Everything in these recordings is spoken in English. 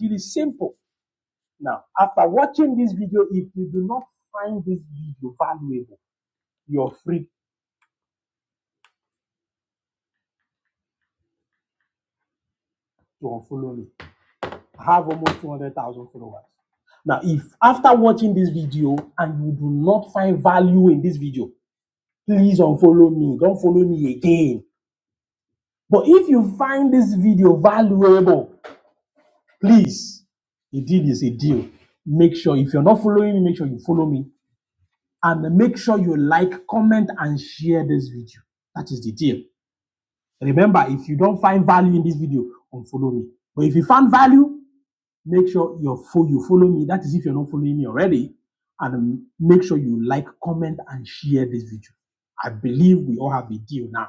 It is simple. Now, after watching this video, if you do not find this video valuable, you're free to unfollow me. I have almost 200,000 followers. Now, if after watching this video and you do not find value in this video, please unfollow me. Don't follow me again. But if you find this video valuable, please, a deal is a deal. Make sure if you're not following me, make sure you follow me and make sure you like, comment, and share this video. That is the deal. Remember, if you don't find value in this video, unfollow me. But if you found value, make sure you're you follow me. That is if you're not following me already. And um, make sure you like, comment, and share this video. I believe we all have a deal now.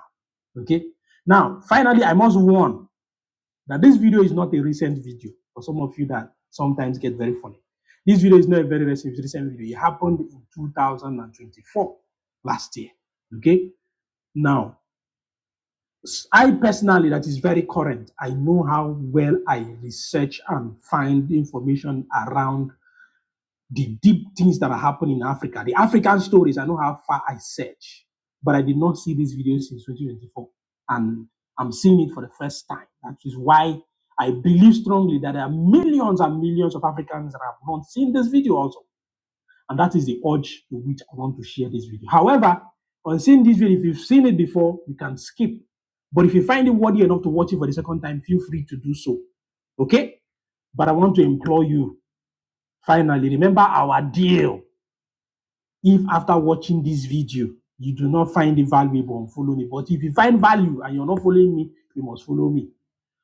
Okay. Now, finally, I must warn that this video is not a recent video for some of you that sometimes get very funny. This video is not a very recent recent video. It happened in 2024, last year. Okay. Now, I personally, that is very current. I know how well I research and find information around the deep things that are happening in Africa. The African stories, I know how far I search, but I did not see this video since 2024. And I'm seeing it for the first time. That is why I believe strongly that there are millions and millions of Africans that have not seen this video also and that is the urge to which I want to share this video. However, on seeing this video, if you've seen it before, you can skip. But if you find it worthy enough to watch it for the second time, feel free to do so. Okay? But I want to implore you, finally, remember our deal. If after watching this video, you do not find it valuable, unfollow me. But if you find value and you're not following me, you must follow me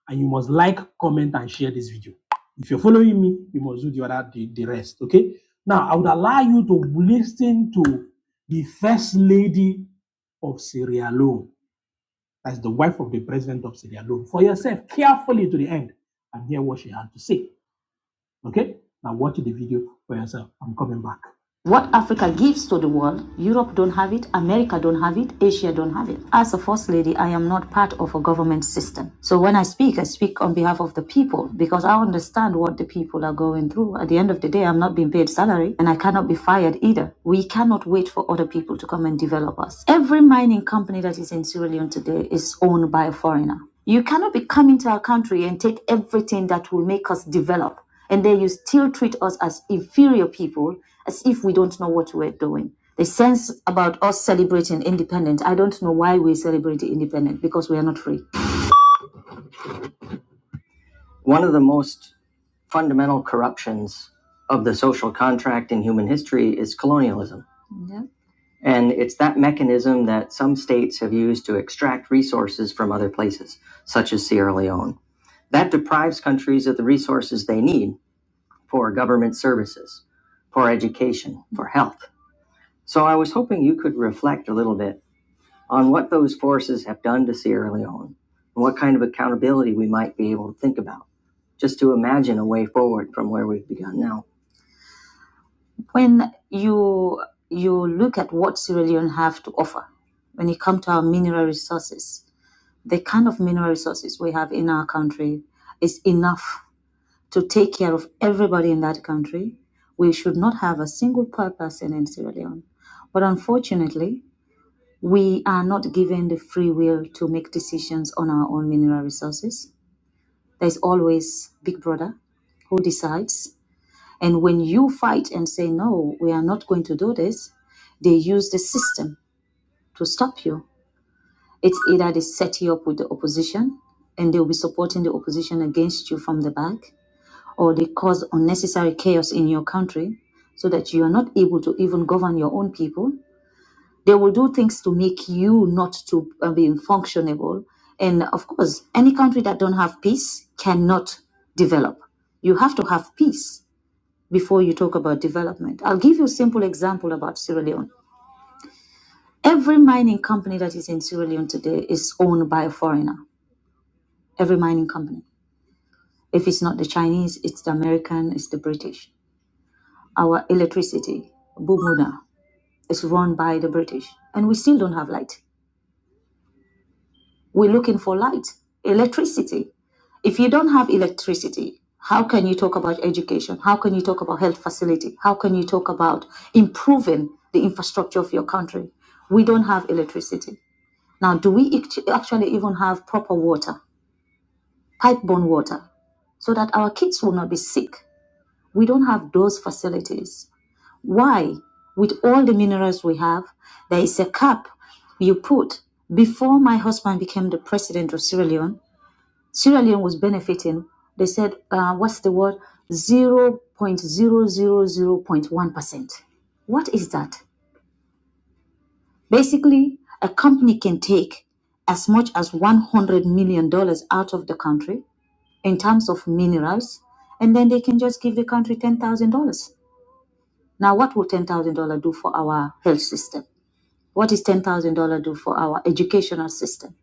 and you must like, comment, and share this video. If you're following me, you must do the other the, the rest. Okay. Now I would allow you to listen to the first lady of Sierra Leone, that's the wife of the president of Sierra Leone, for yourself carefully to the end and hear what she had to say. Okay? Now watch the video for yourself. I'm coming back. What Africa gives to the world, Europe don't have it, America don't have it, Asia don't have it. As a first lady, I am not part of a government system. So when I speak, I speak on behalf of the people because I understand what the people are going through. At the end of the day, I'm not being paid salary and I cannot be fired either. We cannot wait for other people to come and develop us. Every mining company that is in Sierra Leone today is owned by a foreigner. You cannot be coming to our country and take everything that will make us develop and then you still treat us as inferior people, as if we don't know what we're doing. The sense about us celebrating independence, I don't know why we celebrate independence because we are not free. One of the most fundamental corruptions of the social contract in human history is colonialism. Yeah. And it's that mechanism that some states have used to extract resources from other places, such as Sierra Leone. That deprives countries of the resources they need for government services, for education, for health. So I was hoping you could reflect a little bit on what those forces have done to Sierra Leone and what kind of accountability we might be able to think about, just to imagine a way forward from where we've begun now. When you you look at what Sierra Leone have to offer, when you come to our mineral resources, the kind of mineral resources we have in our country is enough to take care of everybody in that country. We should not have a single poor person in Sierra Leone. But unfortunately, we are not given the free will to make decisions on our own mineral resources. There's always Big Brother who decides. And when you fight and say, no, we are not going to do this, they use the system to stop you. It's either they set you up with the opposition and they'll be supporting the opposition against you from the back, or they cause unnecessary chaos in your country so that you are not able to even govern your own people. They will do things to make you not to uh, be functionable. And of course, any country that don't have peace cannot develop. You have to have peace before you talk about development. I'll give you a simple example about Sierra Leone. Every mining company that is in Sierra Leone today is owned by a foreigner. Every mining company. If it's not the Chinese, it's the American, it's the British our electricity, Bumuna, is run by the British, and we still don't have light. We're looking for light, electricity. If you don't have electricity, how can you talk about education? How can you talk about health facility? How can you talk about improving the infrastructure of your country? We don't have electricity. Now, do we act- actually even have proper water, pipe-borne water, so that our kids will not be sick? We don't have those facilities. Why? With all the minerals we have, there is a cap you put. Before my husband became the president of Sierra Leone, Sierra Leone was benefiting. They said, uh, what's the word? 0.0001%. What is that? Basically, a company can take as much as $100 million dollars out of the country in terms of minerals, and then they can just give the country $10,000. Now, what will $10,000 do for our health system? What does $10,000 do for our educational system?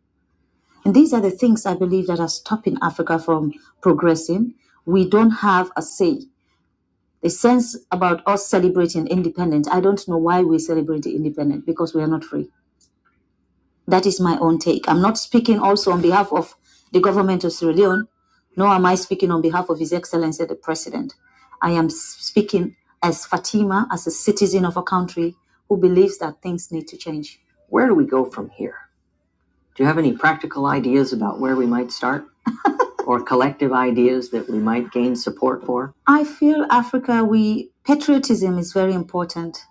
And these are the things I believe that are stopping Africa from progressing. We don't have a say. The sense about us celebrating independence, I don't know why we celebrate the independence because we are not free. That is my own take. I'm not speaking also on behalf of the government of Sierra Leone, nor am I speaking on behalf of His Excellency the President. I am speaking as Fatima, as a citizen of a country who believes that things need to change. Where do we go from here? Do you have any practical ideas about where we might start or collective ideas that we might gain support for? I feel Africa, we patriotism is very important.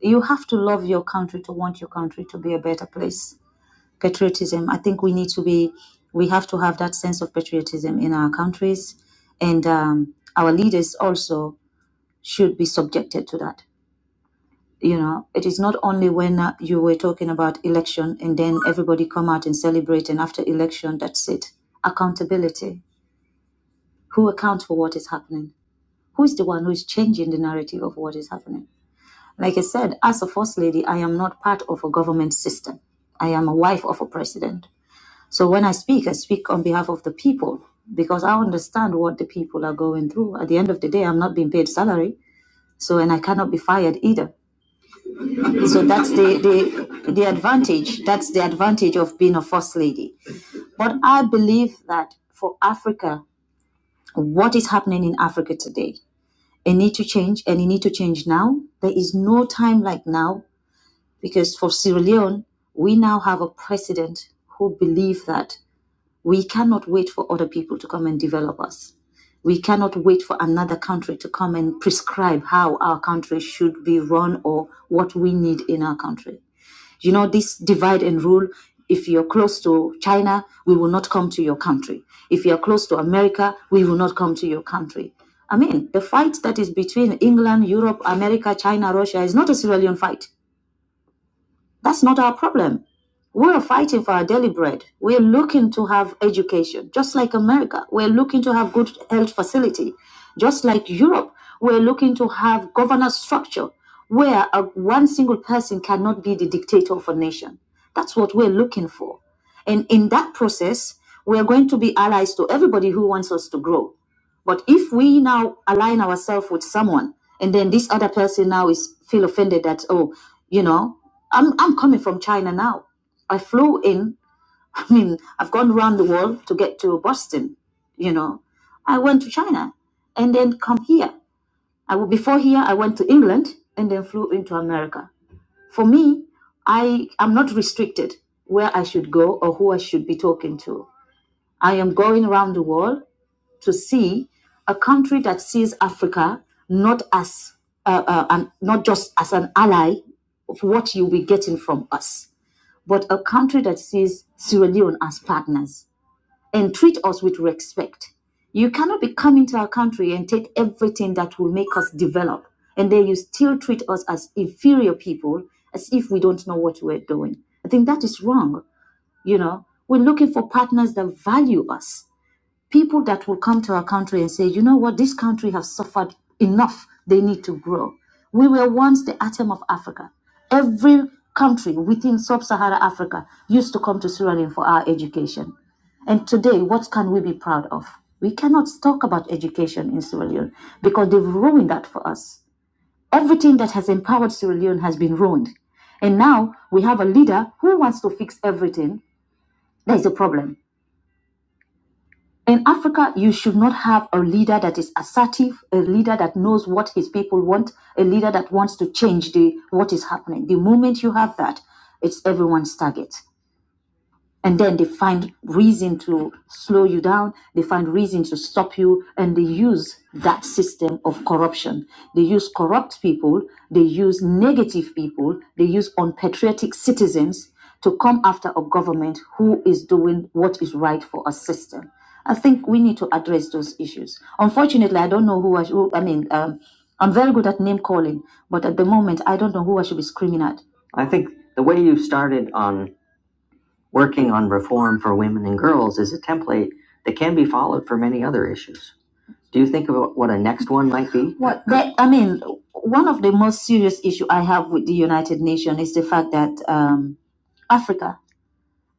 You have to love your country to want your country to be a better place. Patriotism, I think we need to be, we have to have that sense of patriotism in our countries, and um, our leaders also should be subjected to that you know it is not only when uh, you were talking about election and then everybody come out and celebrate and after election that's it accountability who accounts for what is happening who is the one who is changing the narrative of what is happening like i said as a first lady i am not part of a government system i am a wife of a president so when i speak i speak on behalf of the people because i understand what the people are going through at the end of the day i'm not being paid salary so and i cannot be fired either So that's the, the, the advantage. That's the advantage of being a first lady. But I believe that for Africa, what is happening in Africa today, it need to change and it need to change now. There is no time like now because for Sierra Leone, we now have a president who believes that we cannot wait for other people to come and develop us. We cannot wait for another country to come and prescribe how our country should be run or what we need in our country you know, this divide and rule, if you're close to China, we will not come to your country. If you're close to America, we will not come to your country. I mean, the fight that is between England, Europe, America, China, Russia is not a civilian fight. That's not our problem. We're fighting for our daily bread. We're looking to have education, just like America. We're looking to have good health facility, just like Europe. We're looking to have governance structure where a, one single person cannot be the dictator of a nation. That's what we're looking for. And in that process, we're going to be allies to everybody who wants us to grow. But if we now align ourselves with someone, and then this other person now is feel offended that oh, you know, I'm I'm coming from China now. I flew in. I mean, I've gone around the world to get to Boston. You know, I went to China, and then come here. I w- before here I went to England and then flew into America. For me, I am not restricted where I should go or who I should be talking to. I am going around the world to see a country that sees Africa not as uh, uh, an, not just as an ally of what you'll be getting from us, but a country that sees Sierra Leone as partners and treat us with respect. You cannot be coming to our country and take everything that will make us develop, and then you still treat us as inferior people, as if we don't know what we're doing. I think that is wrong. You know, we're looking for partners that value us people that will come to our country and say, you know what, this country has suffered enough. They need to grow. We were once the atom of Africa. Every country within sub Saharan Africa used to come to Sierra Leone for our education. And today, what can we be proud of? We cannot talk about education in Sierra Leone because they've ruined that for us. Everything that has empowered Sierra Leone has been ruined. And now we have a leader who wants to fix everything. That is a problem. In Africa, you should not have a leader that is assertive, a leader that knows what his people want, a leader that wants to change the what is happening. The moment you have that, it's everyone's target and then they find reason to slow you down they find reason to stop you and they use that system of corruption they use corrupt people they use negative people they use unpatriotic citizens to come after a government who is doing what is right for a system i think we need to address those issues unfortunately i don't know who i, sh- who, I mean um, i'm very good at name calling but at the moment i don't know who i should be screaming at I think the way you started on Working on reform for women and girls is a template that can be followed for many other issues. Do you think about what a next one might be? What that, I mean, one of the most serious issues I have with the United Nations is the fact that um, Africa,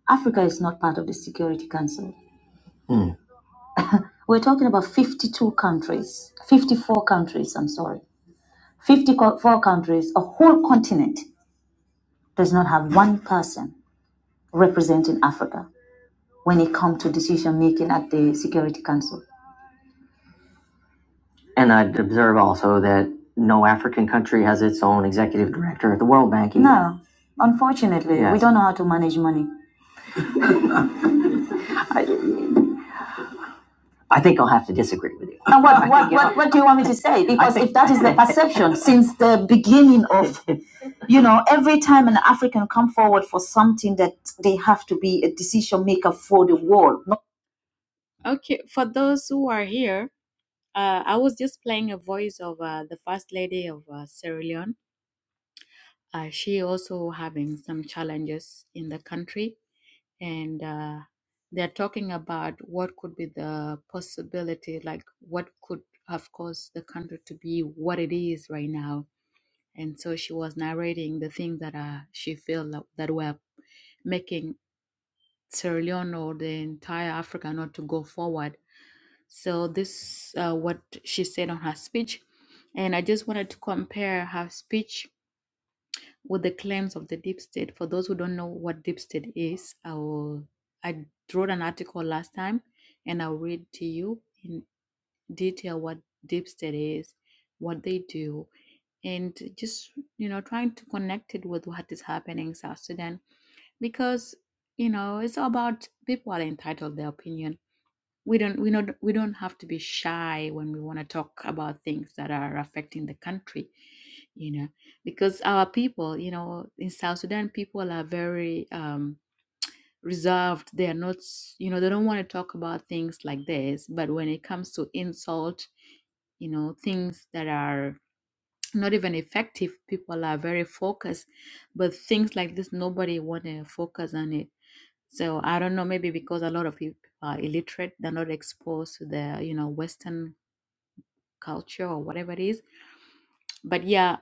Africa is not part of the Security Council. Hmm. We're talking about 52 countries, 54 countries, I'm sorry, 54 countries, a whole continent does not have one person representing Africa when it comes to decision making at the Security Council. And I'd observe also that no African country has its own executive director at the World Bank. either. No, unfortunately, yes. we Yes. don't know how to manage money. I think I'll have to disagree with you. And what, what, what, what do you want me to say? Because if that is the perception since the beginning of, you know, every time an African come forward for something that they have to be a decision maker for the world. No, Okay, for those who are here, uh, I was just playing a voice of uh, the First Lady of uh, Sierra Leone. Uh, she also having some challenges in the country, and uh, they're talking about what could be the possibility, like what could have caused the country to be what it is right now. And so she was narrating the things that uh, she felt that that were making Sierra Leone or the entire Africa not to go forward. So this uh, what she said on her speech, and I just wanted to compare her speech with the claims of the deep state. For those who don't know what deep state is, I will I wrote an article last time and I'll read to you in detail what deep state is, what they do, and just you know, trying to connect it with what is happening in South Sudan because you know it's about people are entitled to their opinion we don't we not we don't have to be shy when we want to talk about things that are affecting the country you know because our people you know in south sudan people are very um reserved they are not s- you know they don't want to talk about things like this but when it comes to insult you know things that are not even effective people are very focused but things like this nobody want to focus on it so I don't know, maybe because a lot of people are illiterate, they're not exposed to the you know Western culture or whatever it is. But yeah,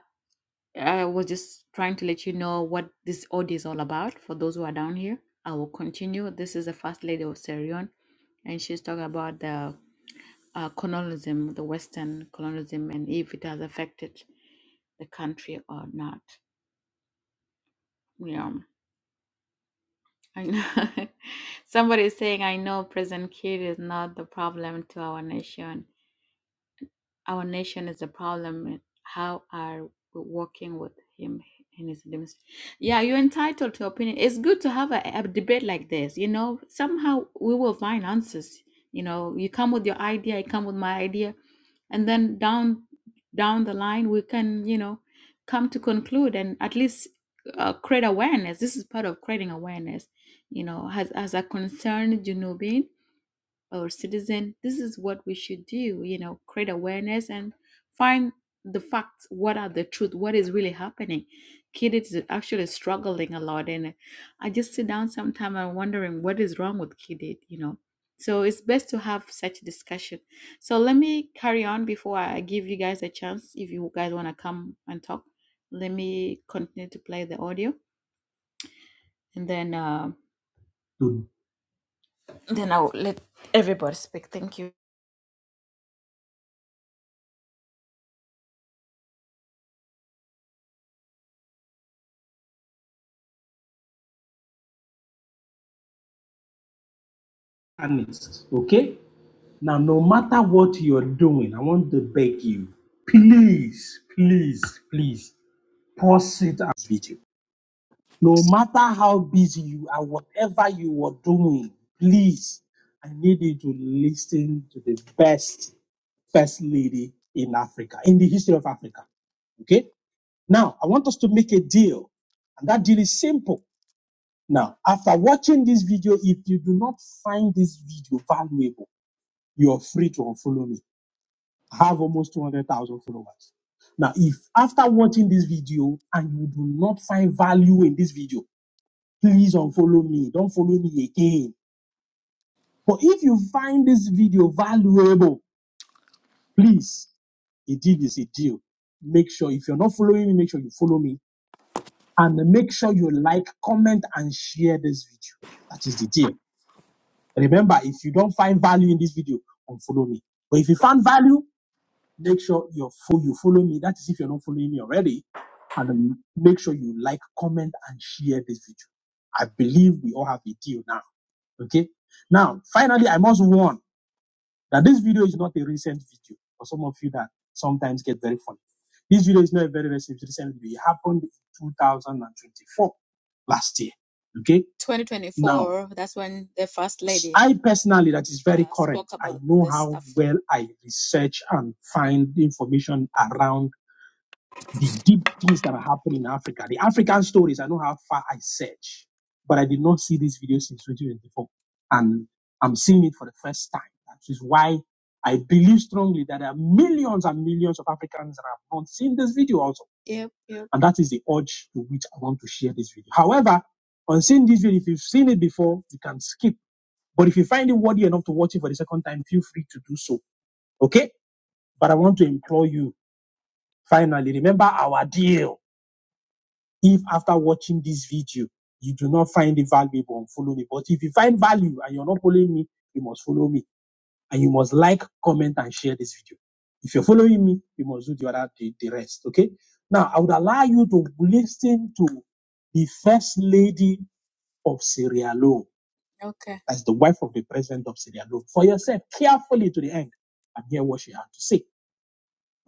I was just trying to let you know what this audio is all about for those who are down here. I will continue. This is the First Lady of Serion, and she's talking about the uh, colonialism, the Western colonialism, and if it has affected the country or not. You know, I know. Somebody is saying, I know President Kiir is not the problem to our nation Our nation is the problem. and How are we working with him in his demonstration? Yeah, you're entitled to opinion. It's good to have a, a debate like this. You know, somehow we will find answers. You know, you come with your idea, I come with my idea, and then down down the line we can, you know, come to conclude and at least uh, create awareness. This is part of creating awareness. You know, as as a concerned Junubin, or citizen this is what we should do you know create awareness and find the facts what are the truth what is really happening kid is actually struggling a lot and i just sit down sometime and wondering what is wrong with kid you know so it's best to have such discussion so let me carry on before i give you guys a chance if you guys want to come and talk let me continue to play the audio and then uh, to then i'll let everybody speak thank you honest, okay? Now, no matter what you're doing, I want to beg you, please, please, please, pause it as video. No matter how busy you are, whatever you are doing, please, I need you to listen to the best first lady in Africa, in the history of Africa. Okay? Now, I want us to make a deal, and that deal is simple. Now, after watching this video, if you do not find this video valuable, you're free to unfollow me have almost 200,000 followers. Now, if after watching this video and you do not find value in this video, please unfollow me. Don't follow me again. But if you find this video valuable, please, a deal is a deal. Make sure if you're not following me, make sure you follow me and make sure you like, comment, and share this video. That is the deal. Remember, if you don't find value in this video, unfollow me. But if you found value, Make sure you're full, you follow me. That is if you're not following me already. And um, make sure you like, comment, and share this video. I believe we all have a deal now. Okay. Now, finally, I must warn. Now, this video is not a recent video for some of you that sometimes get very funny. This video is not a very recent, recent video. It happened in 2024, last year. Okay? twenty twenty-four. Now, that's when the first lady I personally, that is very uh, correct. I know how stuff. well I research and find information around the deep things that are happening in Africa. The African stories, I know how far I search, but I did not see this video since 2024. And I'm seeing it for the first time. That is why I believe strongly that there are millions and millions of Africans that have not seen this video also. Yep, yep. And that is the urge to which I want to share this video. However, on seeing this video, if you've seen it before, you can skip. But if you find it worthy enough to watch it for the second time, feel free to do so. Okay? But I want to implore you, finally, remember our deal if after watching this video, you do not find it valuable, follow me. But if you find value and you're not following me, you must follow me. And you must like, comment, and share this video. If you're following me, you must do the other, the, the rest. Okay. Now, I would allow you to listen to the first lady of Sierra Leone Okay. as the wife of the president of Sierra Leone for yourself carefully to the end and hear what she had to say.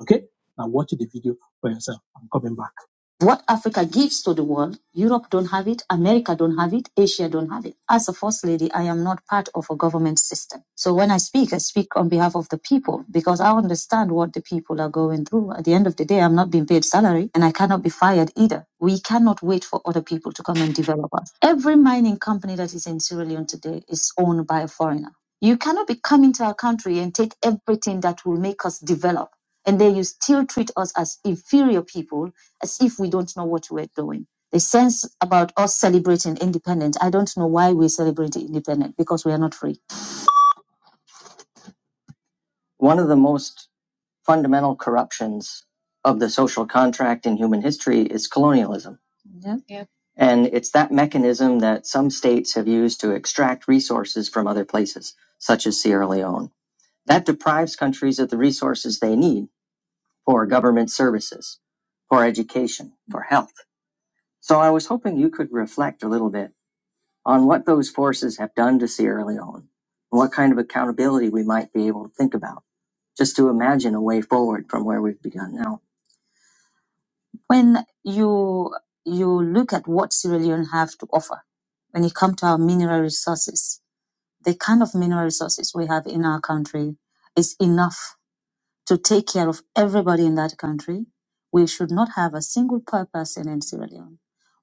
Okay? Now watch the video for yourself. I'm coming back. What Africa gives to the world, Europe don't have it, America don't have it, Asia don't have it. As a first lady, I am not part of a government system. So when I speak, I speak on behalf of the people because I understand what the people are going through. At the end of the day, I'm not being paid salary and I cannot be fired either. We cannot wait for other people to come and develop us. Every mining company that is in Sierra Leone today is owned by a foreigner. You cannot be coming to our country and take everything that will make us develop and then you still treat us as inferior people, as if we don't know what we're doing. The sense about us celebrating independence, I don't know why we celebrate independence because we are not free. One of the most fundamental corruptions of the social contract in human history is colonialism. Yeah. Yeah. And it's that mechanism that some states have used to extract resources from other places, such as Sierra Leone. That deprives countries of the resources they need for government services, for education, for health. So I was hoping you could reflect a little bit on what those forces have done to Sierra Leone, and what kind of accountability we might be able to think about, just to imagine a way forward from where we've begun now. When you you look at what Sierra Leone have to offer, when you come to our mineral resources, the kind of mineral resources we have in our country is enough to take care of everybody in that country. We should not have a single poor person in Sierra Leone.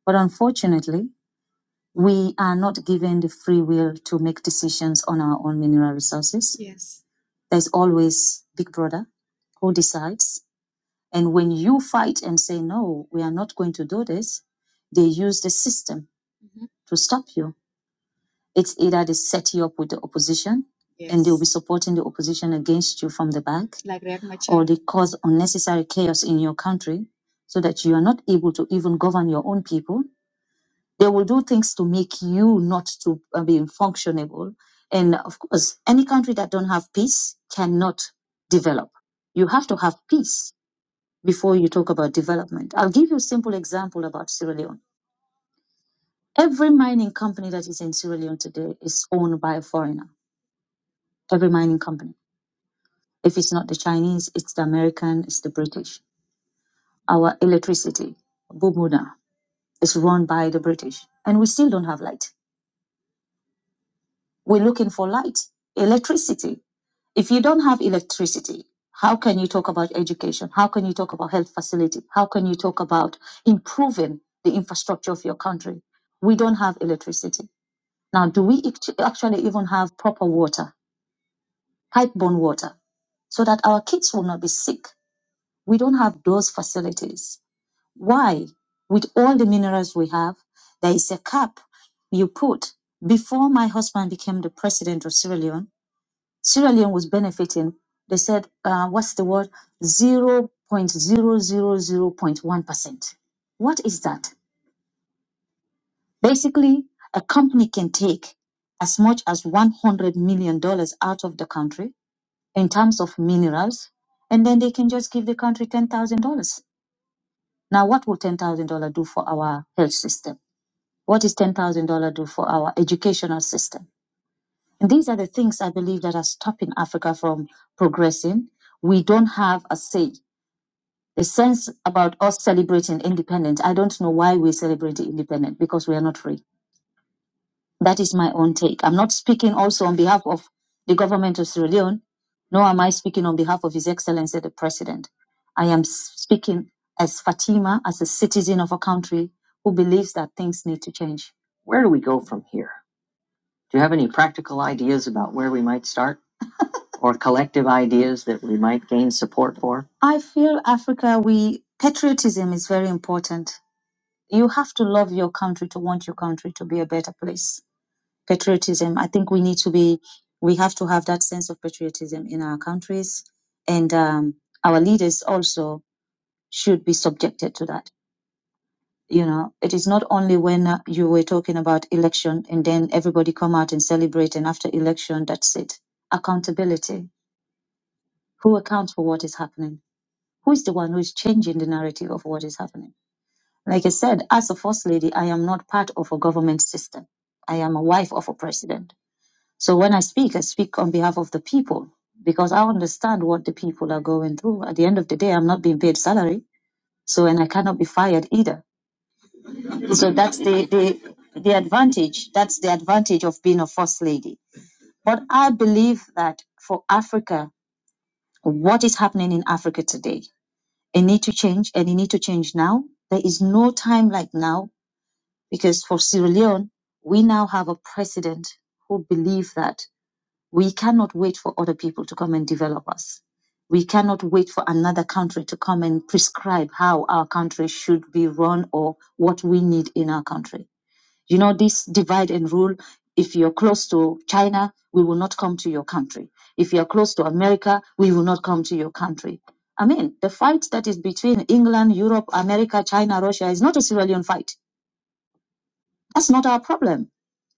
But unfortunately, we are not given the free will to make decisions on our own mineral resources. Yes. There's always Big Brother who decides. And when you fight and say, no, we are not going to do this, they use the system to stop you. It's either they set you up with the opposition Yes. and they'll Yes. be supporting the opposition against you from the back, or they cause unnecessary chaos in your country so that you are not able to even govern your own people. They will do things to make you not to uh, be functionable. And of course, any country that don't have peace cannot develop. You have to have peace before you talk about development. I'll give you a simple example about Sierra Leone. Every mining company that is in Sierra Leone today is owned by a foreigner. Every mining company. If it's not the Chinese, it's the American, it's the British. Our electricity, Bumuda. Is run by the British. And we still don't have light. We're looking for light, electricity. If you don't have electricity, how can you talk about education? How can you talk about health facility? How can you talk about improving the infrastructure of your country? We don't have electricity. Now, do we actually even have proper water, pipe-borne water, so that our kids will not be sick? We don't have those facilities. Why? With all the minerals we have, there is a cap you put. Before my husband became the president of Sierra Leone, Sierra Leone was benefiting. They said, uh, what's the word? 0.0001%. What is that? Basically, a company can take as much as $100 million dollars out of the country in terms of minerals, and then they can just give the country $10,000. Now, what will $10,000 do for our health system? What does $10,000 do for our educational system? And these are the things I believe that are stopping Africa from progressing. We don't have a say. The sense about us celebrating independence, I don't know why we celebrate independence because we are not free. That is my own take. I'm not speaking also on behalf of the government of Sierra Leone, nor am I speaking on behalf of His Excellency the President. I am speaking as Fatima, as a citizen of a country who believes that things need to change. Where do we go from here? Do you have any practical ideas about where we might start or collective ideas that we might gain support for? I feel Africa, we patriotism is very important. You have to love your country to want your country to be a better place. Patriotism, I think we need to be, we have to have that sense of patriotism in our countries, and um, our leaders also should be subjected to that you know it is not only when uh, you were talking about election and then everybody come out and celebrate and after election that's it accountability who accounts for what is happening who is the one who is changing the narrative of what is happening like i said as a first lady i am not part of a government system i am a wife of a president so when i speak i speak on behalf of the people because i understand what the people are going through at the end of the day i'm not being paid salary so and i cannot be fired either So that's the, the the advantage. That's the advantage of being a first lady. But I believe that for Africa, what is happening in Africa today, it need to change, and it need to change now. There is no time like now because for Sierra Leone, we now have a president who believe that we cannot wait for other people to come and develop us. We cannot wait for another country to come and prescribe how our country should be run or what we need in our country you know, this divide and rule, if you're close to China, we will not come to your country. If you're close to America, we will not come to your country. I mean, the fight that is between England, Europe, America, China, Russia is not a civilian fight that's not our problem.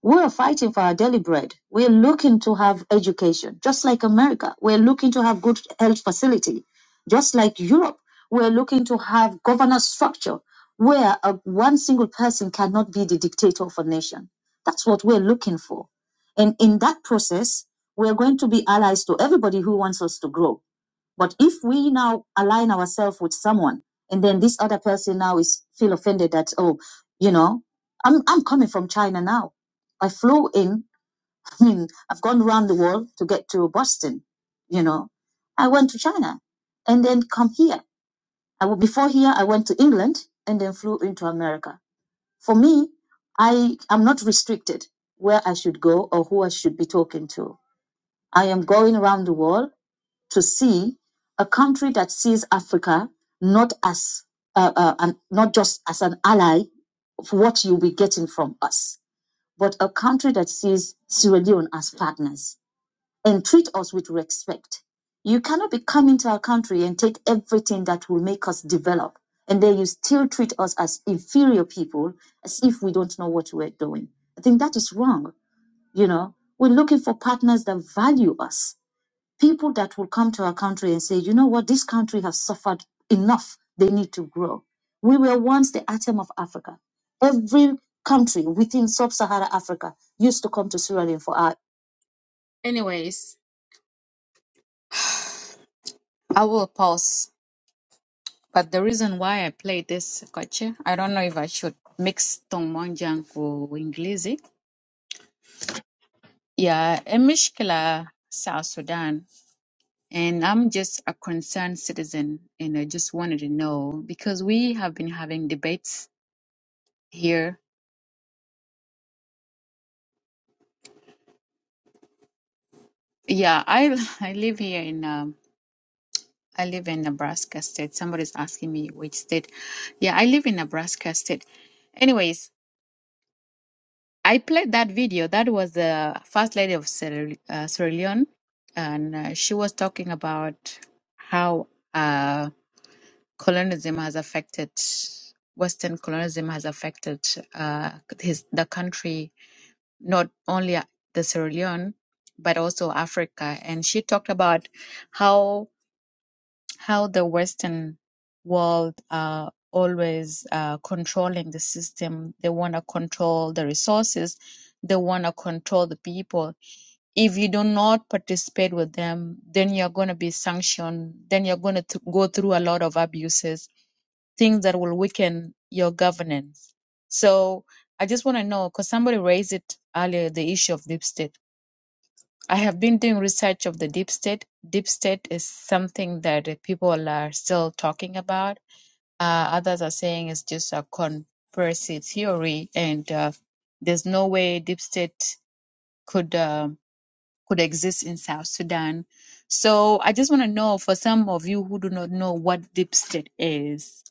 We are fighting for our daily bread. We're looking to have education, just like America. We're looking to have good health facility, just like Europe. We're looking to have governance structure where a, one single person cannot be the dictator of a nation. That's what we're looking for. And in that process, we're going to be allies to everybody who wants us to grow. But if we now align ourselves with someone, and then this other person now is feel offended that oh, you know, I'm I'm coming from China now. I flew in. I mean, I've gone around the world to get to Boston. You know, I went to China, and then come here. I wa- before here I went to England and then flew into America. For me, I am not restricted where I should go or who I should be talking to. I am going around the world to see a country that sees Africa not as uh, uh, an, not just as an ally of what you'll be getting from us, but a country that sees Sierra Leone as partners and treat us with respect. You cannot be coming to our country and take everything that will make us develop, and then you still treat us as inferior people, as if we don't know what we're doing. I think that is wrong. You know, we're looking for partners that value us people that will come to our country and say, you know what, this country has suffered enough. They need to grow. We were once the atom of Africa. Every country within sub saharan Africa used to come to Sierra Leone for art. Anyways, I will pause. But the reason why I played this, Kochi, I don't know if I should mix Tongmonjang for English. Yeah, Emishkila, South Sudan. And I'm just a concerned citizen, and I just wanted to know because we have been having debates here. Yeah, I I live here in um I live in Nebraska state. Somebody's asking me which state. Yeah, I live in Nebraska state. Anyways, I played that video. That was the first lady of Sierra, uh, Sierra Leone, and uh, she was talking about how. uh. colonialism has affected Western colonialism has affected uh, his the country not only uh, the Sierra Leone but also Africa. And she talked about how how the Western world are always uh, controlling the system. They want to control the resources. They want to control the people if you do not participate with them, then you're going to be sanctioned. Then you're going to go through a lot of abuses things that will weaken your governance. So I just want to know because somebody raised it earlier the issue of deep state. I have been doing research of the deep state. Deep state is something that uh, people are still talking about. Uh, others are saying it's just a conspiracy theory, and uh, there's no way deep state could um could exist in South Sudan. So I just want to know for some of you who do not know what deep state is.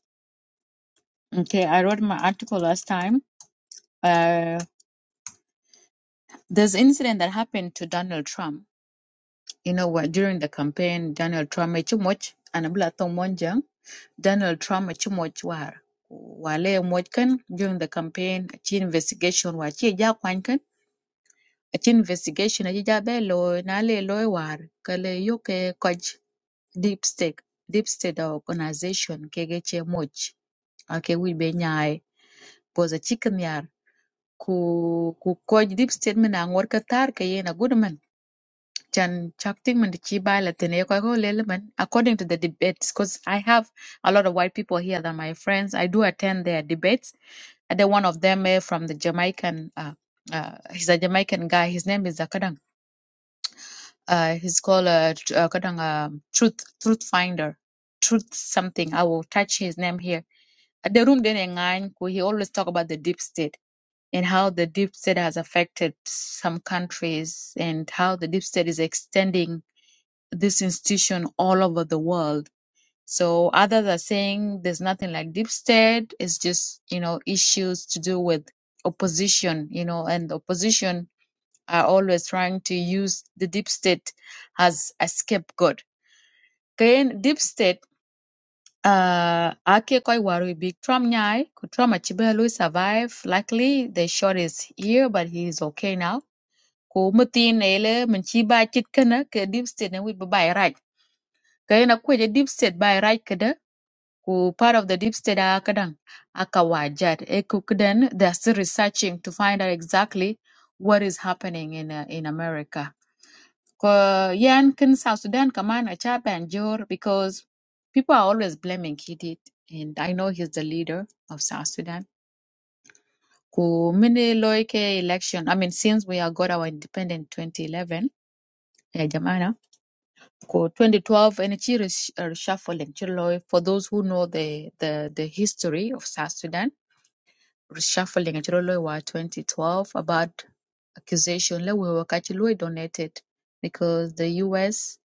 Okay, I wrote my article last time Uh, there's an incident that happened to Donald Trump. You know what? During the campaign, Donald Trump made too much, echimoch anabla tong monjang. Donald Trump made too much war wale moch kan during the campaign achi investigation wa chi ja kwany kan achi investigation achi ja be lo na le lo war kale yoke kaj deep state deep state organization kege che moch ake wi be nyai boza chicken yar ku ku coach deep state mina ngor ka tar ke yena Chan Chakting Mandichi Baila man. according to the debates, because I have a lot of white people here that are my friends. I do attend their debates. And then one of them eh, from the Jamaican, uh, uh, he's a Jamaican guy. His name is Akadang. Uh, he's called uh, Tr- uh, Kadang, um Truth Truth Finder, Truth something. I will touch his name here. At the room then ngan, ku- he always talk about the deep state and how the deep state has affected some countries and how the deep state is extending this institution all over the world. So others are saying there's nothing like deep state. It's just, you know, issues to do with opposition, you know, and opposition are always trying to use the deep state as a scapegoat. Then deep state, uh, ake koi waru big Trump nyai, ku Trump achibe lui survive. Luckily, they shot his ear, but he is okay now. Ku mutin ele, munchiba chitkana, ke deep state na wi babai right. kayena kweje deep state by right kada ku part of the deep state akadan akawajat ekukudan they're still researching to find out exactly what is happening in uh, in america ko yan kin south sudan kaman acha banjor because people are always blaming kidit and i know he's the leader of south sudan ku mini loike election i mean since we have got our independent 2011 yeah, ko 2012 and ci resh- uh, reshuffling ci lo- for those who know the the the history of South Sudan reshuffling ci lo wa 2012 about accusation le we ka ci lo donated because the US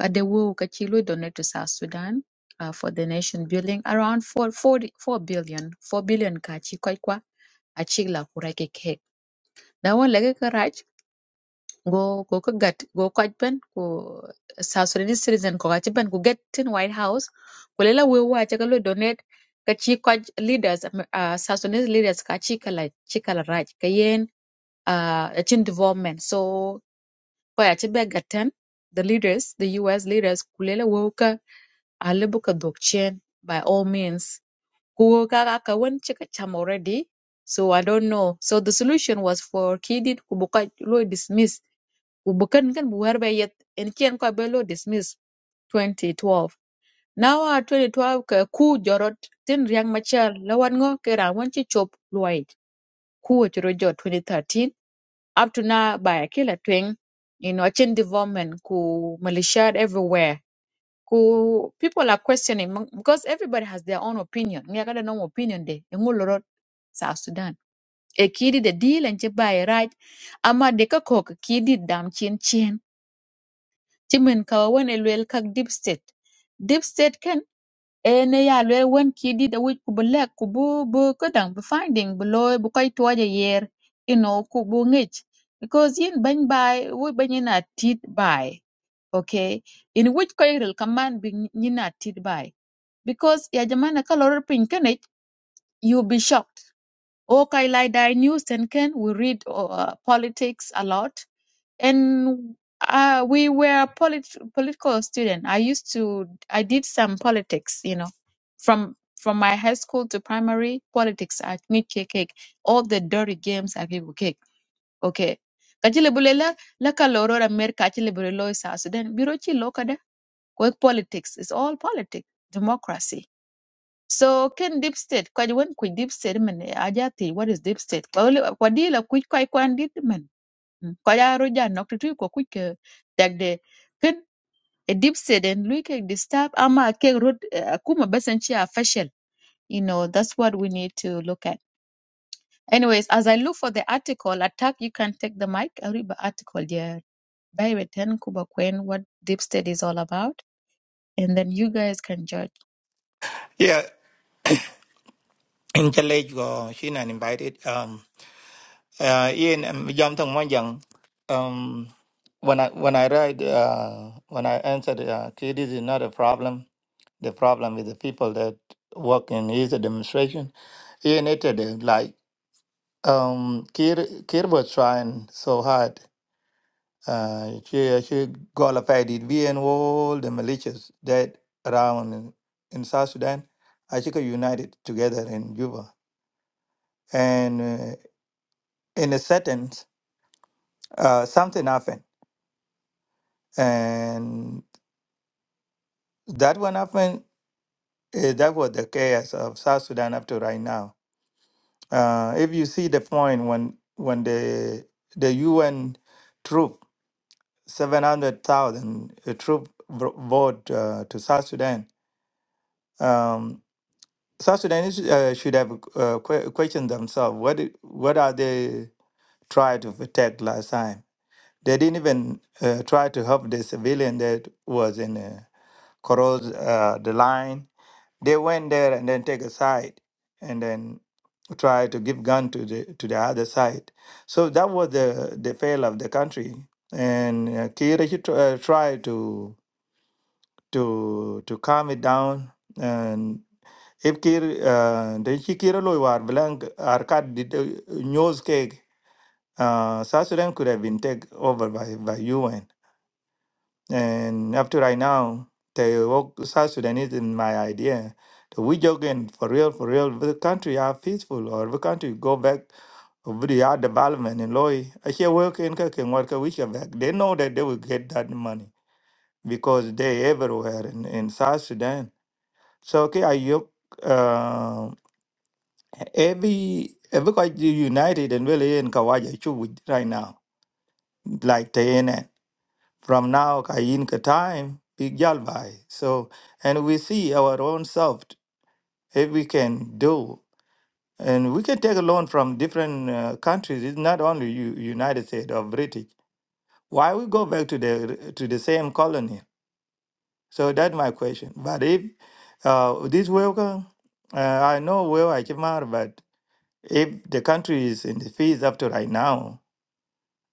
uh, the we ka ci lo donated to South Sudan uh, for the nation building around four four four billion four billion 40 4 billion ka ci kwai kwa a ci la kura ke ke da wan lege karaj go go ka gat go ka ben ko South Sudanese citizen ko ka ben ko get in White House ko lela we wa ta lo donate ka chi ka leaders um, uh, South Sudanese leaders ka chi kala chi kala raj ka yen uh, a chin development so ko ya ta be gaten the leaders the US leaders ko lela we ka alibu ka dokchen by all means ko ka ka ka wan chi ka cham already so I don't know so the solution was for kidid ko bo ka lo dismiss Bukan kan buwer be yet en chen ko dismiss 2012. Now 2012 ka ku jorot tin riang machar lawan ngo ke ra chop luai. Ku chro jo 2013 up to now by killer twing you know chin development ku militia everywhere. Ku people are questioning mo- because everybody has their own opinion. Ngi kada no opinion de ngulorot South Sudan. E kidi the deal and che bai right ama de ka kok kidi dam chin chin timin kawa wan e luel kak deep state deep state ken ene ya luel wan ki di da wic ku bu lek ku bu bu kedang bu finding bu loy bu koy tuwaja yer you know ku bu ngej because yin bany bai wu bany yin a tit bai okay in which koy rel kaman bi yin a tit bai because ya jamana ka loror piny kenech you'll be shocked o kai lai news and can we read uh, politics a lot and uh, we were polit- political student. I used to, I did some politics, you know, from from my high school to primary politics at Nike Cake, all the dirty games at Nike Cake. Okay. Kachile bulela la kalorora merka achile bulelo sa Sudan biro chi kwa politics is all politics democracy so ken deep state kwa wen ku deep state men ajati what is deep state kwa kwa dila ku kwa kwa ko ja ro ja nok tu ko ku ke tak de ken a deep set and look at the ama ke road akuma basan chi a fashion you know that's what we need to look at anyways as i look for the article attack you can take the mic i read the article there by return kuba kwen what deep state is all about and then you guys can judge Yeah, in Challenge go she not invited. Um uh Ian um Yam Tong Mon young, Um when I when I write uh when I answered uh okay, this is not a problem. The problem is the people that work in his demonstration. Ian hated it like um Kir Kir was trying so hard. Uh she she qualified it We and all the militias that around in, in South Sudan. I think are united together in Juba. and. uh, in a settings, uh, something happened, and that one happened. eh, that was the chaos of South Sudan up to right now. Uh, if you see the point when when the the UN troop seven hundred thousand uh, troop vo- vote uh, to South Sudan, um, South Sudanese uh, should have uh, que- questioned themselves. What i- what are they trying to protect last time? They didn't even uh, try to help the civilian that was in. Uh, cross uh, the line. They went there and then take a side and then try to give gun to the to the other side. So that was the the fail of the country. And uh, Kira he tr- uh, tried to to to calm it down and if kir uh, the Kira loy war blank arkad did uh, news cake uh, South Sudan could have been taken over by, by UN and up to right now, the woke South Sudanese in my idea. The we joking for real, for real, the country are peaceful or the country go back over the art development in Loy. I share work in Kakin work we share back. They know that they will get that money because they everywhere in, in South Sudan. So okay, I yoke uh, every every country united and really in Kawaja right now. Like the NN. From now, Kayinka time, big Jalbai. So, and we see our own self, if we can do. And we can take a loan from different uh, countries. It's not only U- United States or British. Why we go back to the to the same colony? So that's my question. But if uh, this worker, uh, I know where I came out, but if the country is in the fees up to right now,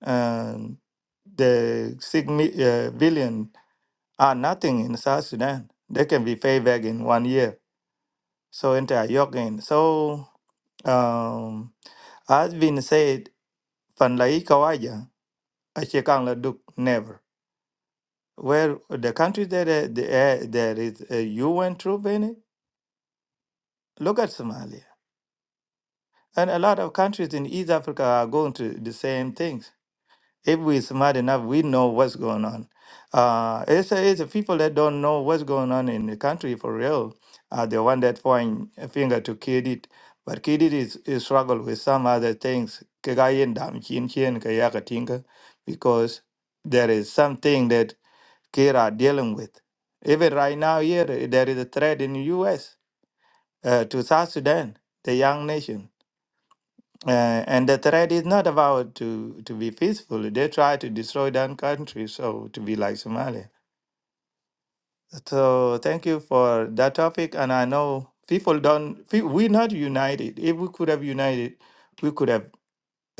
um, the six mi- uh, billion are nothing in South Sudan. They can be paid back in one year. So enter Yokin. So um, as been said, Van Lai Kawaja, Achekang La Duk, never. Where the countries that uh, the, uh, there is a UN troop in it, look at Somalia. And a lot of countries in East Africa are going to the same things. If we're smart enough, we know what's going on. Uh, it's, it's the people that don't know what's going on in the country for real are the one that point a finger to Kidid. But Kidid is, is struggle with some other things. Kagayen dam chin chin kayaka tinga, because there is something that Kira are dealing with. Even right now here, there is a threat in the U.S. Uh, to South Sudan, the young nation. Uh, and the threat is not about to, to be peaceful. They try to destroy that country, so to be like Somalia. So thank you for that topic. And I know people don't. pe- We're not united. If we could have united, we could have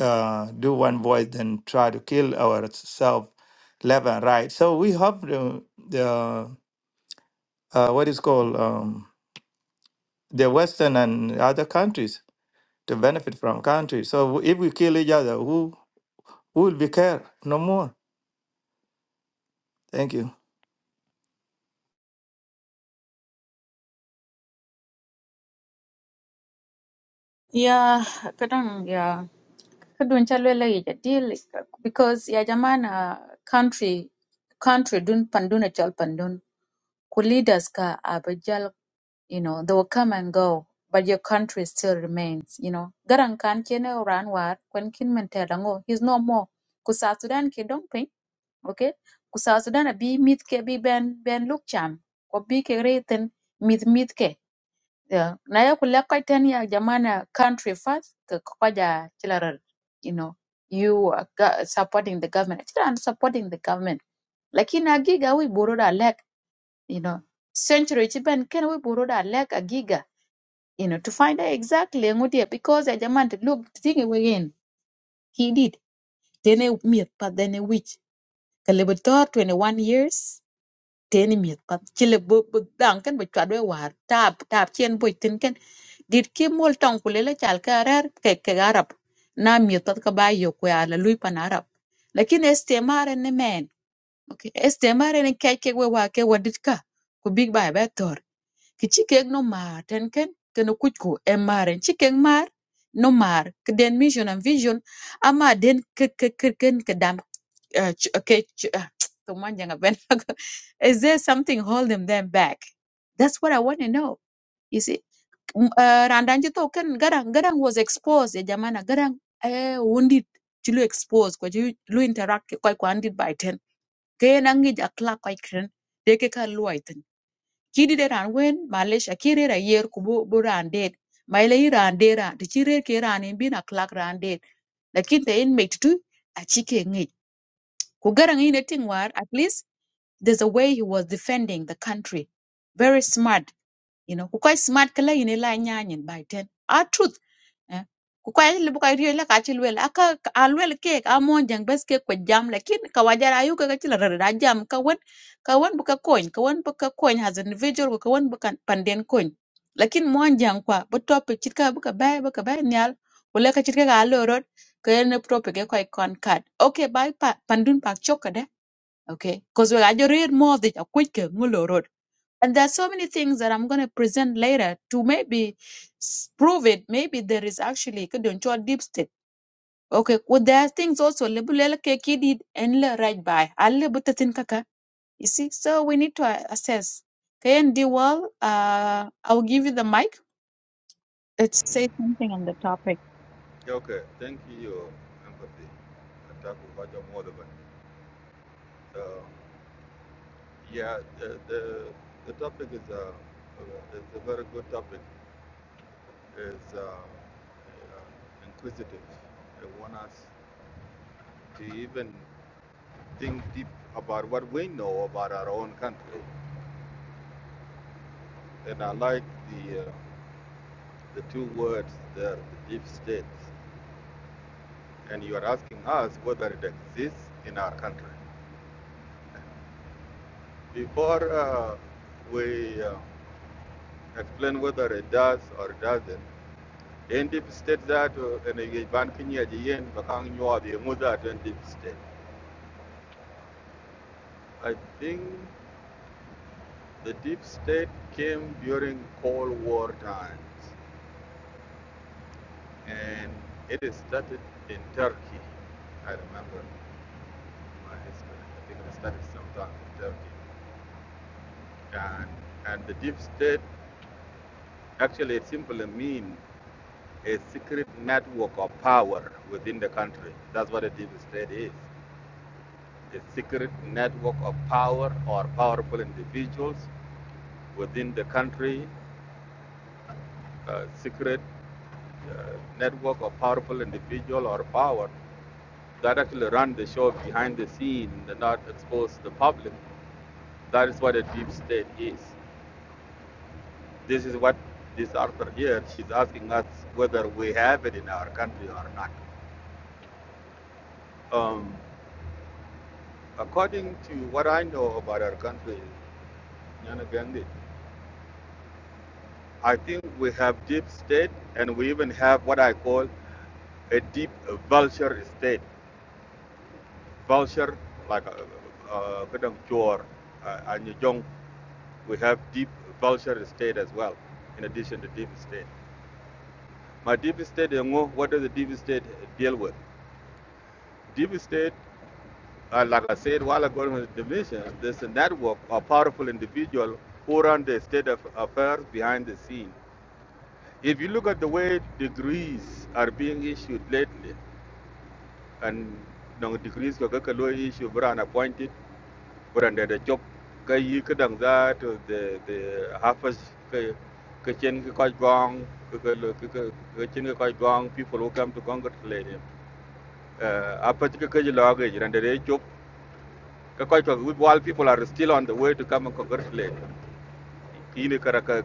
uh, do one voice than try to kill ourselves left and right. So we hope the, the uh, what is called um, the Western and other countries to benefit from countries. So if we kill each other, who who will be care no more? Thank you. yeah kadang yeah kadun chalwela ya deal because ya jamana country country dun panduna chal pandun Ku leaders ka abijal, you know, they will come and go, but your country still remains, you know. Garan kan kene oran war, kwen kin men terango, he's no more. Ku Sudan ke dong piny, okay? Ku Sudan a bi mit ke bi ben ben luk cham, ko bi ke reten mit mit ke. Yeah. Na ya ku lekkoi ten ya jamana country first, ke koja chilaral, you know. You are go- supporting the government. Chilaran supporting the government. Lakini agiga wi buru da lek you know, century chiban ken we buruda like a giga, you know, to find out exactly ngudia because a jaman to look thing again. He did. Then a myth, but then a witch. Kalibutor twenty one years. Ten myth, but chile book book duncan but chadwe war tap tap chien boy tinken did kim mol tong kulele chalkarer keke arab na myth that kabayo kwe ala lui pan arab lakini estemare ne man? okay estemare ne keke we wake waditka ku big by better. ki kek no maar ten ken ken kuj ku en maren ci no maar ke mission and vision ama den ke ke ke ken ke eh, ch- ke ch- ah, to man ben is there something holding them back that's what i want to know you see M- eh, randan to ken garang garang was exposed ya jamana garang eh wounded ci exposed ko ci lu interact ko ko andit by ten ke nangi ja kla ko kren de ke kan kidi de ran wen malaysia ki rer ayer ku bu ran det ma ran dera ran ti chi rer ke ran in bin a klak ran det lakin te in mek tu a chi ke Kugarang in Tingwar, at least there's a way he was defending the country. Very smart, you know. Kukai smart kala in la nyanyin by ten. Our truth. eh. Kukai libu kai rio la kachil wel aka alwell ke amon jang bes ke kwa jam lakin kawajar ayu ka kachil rada jam kawan kawan buka coin kawan buka coin has an individual ko kawan buka panden coin lakin mon jang kwa but top chit ka buka bay buka bay nyal wala ka chit ka kene prope ke koy kon kat okay bye pa pandun pak chokade okay because we ajo read more the quick ngulo road and there are so many things that I'm going to present later to maybe s- prove it. Maybe there is actually kadoncho deep state. Okay, well, there are things also lebulela ke kidid and le right by alle butatin kaka. You see, so we need to uh, assess. Okay, and D well, uh, I'll give you the mic. Let's Mm. say something on the topic. Yeah, Okay, thank you your empathy. Attack of Roger Mordovan. Uh, yeah, the, the, the topic is a, it's a very good topic. It's uh, uh, inquisitive. They want us to even think deep about what we know about our own country. And I like the, uh, the two words there, the deep state. And you are asking us whether it exists in our country. Before uh, we uh, explain whether it does or doesn't, in deep state that uh, in a ban kinya jiyen bakang nyua the mother in deep state. I think the deep state came during Cold War times, and it started in Turkey. I remember my history. I think it started sometime in Turkey, and and the deep state actually it simply means a secret network of power within the country. That's what a deep state is a secret network of power or powerful individuals within the country, a secret uh, network of powerful individual or power that actually run the show behind the scene and not expose the public. That is what a deep state is. This is what this author here, she's asking us whether we have it in our country or not. Um, According to what I know about our country, Nyanagandhi, I think we have deep state and we even have what I call a deep vulture state. Vulture, like uh, uh, chore, uh, and We have deep vulture state as well, in addition to deep state. My deep state, you know, what does the deep state deal with? Deep state uh, like I said while ago in the division, there's a network of powerful individuals who run the state of affairs behind the scene. If you look at the way degrees are being issued lately, and the degrees are being issued, issue brand appointed but under the job ka yi ka dang za to the the harvest ka ka chen ka koi gong ka ka lo- ka ka chen ka koi gong people who come to congratulate him uh, apa ka ka ji lo ga ji under the job while people are still on the way to come and congratulate ini kara ka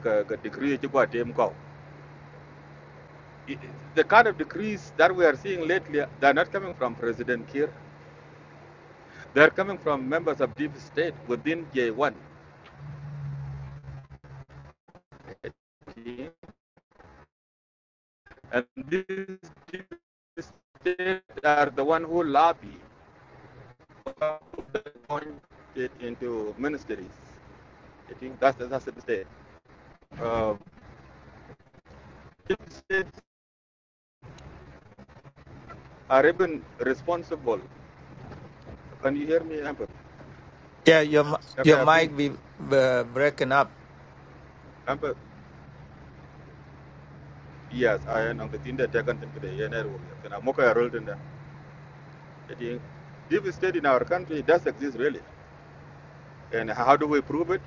the kind of decrees that we are seeing lately they're not coming from president Kiir they're coming from members of deep state within J1 and these deep state are the one who lobby appointed into ministries I think that's that's the state uh, deep states are even responsible can you hear me Amber? Yeah, your mi- your Okay, I think mic be uh, breaking up. Amba yes, I am on the Tinder taken to the Yener. And I'm okay I rolled in there. I think Deep state in our country does exist really. And how do we prove it?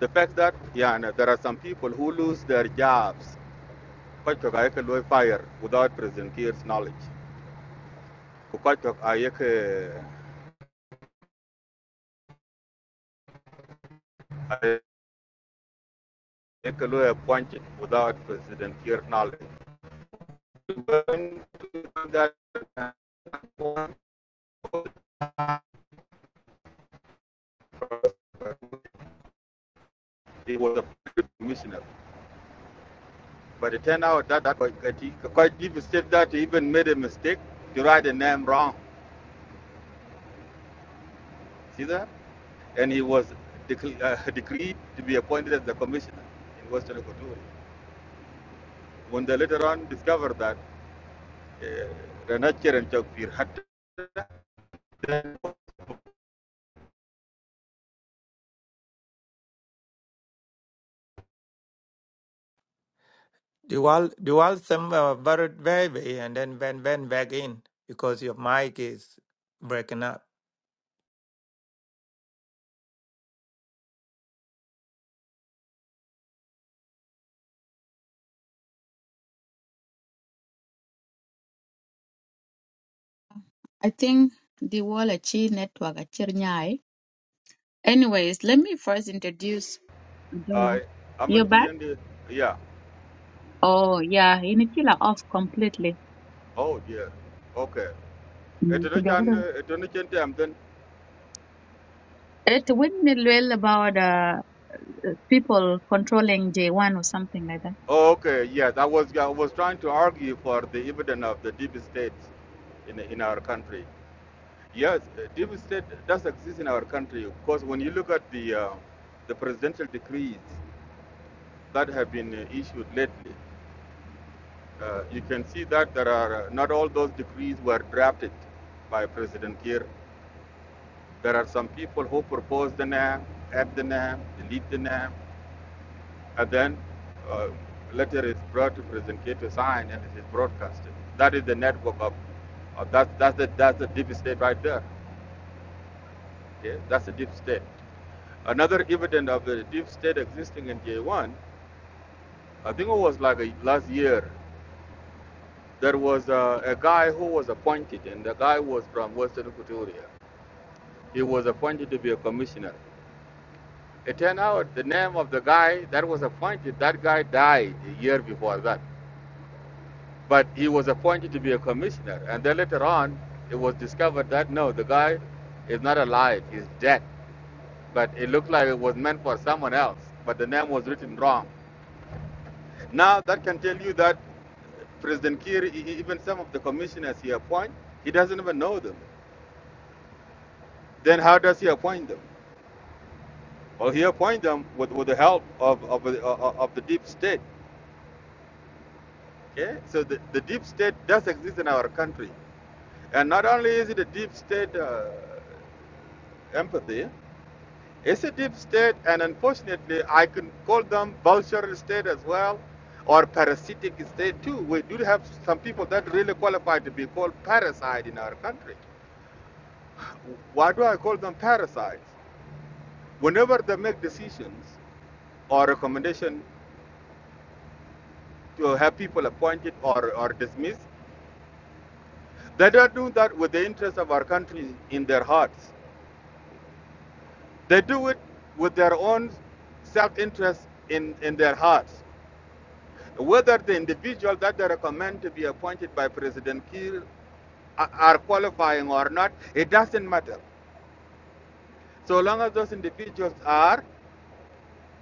The fact that yeah, and there are some people who lose their jobs. Quite took I can fire without President Kiir's knowledge. Quite took I can appointed without President Kiir's knowledge. That he was a commissioner. But it turned out that that quite, quite deep state that he even made a mistake to write the name wrong. see that? and he was decl uh, decreed to be appointed as the commissioner in Western Equatoria. When they later on discovered that uh, Renachir and Chokpir had You all you all some uh, bird baby and then when when back in because your mic is breaking up. I think D wall achi network achir nyai. Anyways, let me first introduce. I don't know. I You're Aman back? Chiyende, yeah, Oh, yeah. You need to chill off completely. oh dear, okay. Mm, kujua Etonochan, Etonochan Tam It wouldn't it well about uh, uh, people controlling J1 or something like that. oh, okay, yes, I was, I was trying to argue for the evidence of the deep states in, in our country. Yes, uh, deep state does exist in our country. because when you look at the, uh, the presidential decrees that have been uh, issued lately, uh, you can see that there are uh, not all those decrees were drafted by President Kiir. There are some people who propose the name, add the name, delete the name, and then uh, letter is brought to President Kiir to sign and it is broadcasted. That is the network of, of that, that's, the, that's the deep state right there. Okay? That's the deep state. Another evidence of the deep state existing in J1, I think it was like a, last year There was a, a guy who was appointed, and the guy was from Western Equatoria. He was appointed to be a commissioner. It turned out the name of the guy that was appointed, that guy died a year before that. But he was appointed to be a commissioner. And then later on, it was discovered that no, the guy is not alive, he's dead. But it looked like it was meant for someone else, but the name was written wrong. Now, that can tell you that President Kiir, e- e- even some of the commissioners he appoints, he doesn't even know them. Then how does he appoint them? Well, he appoint them with, with the help of, of, the- uh, of the deep state. Okay, so the, the deep state does exist in our country, and not only is it a deep state uh, empathy, it's a deep state, and unfortunately, I can call them vulture state as well, or parasitic state too. We do have some people that really qualify to be called parasite in our country. Why do I call them parasites? Whenever they make decisions or recommendation to have people appointed or, or dismissed. They don't do that with the interests of our country in their hearts. They do it with their own self-interest in, in their hearts. Whether the individual that they recommend to be appointed by President Kiir are qualifying or not, it doesn't matter. So long as those individuals are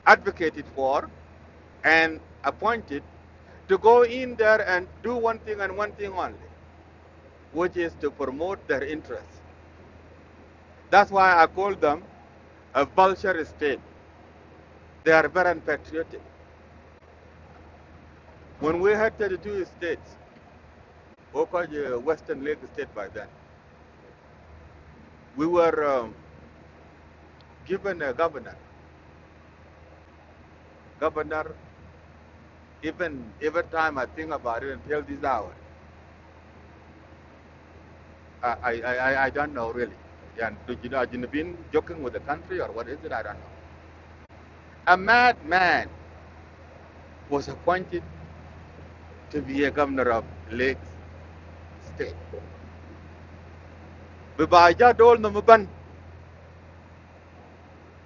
advocated for and appointed to go in there and do one thing and one thing only, which is to promote their interests. That's why I call them a vulture state. They are very unpatriotic. When we had 32 states, or called uh, Western Lake State by then, we were um, given a governor. Governor, even every time I think about it until this hour, I, I, I, I don't know really. And do you know, have been joking with the country or what is it? I don't know. A madman was appointed to be a governor of Lake State. But by that, all the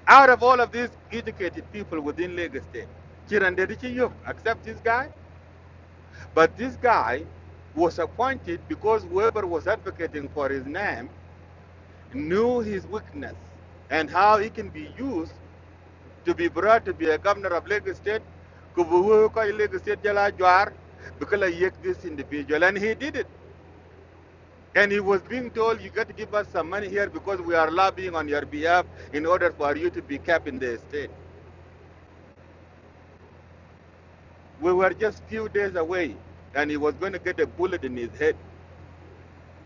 Out of all of these educated people within Lagos State, Kiran Dedichiyuk, except this guy, but this guy was appointed because whoever was advocating for his name knew his weakness and how he can be used to be brought to be a governor of Lagos State. Kubuhu ko Lagos State jala jwar, because I yek this individual, and he did it. And he was being told, you got to give us some money here because we are lobbying on your behalf in order for you to be kept in the state. We were just few days away, and he was going to get a bullet in his head.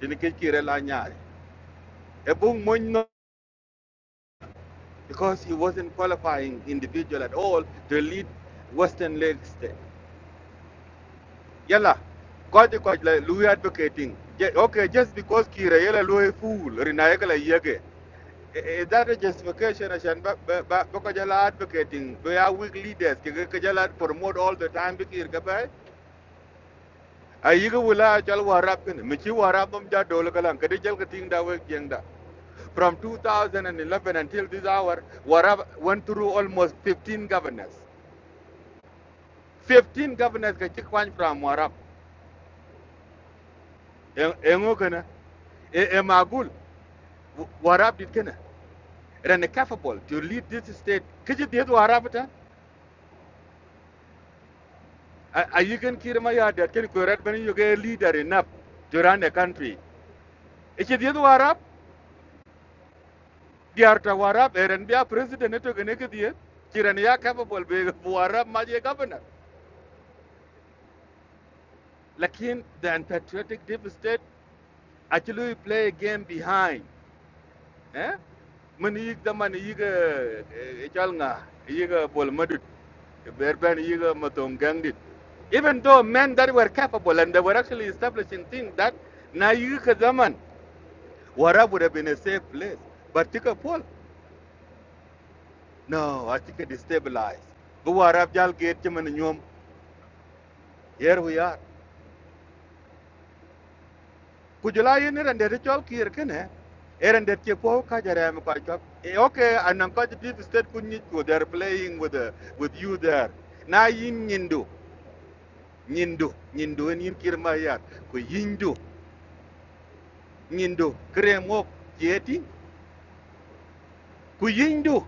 Didn't get A boom moin no, Because he wasn't qualifying individual at all to lead Western Lake State. Yalla, kwaji kwaji la advocating. Okay, just because Kira yala Louis fool, rinayekala yege. I- Is that a justification? Ashan ba ba advocating. We are weak leaders. Kika kajala promote all the time. Bikir Gabay. a yiga wula chal warap kin mi warap mum ja dol kalan kadi chal ka ting da wek jeng da from 2011 until this hour warap went through almost 15 governors 15 governors ka from warap engo kana Emagul magul warap dit kana ran capable to lead this state kiji dit warap ta a yigan kirma ya da ken ko rat yoga leader enough to run the country ichi dit warap diar ta warab eren president eto gene ke die kiran ya capable be warab ma governor lakin the unpatriotic deep state actually play a game behind eh man yig da man yig e chal nga yig bol madut berben yig matom gandit even though men that were capable and they were actually establishing things that na yig ka zaman warab would have been a safe place but tika pol no i think it destabilized bu warab jal geet ci man Here we are. Kujula yin and the chol kir kene. Iran de che po ka jare am Eh, Okay, and am state kun they're playing with the, with you there. Na yin nyindu. Nyindu. Nyindu en yin kir ma yindu. Nyindu. yeti. Ku yindu.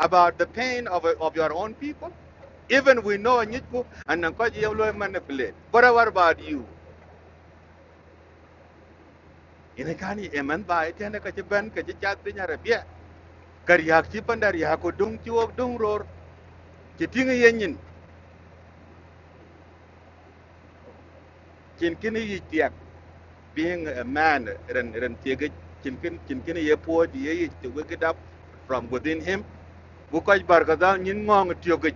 about the pain of, of your own people. Even we know Nyiku and Nankaji Yellow manipulate. But what about you? In a canny, a man by ten, a catch a ban, kar yak ci pandar ya ko dung ci wok dung ror ci tinga yenyin cin kin yi tiak being a man ren ren tiega cin kin cin kin ye po di ye to wake it up from within him bu ko bar ga dal nyin ngong tiega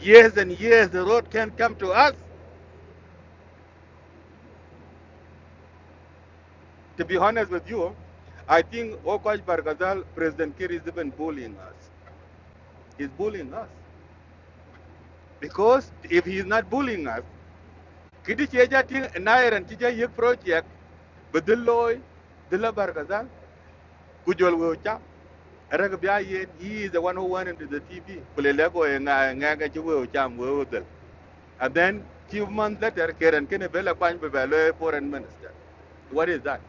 years and years the road can come to us to be honest with you i think okoj bargazal president kir is even bullying us he's bullying us because if he's not bullying us kidi cheja ting nairan cheja yek project Badilloy, Dilla Bargazal, Kujol Wocha, Ragabia, he is the one who went into the TV, Kulelego and Nagajo Cham Wodel. And then few months later, Karen Kennebella Kwan Bebele, foreign minister. What is that?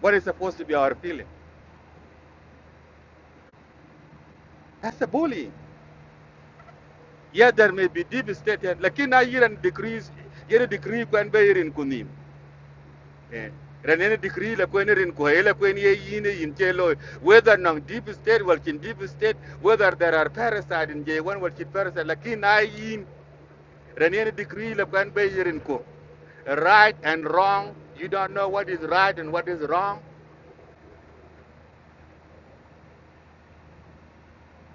What is supposed to be our feeling? That's a bullying. Yeah, there may be devastated, like in a year and decrease, year decree can be in Kunim. Eh, ran any la kwenye rin ko la kwen ye yine yin whether nang deep state wal deep state whether there are parasite in je wan wal kin parasite lakin na yin ran la kwenye be right and wrong you don't know what is right and what is wrong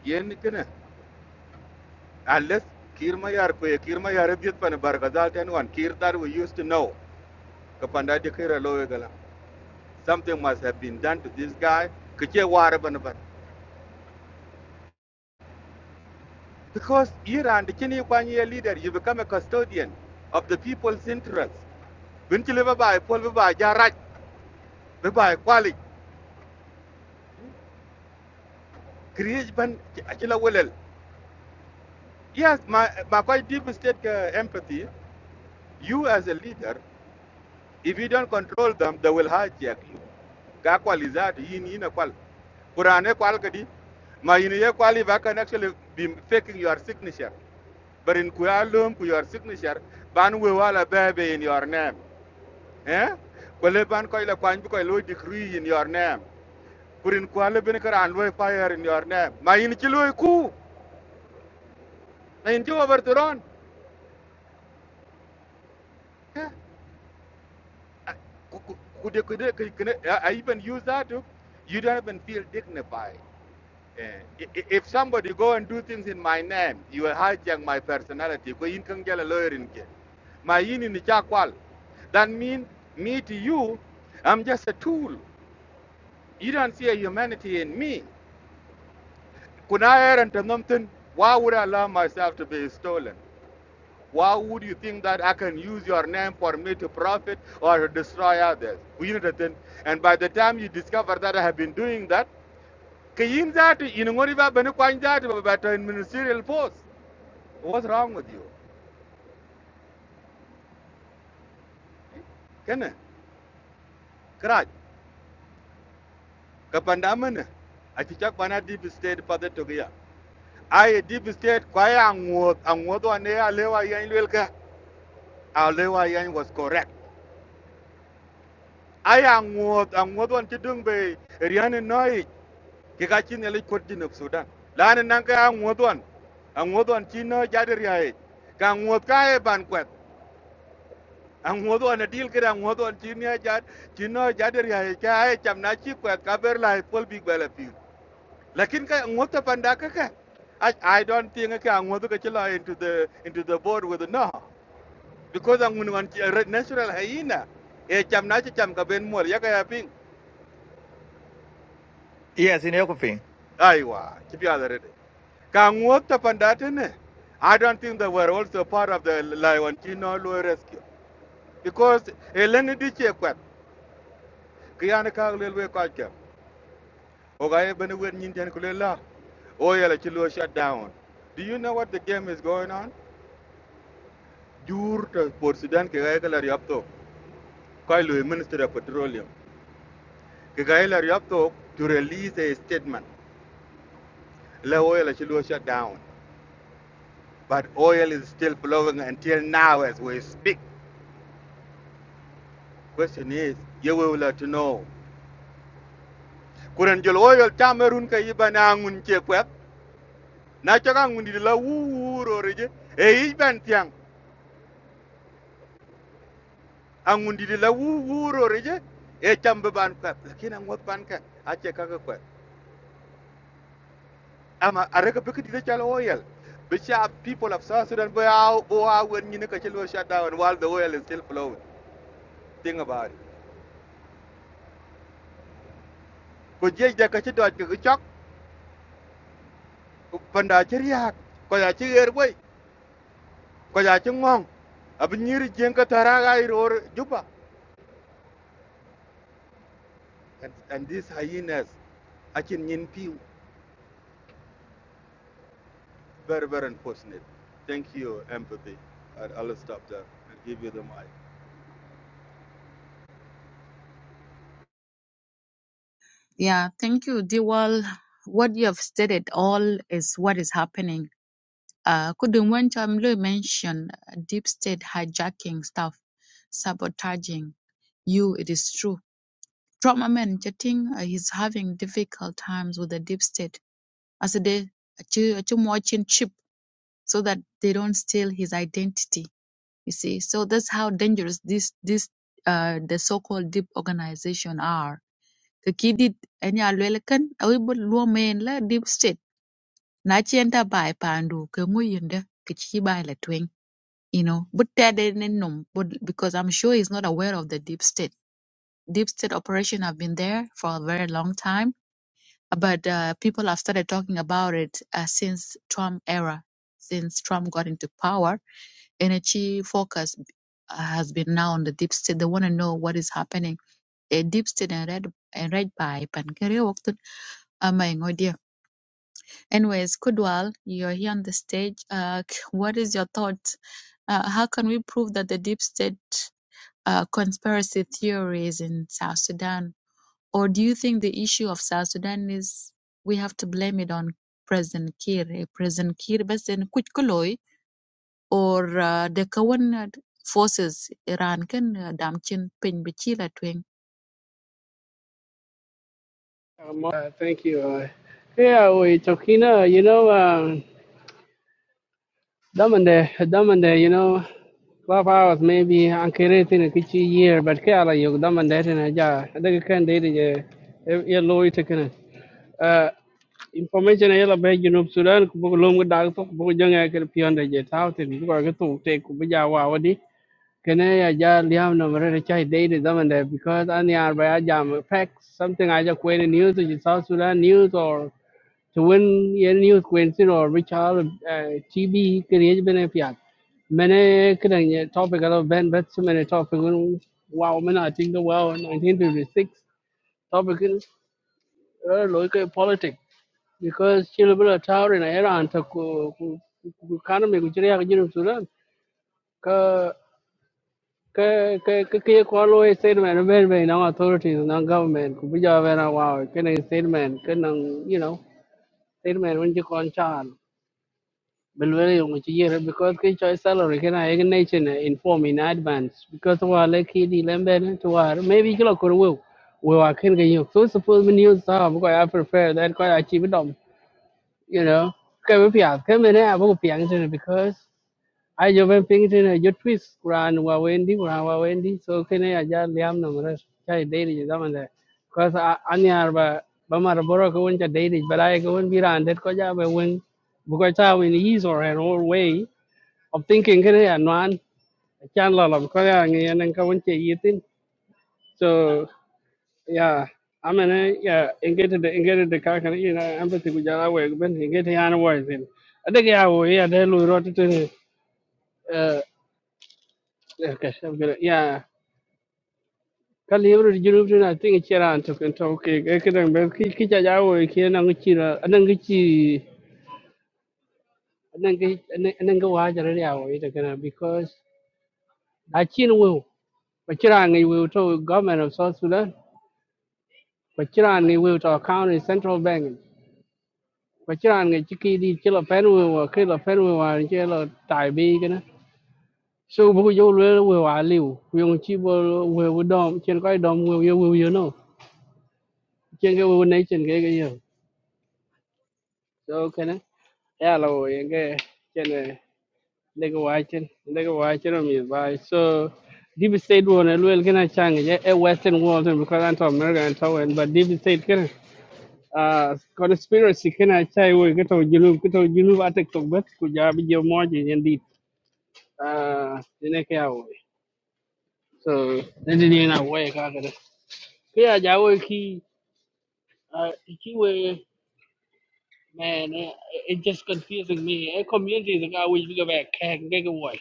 yen kana unless kir ma yar ko kir ma yar pan bar gazal kir that we used to know ka panda de kira lo something must have been done to this guy ke che war ban Because Iran, the Kenny Kwanye leader, you become a custodian of the people's interests. When you live by Paul by Jaraj, by Kwali, create ban Achila Willel. Yes, my, my quite deep state uh, empathy, you as a leader, if you don't control them, they will hijack you. Ga kwali za ta yin yin kwal. Kurane kwal kadi, ma kwali can actually be faking your signature. But in Kualum, your signature, ban we wala bebe in your name. eh kwale ban koy la kwany bi koy lo degree in your name kurin kwale bin karan lo fire in your name ma in ci lo ku na in ci overthrown eh a- ku ku I even use that to you don't even feel dignified Eh, if somebody go and do things in my name you will hijack my personality ko in kan jala lawyer in ke my yin in chakwal. That means me to you, I'm just a tool. You don't see a humanity in me. Could I add and something? Why would I allow myself to be stolen? Why would you think that I can use your name for me to profit or to destroy others? We need to think. And by the time you discover that I have been doing that, kayin zatu inungori ba bani kwan zatu ba ministerial post. What's wrong with you? Kene, kraj, kapanda mana. I chichak bana deep state for pada togiya. I deep state kwaya angwot angwot ane alewa yan lelka. Alewa yan was correct. aya ŋo a ŋo don ti dung be riane noi ke ka chin ele kot din of sudan lan nan ka a ŋo don a ŋo don chi no ja de riae ka ŋo ka e ban kwet a ŋo don a dil kra ŋo don chi ne ja chi no ja de riae ka e cham na chi kwet ka ber lai pol big bele pi lakin ka ŋo ta panda ka ka I, I don't think ka ŋo do ka chila into the into the board with the no because I'm going to natural hyena e cham na chi cham ka ben mol ya ka ya ping Yes, in Ekoping. aiwa chi Can work upon that, innit? I don't think they were also part of the Lion Chino rescue. Because Eleni Diche Kwet, Kiana Kaglilwe Kwacha, Ogaye Benuwe Ninjan Kulela, Oyela Chilua shut down. Do you know what the game is going on? Jur to Port Sudan Kigayla Ryapto, Kailu Minister of Petroleum, Kigayla Ryapto to release a statement. La Oyela Chilua shut down. But oil is still flowing until now as we speak. Question is, you will let to know. kuren jol wo yol tamerun ka yiban angun che na chok angun la wu wu ro reje e yiban tiang angun la wu reje e chambe ban kwet lakini angot ban ka a che ka kwet ama are ka pekiti de chal wo yel Bisha people of South Sudan bo how bo how when ka chelo shutdown while the oil is still flowing think about it ko je je ka chi ka chok panda chiriak ko ya chi er wei ko ya chi ngong jeng ka tara ga iror And, and these hyenas, I can be very, very unfortunate. Thank you, empathy. I, I'll stop there and give you the mic. Yeah, thank you, Diwal. What you have stated all is what is happening. Uh, couldn't want to mention uh, deep state hijacking stuff, sabotaging you. It is true. Trump, man chatting. Jating uh, is having difficult times with the deep state as a day a watching chip so that they don't steal his identity you see so that's how dangerous this this uh the so-called deep organization are the kidid any alwelkan awibul luomen la deep state na chienta bai pandu ke nguyinde ke chi bai la tweng you know but that they didn't num but because i'm sure he's not aware of the deep state deep state operation have been there for a very long time but uh, people have started talking about it uh, since Trump era, since Trump got into power. Energy focus uh, has been now on the deep state. They want to know what is happening. A deep state and red and red pipe and by Pankeriokton. Oh my god, dear. Anyways, Kudwal, you're here on the stage. Uh, k- what is your thought? Uh, how can we prove that the deep state uh, conspiracy theories in South Sudan or do you think the issue of South Sudan is we have to blame it on President Kiir, eh, President Kiir بس إن كوج كلوي or uh, the current forces Iran can uh, damchin pin bichila twing. Um, uh, thank you. Uh, yeah, we talking. Uh, you know, um, Damande, Damande, you know, twelve hours maybe ankerete in a kitchen year, but kala yog Damande in a jar. I think I can date it. Yeah, lawyer taken Uh, information yela be you know Sudan ku bugo longo dag to ku bugo jonga ke pionde je tawten bugo to te ku bija wa wadi kene ya ja liam no mere chai date Damande because any are by jam facts something I just wait in news to South Sudan news or Tuwin yen news Quincy or Richard uh, TB kerja bene fiat. Mana kerana topik kalau ben bet semana topik un wow mana I think the wow 1956 topik un local politics because chile bila tahu ni era antar ku ku karena mereka ceria kerja sudah ke ke ke ke ke kalau statement ben ben nang authorities nang government ku bija ben wow kena statement kena you know statement un je koncan Belwele yung chi because ki choy salary kena egin nation inform in advance because wa le ki di lembe ne to wa maybe kilo kuru we we wa ken ga yo so suppose when you saw bu I prepare that ko achieve dom you know ke we pia ke me ne abu pia ngene because ayo ben ping tin yo twist kuran wa wendi kuran wa wendi so kene aja liam no mara chai daily je zaman da cuz ani arba ba mar boro ko wonja daily balai ko won biran det ko ja be won bu ko ta win ease or an old way of thinking kene ya nan chan la lam ko ya ngi nen ko won che yitin so yeah I mean, eh, yeah, engage the engage the car can you know empathy with your way, but engage the animal thing. I think I will. yeah, they lose rotten. Uh, okay, I'm good. Yeah, kali yebro jurub na tinga chiran to kan to ke ke dan be ki ki ja jawo ki na ngi chira anan ngi chi anan ngi anan ngi wa jara ya wo ita kana because a chin wo ko chira ngi wo to government of south sudan ko chira ngi wo to county central bank ko chira ngi chi ki di chila pen wo wo ki la pen wo wa che la tai bi kana so bu yo lo wo wa liu yo chi bo wo wo dom chen ko dom wo yo wo yo no chen ge wo nei chen ge ge yo so can kene ya lo yenge kene lege wachen lege wachen mi bai so deep state one. el wel kena chang ye a western world and because anto america and so and but deep state kene uh conspiracy kena chai wo keto junu keto junu atek to bet ku ja bi jo moji yen dit uh dine ke awo so then dine na wo ka ka de ya ja wo ki uh ki we Man, it, it just confusing me. A community is a which we go back can get away.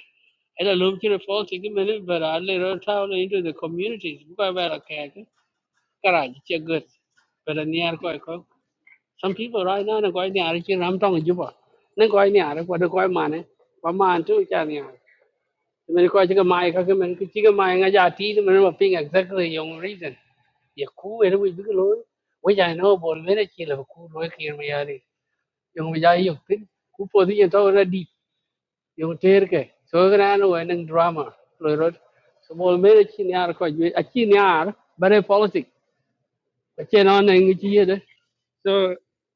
And I look to the phone take a minute, but I later town into the communities. We go back a can. Garage, it's good. But in the air, quite Some people right now are going near it. I'm talking Juba. Then going near it. What the going man? What man too? It's near. Mình coi chiếc máy các cái mình cái chiếc máy got giá tí thì mình mà ping exactly yung reason. Ya ku era we big loy. We ya know bol vera chi la ku loy kir me yung bijayuk tin ku podi ye to ready yung terke so gran we nang drama lo rot so mol mere chin yar ko ju a chin yar bare politic a chen on nang chi ye de so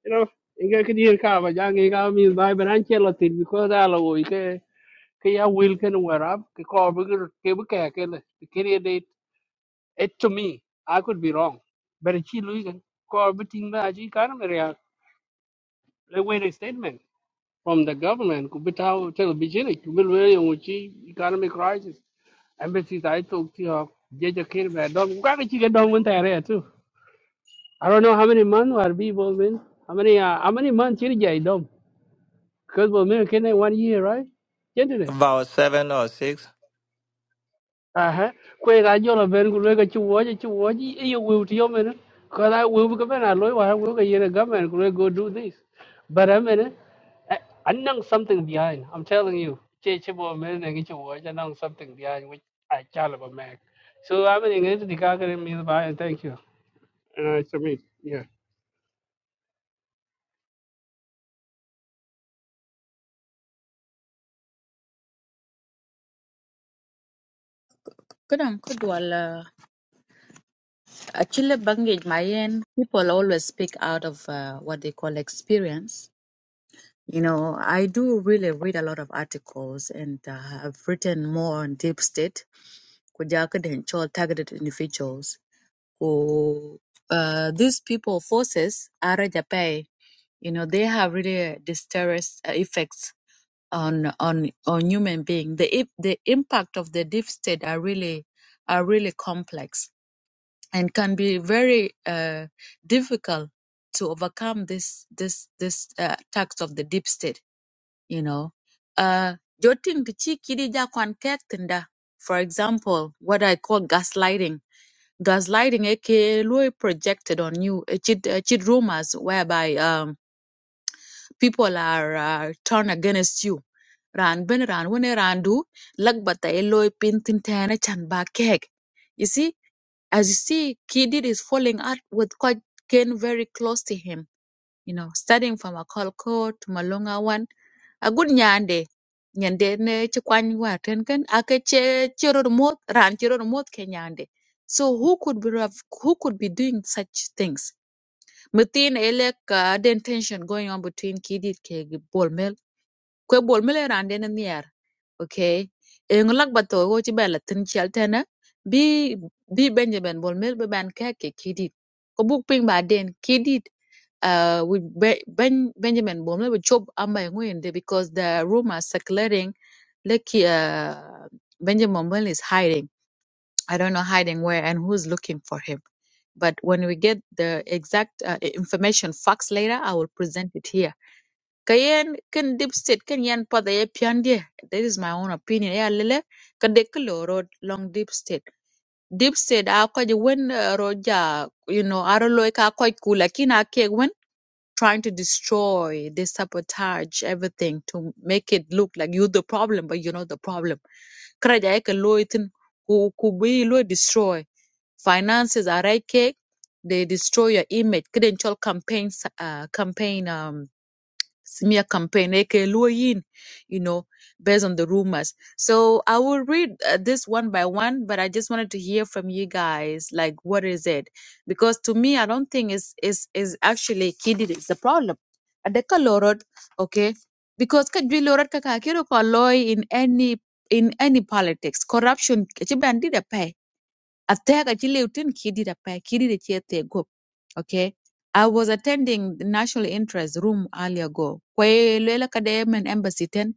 you know inga ke dir ka ba jang inga mi bai ban che lo tin because ala wo ke ke ya will ken wear up ke ko bu ke ke bu ke ke le ke re it to me i could be wrong but it's lu ken ko bu ting ba ji kan me ya le we statement from the government. Kubitao television, Kubilwe, Uchi, economic crisis. Embassies I talk to her, Jaja Kirby, Don Gagachi Don went there too. I don't know how many months are people been. How many uh, how many months here Jay Dom? Because we're making one year, right? About seven or six. aha kwe ga jola ben ku le ga chu wo ji chu wo ji e yo wi ti yo men ko da wi bu ka ben a lo wa wi ga yere ga men ku le go do this but i mean i know something behind i'm telling you che che bo men ne ga chu ji know something behind which i chal ba man, so i mean ngi ti ka ga me ba thank you and i submit yeah Kadam kudwal uh, bangage mayen people always speak out of uh, what they call experience. You know, I do really read a lot of articles and uh, I've written more on deep state kujaka den chol targeted individuals who uh, these people forces are Japan. You know, they have really disastrous effects on on on human being. The the impact of the deep state are really are really complex and can be very uh, difficult to overcome this this this uh, attacks of the deep state. You know, uh, jotin tichi kidi ja kwan kek tinda. For example, what I call gaslighting gaslighting aka Lui projected on you uh, cheat, uh, cheat rumors whereby um, people are uh, turned against you ran ben ran wene ran du lagbata e loy pintin tene chan ba keg you see as you see kidid is falling out with quite Ken very close to him you know, studying from a Akolko to Malunga one. A good nyande, nyande ne chikwany war tenken, ake che chiro remote, ran chiro remote ke nyande. So who could be rav- who could be doing such things? Within elek uh, the tension going on between Kidit ke Bolmel kwe bol mele ran dena niar okay e ng bato go ci bela tin chel tena bi bi benjamin bol mel be ban ka kidit ko buk ping ba den kidit uh with Be- ben benjamin bol mel be amba ngwende because the rumor circulating like uh, benjamin bol is hiding i don't know hiding where and who's looking for him but when we get the exact uh, information facts later i will present it here ka yen deep state kin yen pada ye pian dia this is my own opinion ya lele ka de ka lo road long deep state deep state a ko je wen uh, ja you know aro lo e ka ko ku lakin ke wen trying to destroy they sabotage everything to make it look like you the problem but you're not the problem kara ja ye ka lo itin ku ku bi lo e destroy finances are right cake they destroy your image credential campaigns uh, campaign um smear campaign, aka Luo you know, based on the rumors. So I will read uh, this one by one, but I just wanted to hear from you guys, like, what is it? Because to me, I don't think it's, is is actually kidded, it's the problem. Adeka lorot, okay? Because kajwi lorot kaka kiro ko loy in any in any politics corruption kichi bandi da pay Afteka chile utin kidira pa kidira chiete go. Okay. I was attending the national interest room earlier ago. Kwa hiyo lwela kadayemen embassy ten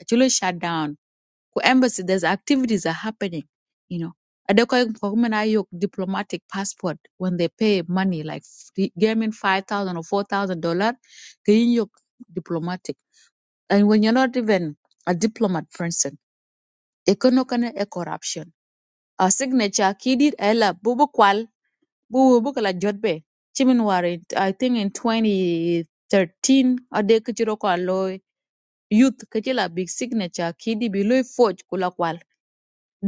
actually shut down. Kwa embassy there's activities are happening, you know. Adekwa kwa kuma na yok diplomatic passport when they pay money like gaming five thousand or four thousand dollar, kayin yok diplomatic. And when you're not even a diplomat person, ekono kana e corruption. A signature kidid ela bubu bu bu kala jotbe chimin ware i think in 2013 ade kichiro kwa loy youth kichila big signature kidi bi loy forge kula kwal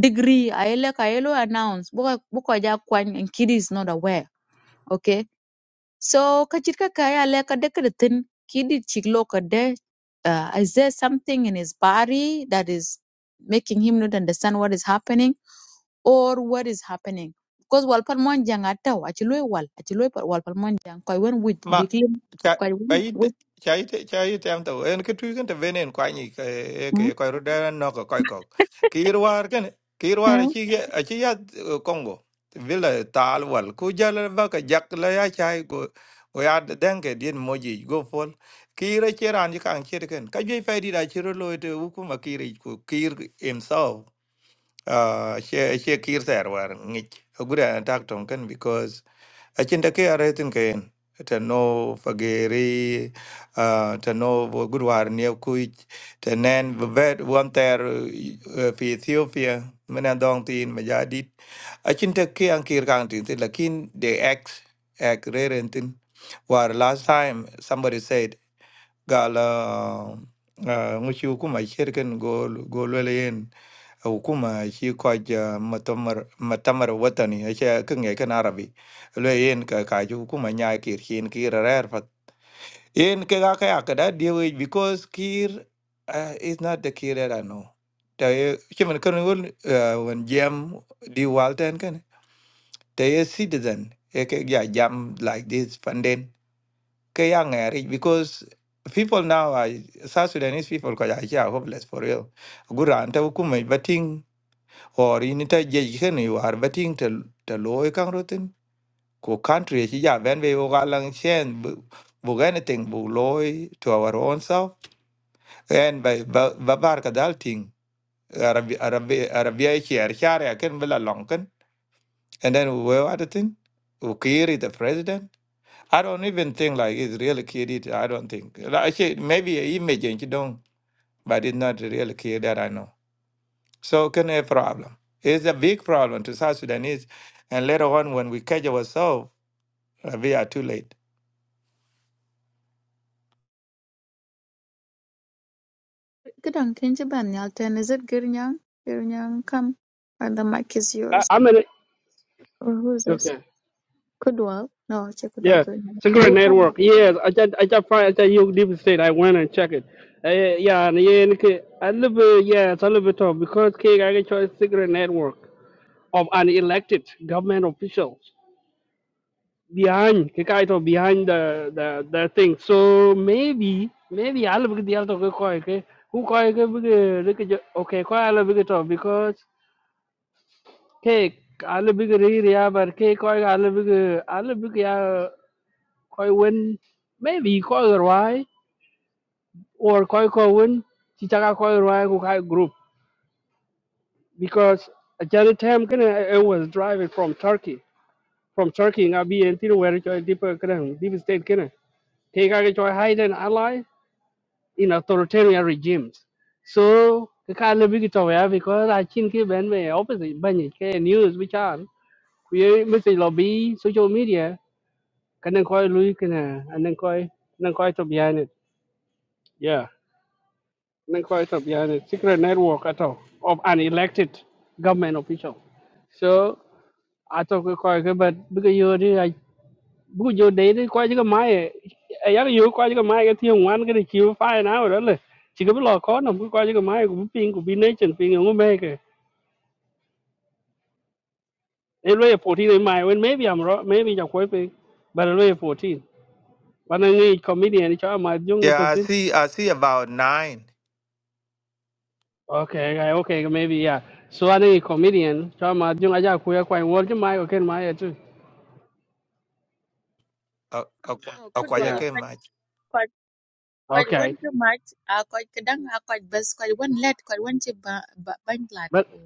degree aele ka yelo announce buka buka ja kwan and kidi is not aware okay so kachir ka kaya le ka de kritin kidi chiklo ka uh, is there something in his body that is making him not understand what is happening or what is happening because wal pal mon jang ataw achi wal achi wal pal mon jang koy wen wit ma big lim cha koy wen ai wit chai chai tem to en ke tu kan te venen kwa ni ke mm ke ko ru da no ko ko ko ki ruar kan ki ruar yeah. chi ge a chi ya kongo vila tal wal ku jal ba ka jak la ya chai go o ya den ke din moji go fol ki re che ran ji kan che kan ka je fa di da chi ro lo te u ku ma ki re ku ki himself a che che ki ter war ngi gura tak tom kan because achinda ke aretin ken ta no fageri ah, ta no wo gudwar ne kuj ta nen vet eh, fi Ethiopia mena dong tin majadit achinda ke an kir kan tin tin, lakin the ex ek rerentin war last time somebody said gala ngushu kuma shirken gol golwelen حكومة شي كوج مؤتمر مؤتمر وطني شي كنجي كان عربي لو ين كاجو حكومة نيا كير شين كير رير فت ين كيغا كيا كدا ديوي because كير uh, is not the كير that I know تا شمن كن ول when جام دي والتن كن تا ي citizen يك يا جام like this funding كيا ngari because people now are South Sudanese people because are hopeless for real. Gura anta hukumai or in ta jej ken you are betting te te loy kang rotin ko country e chi ja ben we o galang chen bu bu anything bu loy to our own self and by ba bar ka dal ting arabi arabi arabia e chi ar char ya ken bela long ken and then we what the thing who created the president i don't even think like it's really created i don't think like actually, maybe a image and you don't but it's not really clear that i know So can a problem. It's a big problem to South Sudanese. And later on when we catch ourselves, uh, we are too late. Kidan kin ji ban yalten. Is it Girnyang? Girnyang, come. And the mic is i, yours. I mean Or who is this? okay Kudwal? No, check Kudwal Yes, Girnyang. secret You come. network. Yes, I just I just find I just you deep state. I went and check it. Uh, yeah, and yeah, and okay, a little bit yeah, it's a little bit tough because okay, I get your secret network of unelected government officials behind okay, kind of behind the, the the thing. So maybe maybe I'll be the other guy. Okay, who guy can be the- look at your- okay? Quite a little bit tough because okay, I'll be the area, but okay, quite a little bit. I'll be yeah. koi win maybe koi ruai or koi ko win chichaka koi ruai ku kai group because ajali time kene I was driving from Turkey from Turkey nga bi en tiru where choi deep kene deep state kene te ka ke choi hide an ally in authoritarian regimes so ke ka le bigi to ya because I chin ki ben me opposite ban ke news which are we ye lobby social media kanen koi lui kene anen koi anen koi to behind it yeah Nkoit of the secret network at all of unelected government official. So I talk with Koike, but because you did, I would you date it quite a my a young you quite a my at you one get a chill fine out, really. Chicabella corner, who quite a my ping could be nation ping and make it Anyway, fourteen in my when maybe I'm wrong, maybe you're quite big, but anyway, fourteen. But I need comedian, it's all my young Yeah, I see I see about nine Okay, I- okay, maybe yeah. So I think comedian, chama jung aja kuya kwa word my okay my too. uh, uh, no uh, good wal Yeah. Kwajalein koy match. koy Okay. wen too much Ah, koy kedang a koy bes koy wen let koy wen chi ba ba ban lat But ko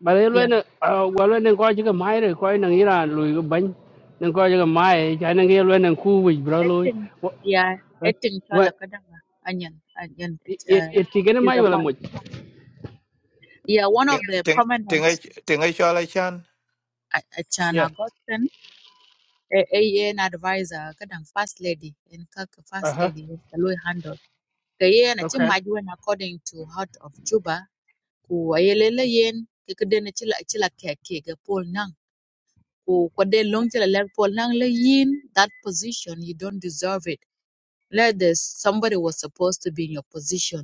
but then when uh well when go to my re ko nang ira lu ban nang ko to my ja nang ira nang ku wi bro lu. acting What yeah acting chola What? kadanga onion onion it it uh, it tigene is mai a wala vi- mo. yeah one Ting of the ting prominent ting ting- Shola Chan. uh, uh, chana Yeah. godson a a- an advisor kadang first lady in kak first Uh-huh. lady the low handle ka yen achi Okay. maj according to heart of juba ku ayelele yen kekeden chila chila keke ga nang ku kwade long chila le pol nang le yin that position you don't deserve it like this somebody was supposed to be in your position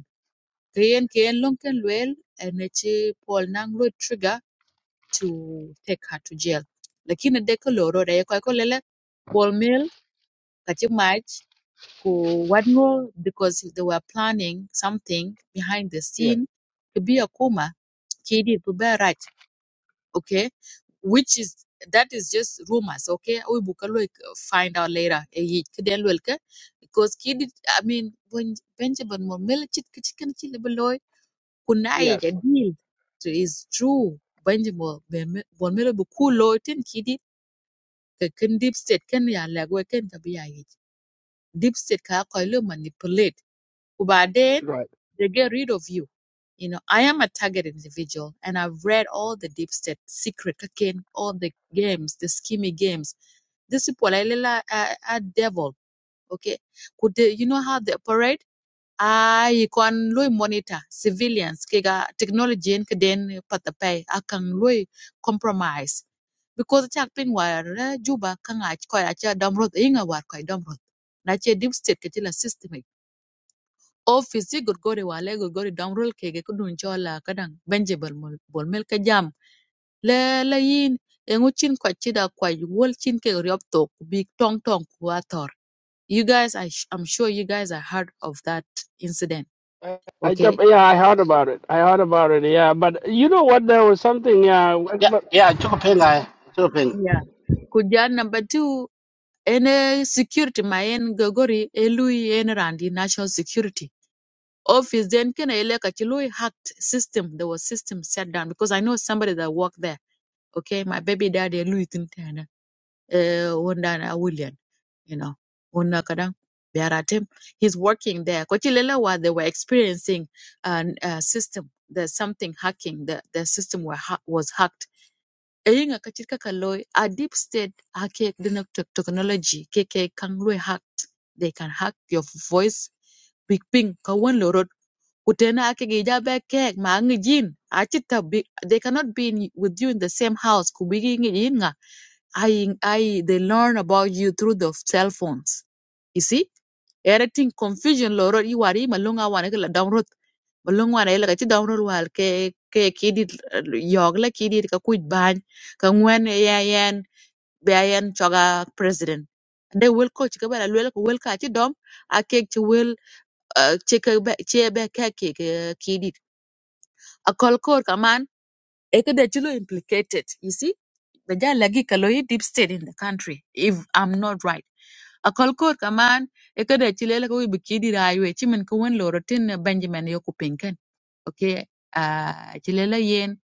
Kayen Kayen Long Ken Luel and Echi Paul Nang Lui trigger to take her to jail. Lakini deko loro de ko ko lele ball mill kachi match ko wadngo because they were planning something behind the Yeah. scene to be a kuma kidi to be right okay which is that is just rumors okay we bukalo find out later eh, yi- kiden luel ke because kidi I mean when Benjamin Moore mill chit kichkan chi lebelo kunai ja Yes. deal to is true banji mo bon melo bu ku loitin kidi ka kin deep state ken ya lagwe ken ka bi ya yich deep state ka ko lo manipulate kuba then Right. they get rid of you. You know, I am a target individual and I've read all the deep state secret again, all the games, the scheming games. These people are, are, are devil. Okay. Could they, you know how they operate? I can lui monitor civilians kega technology and kden patapay. I can lui compromise because chak ping war eh, juba kanga ko ya damrot inga war ko damrot na che deep state ke la system ik. office yi gorgore wale gorgore damrol kege kudun chola kadang benje bol mol bol mel ka jam le le yin engu chin ko chida ko wol chin ke riop to big tong tong ku ator you guys I sh- i'm sure you guys are heard of that incident I, I okay jump, yeah, I heard about it. I heard about it. Yeah, but you know what? There was something. Yeah, Yeah, yeah, Chukaping, I, Chukaping. Yeah. Kujan number two, any security ma en gagori elui en randi national security. Office then kena ele chilui hacked system. There was system set down because I know somebody that worked there. Okay, my baby daddy elui tintana. Eh, wanda na William, you know, wanda kadang biaratem. He's working there. Kochilela wa they were experiencing an uh, system. There's something hacking. The the system were ha- was hacked eyinga ka chit a deep state hake dina tech- technology keke kan hacked they can hack your voice big ping ka wan kutena ake gi jabe kek ma ngi jin a bi they cannot be in, with you in the same house ku bi ngi jin nga I I they learn about you through the cell phones you see everything confusion lorot. rot i wari malunga wan la dam rot malunga wan ai la ka chi dam wal ke ke kidi yog la kidit ka kuj ka ŋuan ya yan be ya yan choga president de will coach ke bala wel ko wel ka ci dom a kek ci wel ci ke ci be ka ke kidit a kol kor ka Ekede Chilo implicated. You see, the guy lagi kaloi deep state in the country. If I'm not right, a kolkor kaman Ekede Chilo lagi we bikidi raiwe chimen kuwen lorotin na Benjamin yoko pinken. Okay, uh, Chile la yen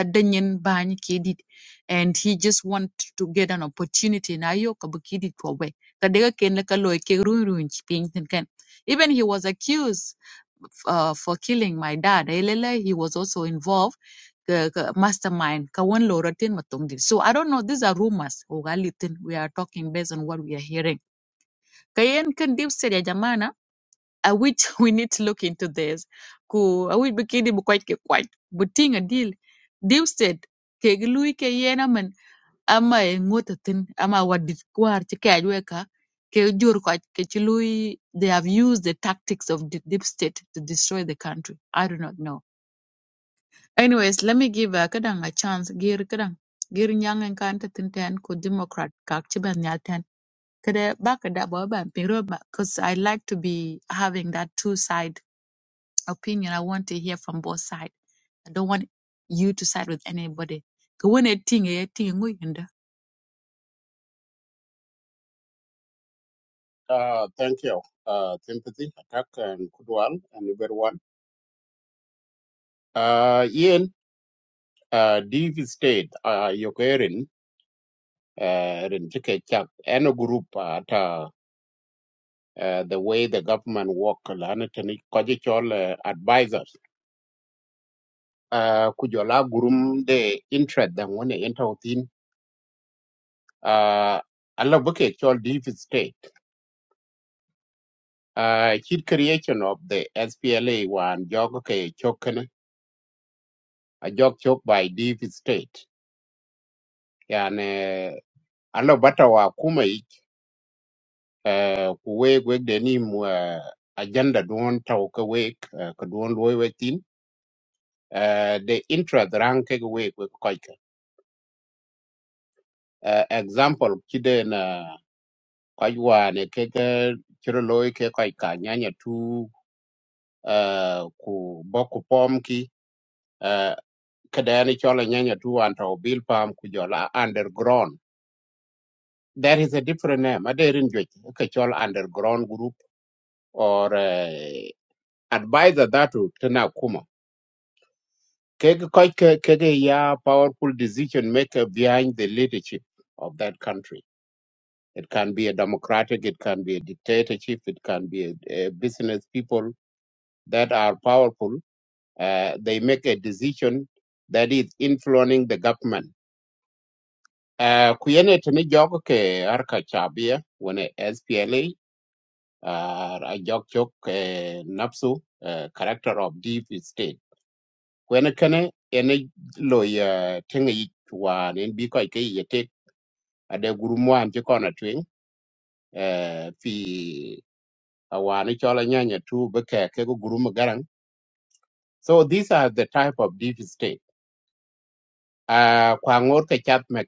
adanyen bany kidid, and he just want to get an opportunity na yoko bikidi kwawe. Kadega ken laka loy kerun ruin pinken ken. Even he was accused uh, for killing my dad. Elele, he was also involved ka- ka- mastermind ka wen lo ratin matungdi so i don't know these are rumors ogalitin we are talking based on what we are hearing kayen kan deep said ya jamana i wish we need to look into this ku i which bikini bu quite ke quite but a deal deep said ke glui ke yena man ama e ngotatin ama wadit kwar ti ka ka ke jur ko ke ci they have used the tactics of the deep state to destroy the country i do not know Anyways, let me give uh, kadang a chance. Gir kadang gir nyang en kan ta tin ten ku Democrat kak chi ban nyal ten. Kada ba kada bo ban piro ba because I like to be having that two side opinion. I want to hear from both sides. I don't want you to side with anybody. Ka wen e ting e e ting ngui nda. Uh, thank you, uh, Timothy, Attack, and Kudwal, and everyone. Uh, Ian, uh, deep state, uh, Yokerin, uh, Rentike Chak, and a group uh, at uh, uh, the way the government work, Lanatani, Kajikol uh, advisors. Uh, Kujola Gurum, the interest them when they enter within. Uh, Allah Buke Chol deep state. Uh, kid creation of the SPLA one, Jog Chokan, a Jog Chok by deep state. Yeah, alo bata wa kuma i ku weg weg de ni mu ah, agenda duon taw ka weg ah, ka duon loy weg tin ah, de intra dran ke weg weg koy ka Ah, example ki na koy wa ne ke ga chiro loy ke koy ka nyanya tu ah, ku boku pom ki ah, ka ni chola nyanya tu an taw bil pam ku jola underground there is a different name aderin jwe ka chola underground group or uh, advisor that to tena kuma Kege quite ke- kege ya powerful decision maker behind the leadership of that country. It can be a democratic, it can be a dictatorship, it can be a, a business people that are powerful. Uh, they make a decision that is influencing the government. Uh, kuyene tini jogo ke arka chabia wane SPLA uh, a jog chok eh, napsu uh, character of deep state kwene kene ene lo ya tenge yi wan en bi ko ke ye te ade guru mwan ti kona twin eh fi awani chola nyanya tu be ke go guru magaran so these are the type of deep state uh kwa ngor ke chap me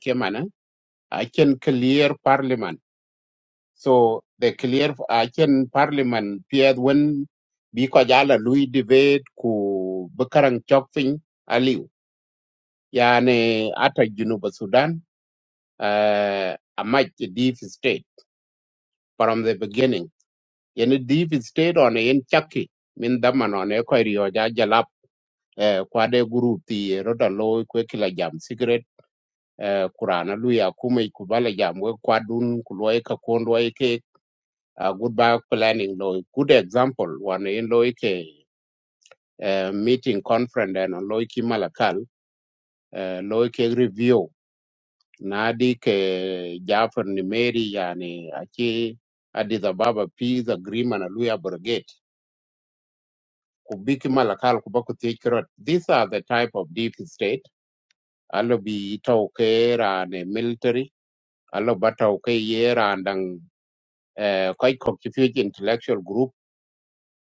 i can clear parliament so the clear i can parliament pied when bi ko jala lui debate ku bekarang karang chok fin aliu yani ata junuba sudan uh, a much deep state from the beginning. In a deep state on in Chucky, min daman on a query or jalap, uh, quade group, the roda low, quekila jam, cigarette, uh, kurana, luya, kume, kubala jam, we kwadun, kuluaika, kondwaike, a good back planning low. Good example, one in loike, uh, meeting conference and on loiki malakal, uh, loike review. na ke Jafar Nimeri yani achi Addis Ababa Peace Agreement Aluya Brigade kubiki malakal kubaku tikirot. These are the type of deep state. Alo bi tauke rane military. Alo ba tauke and randang uh, quite confused intellectual group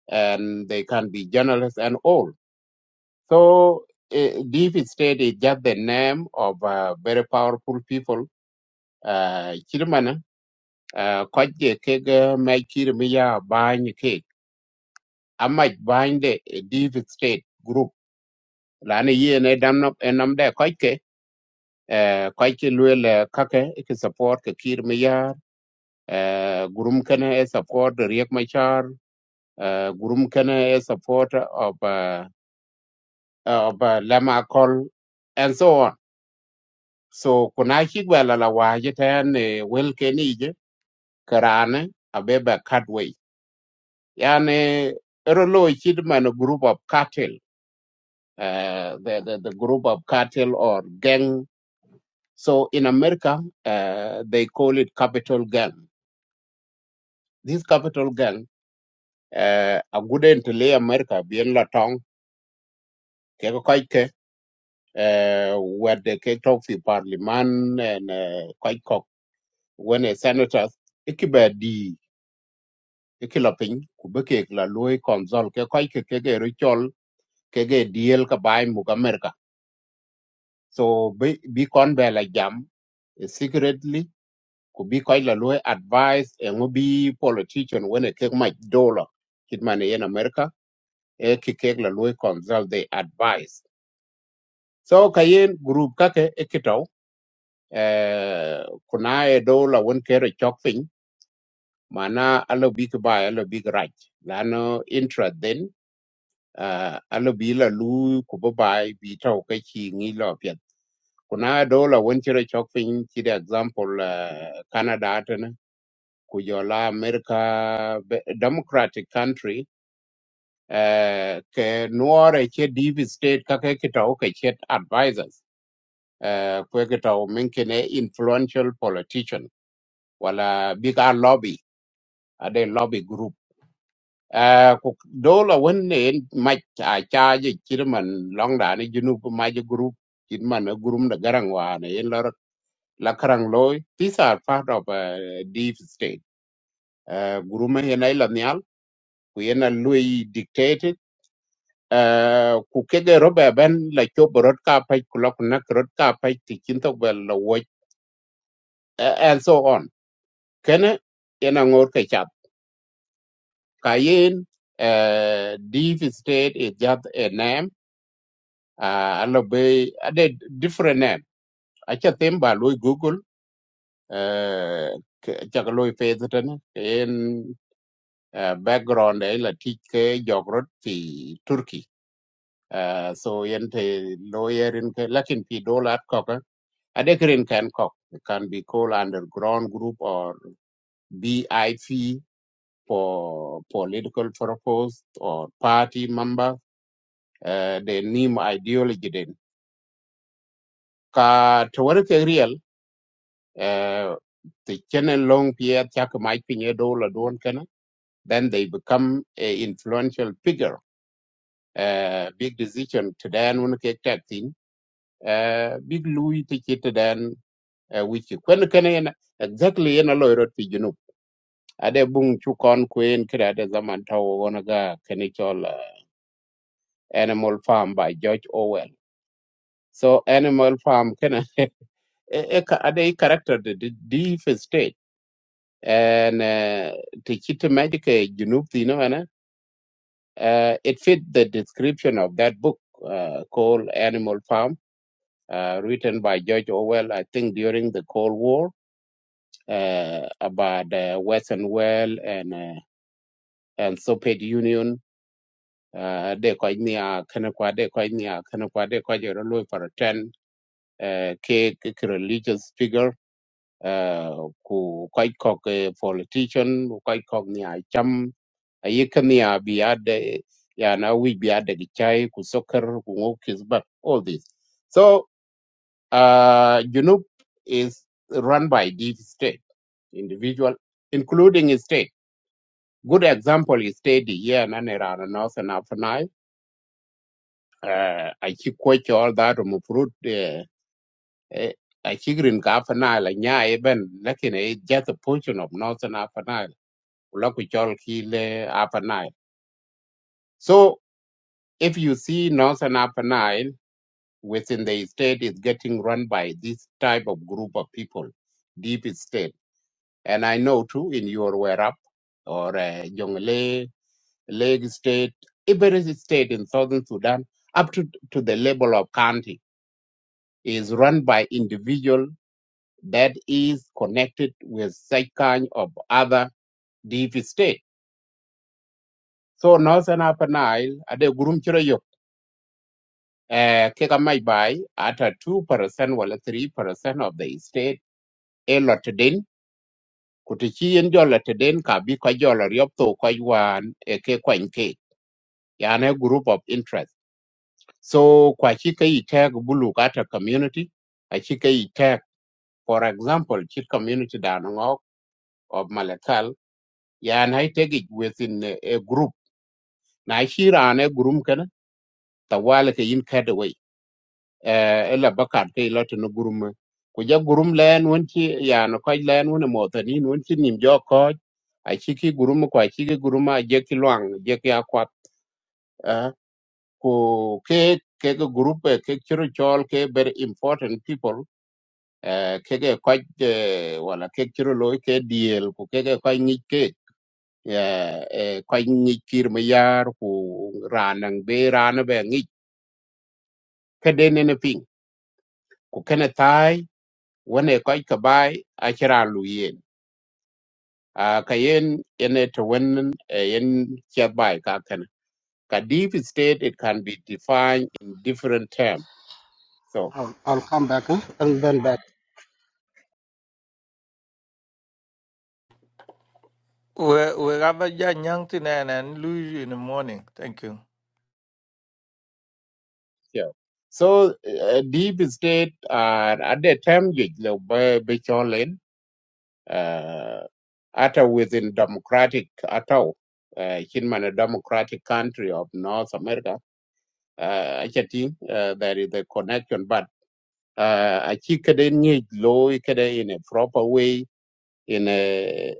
and they can be journalists and all. So uh, deep state is just the name of uh, very powerful people. Uh, kwaje ke ga mai kir mi ya bany ke amma bany de div state group lana ye ne dam no enam de kwaike kwaike luel kake ke support ke kir mi ya gurum kana e support riek machar eh, gurum kana e support uh, of uh, of uh, lama call and so on so kuna shi gwala la waje ta ne welke ni je karane abeba yani ero lo chid a group of cartel uh, the, the the group of cartel or gang so in america uh, they call it capital gang this capital gang uh, aguden to le america bien la tong ke ko uh, where the ke talk fi parliament and uh, kai when a senators ikibe di ikilapin kubeke la loy konzol ke kai ke ke ke richol ke ge diel ka bai mu America so be be kon be la jam eh, secretly ku bi koy la loy advice e ngo bi politician wona kek ma dollar kit mane yen america e ki kek la loy consult the advice so kayen group kake e kitaw eh kuna e dollar won kere chok piny mana alo bi ki bai alo bi ki rach lano intra then uh, alo bi la lu ku bi bai bi taw ka chi ngi lo kuna dola wen chiro chok piny chide example uh, canada atene ku jola america be- democratic country uh, ke nuore che deep state kake kitau ke chet advisors uh, kwe kitau minkine influential politician wala bigger lobby ade lobby group uh, ku dola wen ne mach a charge chirman long da ne junub mach group chirman group da garang wane Lakarang Loy, these are part of a deep state. Uh, Guruma Yena Ilanial, Kuyena Lui dictated, uh, Kukege roba Ben, like your Borodka Pai, Kulakunak Rodka Pai, Tikinto Well, Watch, and so on. Kene Yena Ngorke Chat. Kayin, uh, deep state is just a name, uh, Alobe, a de- different name. Achatemba Lui Google, uh, Chakaloi Faith, uh, background ay la tic ke jogrot fi Turkey. Uh, so yente lawyer in ke lakin fi dola at kok adekirin can kok it can be called underground group or BIP for political purpose or party member uh, the name ideology den ka tawar ke real uh, the channel long pier chak mai pinye dola don kana then they become a influential figure uh, big decision today and one cake that thing. eh, big lui ti chit den eh, wichi kwen kene yen exactly yen alo irot pi junub ade bung chu kon kwen kire ade zaman tawo gona ga kene chol eh, animal farm by George Orwell so animal farm kene e, e, ka- ade i character the the deep state and uh, ti chit magic junub ti no ana uh, it fit the description of that book uh, called Animal Farm uh, written by George Orwell I think during the Cold War uh, about uh, Western world and uh, and Soviet Union. Uh, they quite near Kanakwa, they quite near Kanakwa, they quite near Lui for a ten uh, cake religious figure. Uh, who quite cock a politician, who quite cock near Cham, a Yekania be at the Yana, we be at the Chai, who soccer, who walk his back, all this. So, uh, Junup is run by deep state individual, including state. Good example is steady here in Anera Northern Afanai. Uh, I keep quite all that fruit. I keep green Afanai. and yeah, even looking at just a portion of Northern Afanai. Lokuchol Kile Afanai. So if you see Northern Afanai within the state is getting run by this type of group of people, deep state. And I know too in your where or uh, Jongle. Lake State, every state in southern Sudan, up to, to the level of county, is run by individual that is connected with such kind of other deep state. So Northern Upper Nile, at the Gurumchira Yok, eh, Keka Mai Bai, at a 2% or 3% of the state, a lot din, Kutichi and Jolatadin, Kabi Kajola Ryopto Kaiwan, a Kekwanke, Yana group of interest. So kwa chika i tag bulu kata community, a chika i tag, for example, chik community danong of Malakal, ya na i tag it within a, a group. Na shira ane gurum kana, tawala ke yin kada way. Eh, ela bakat ke ilata no gurum. Kuja gurum layan wanchi, ya na kaj layan wana motanin wanchi nimjo kaj, a chiki gurum kwa chiki guruma jeki luang, jeki akwat. Uh, ko ke ke group e, ke chiro chol ke very important people eh, kege kwaj eh, wala kek chiro loy ke diel ku kege kwaj ng'ich ke eh, eh, kwaj ng'ich kir ma ku ranang be rana be ng'ich kede nene ping ku kene thai wane kwaj ka achira lu yen Ah, ene to wen eh, yen chia ka kene ka deep state it can be defined in different terms so I'll, I'll come back huh? and then back. we we have a young thing and and lose in the morning. Thank you. yeah. so uh, deep state are at the term you be be uh, hata within democratic atau, uh, in a democratic country of North America uh, acha ting uh, there is a connection but uh, achi kede need law kede in a proper way in a,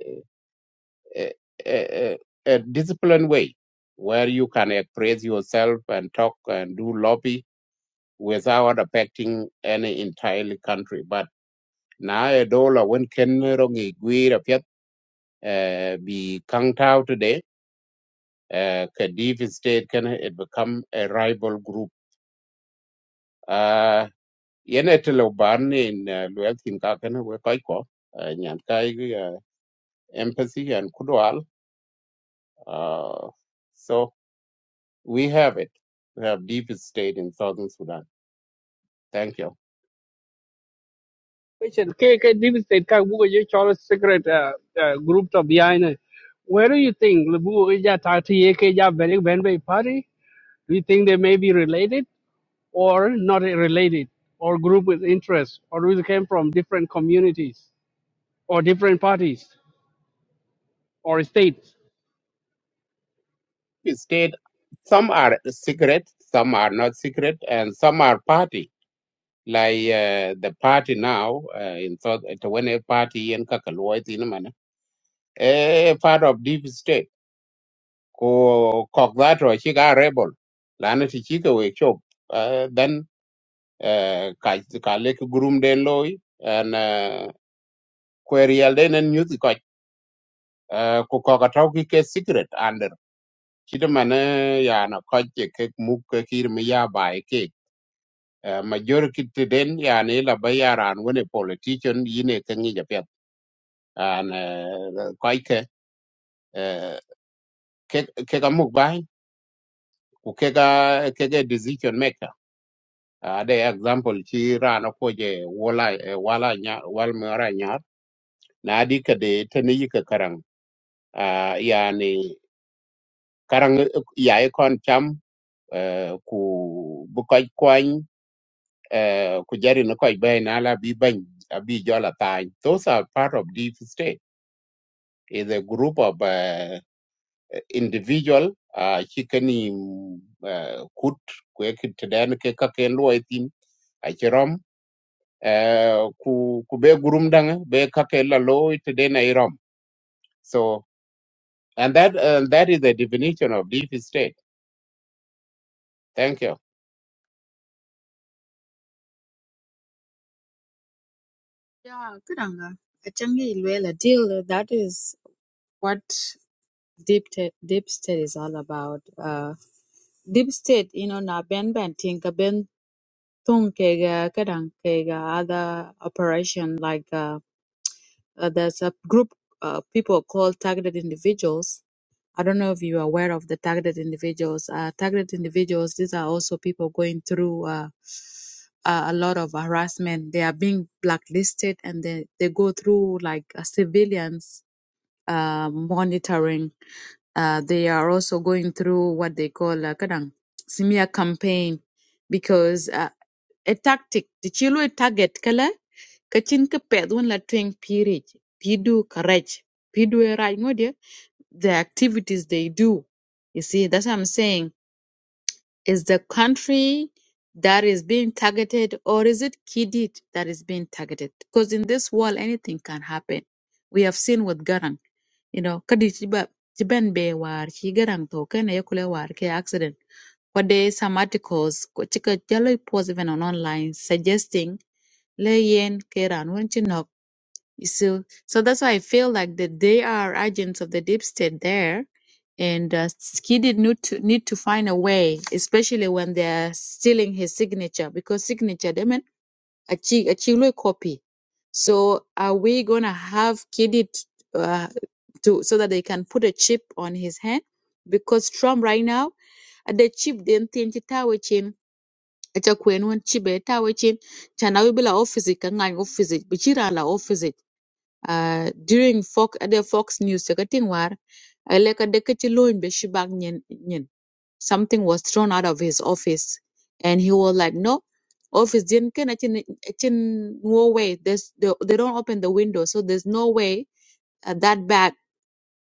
a, a, a disciplined way where you can express yourself and talk and do lobby without affecting any entire country but now, a dollar when ken rongi gwira piet uh, be counted out today uh, Kadiv State can it become a rival group. Uh, yene tele in uh, luel tin ka kana we kai ko uh, nyan kai uh, empathy and kudwal. Uh, so we have it. We have deep state in southern Sudan. Thank you. question ke ke deep state ka bu ye chol secret uh, uh, group to behind it. where do you think le bu ge ja ta ti ye ke ja very ben be party do you think they may be related or not related or group with interest or we came from different communities or different parties or states Deep State. Some are secret, some are not secret, and some are party. Like uh, the party now uh, in South, when a party in Kakalwa, it's in a manner, a part of deep state ko kok that ro chi ga rebel lana ti chi ka we chop uh, then uh, ka ka le ku gurum den loy and uh, query al den en nyuti ko uh, ko ko ka tau ki ke secret under chi de man ya na ko che ke mu ke kir mi ya ba e ke uh, majority ti den ya ne la ba ya ran woni politician yine ke ni ja pet and uh, ko ke uh, ke ke ka mu ba ku ke ga ke ga decision maker ade example ci rana ko je wala eh, wala nya wal mara nya na di ka de tani yi karang Ah, yani karang eh, ya e kon cham eh, ku bu koy kwany eh, ku jari na koy bay na la bi bany a bi jola tany those are part of deep state is a group of uh, individual uh, chikani uh, kut kwe kitaden ke kaken luwa itin uh, ku ku be gurumdang be kake la loy today na irom so and that uh, that is the definition of deep state thank you Yeah, kudanga. Achangi Ilwela deal, that is what deep te- deep state is all about. Uh, deep state, you know, na ben ben tinka Tonkega, Kadankega, other operation like uh, uh, there's a group uh, people called targeted individuals. I don't know if you're aware of the targeted individuals. Uh, targeted individuals, these are also people going through uh, a a lot of harassment. They are being blacklisted and they, they go through like a civilians uh, monitoring. Uh, they are also going through what they call uh, kadang, smear campaign because uh, a tactic ti ci lu target kala ka cin ka pet wen la tweng pirij. pidu karaj pidu e raj ngodia the activities they do you see that's what i'm saying is the country that is being targeted or is it Kidid that is being targeted? Because in this world, anything can happen. We have seen with Garang, you know, kadi chiba- chiban be war chi Garang to kene yekule war ke accident. But there is some articles, ko chika jalo post even on online suggesting le yen ke ran wen so, so that's why I feel like that they are agents of the deep state there, and uh, Skiddy need to need to find a way, especially when they're stealing his signature because signature, they mean a chi a chilo copy. So, are we gonna have Skiddy t- uh, to so that they can put a chip on his hand? Because Trump right now, uh, the chip then think it chin. Acha kwen wen chibe tawe chin chana wibila office kanga office bichira la office uh, during Fox the Fox News cha kating war ele ka deka chi in be shi bak nyen nyen something was thrown out of his office and he was like no office didn't. achin achin no way there's they, they don't open the window so there's no way uh, that bag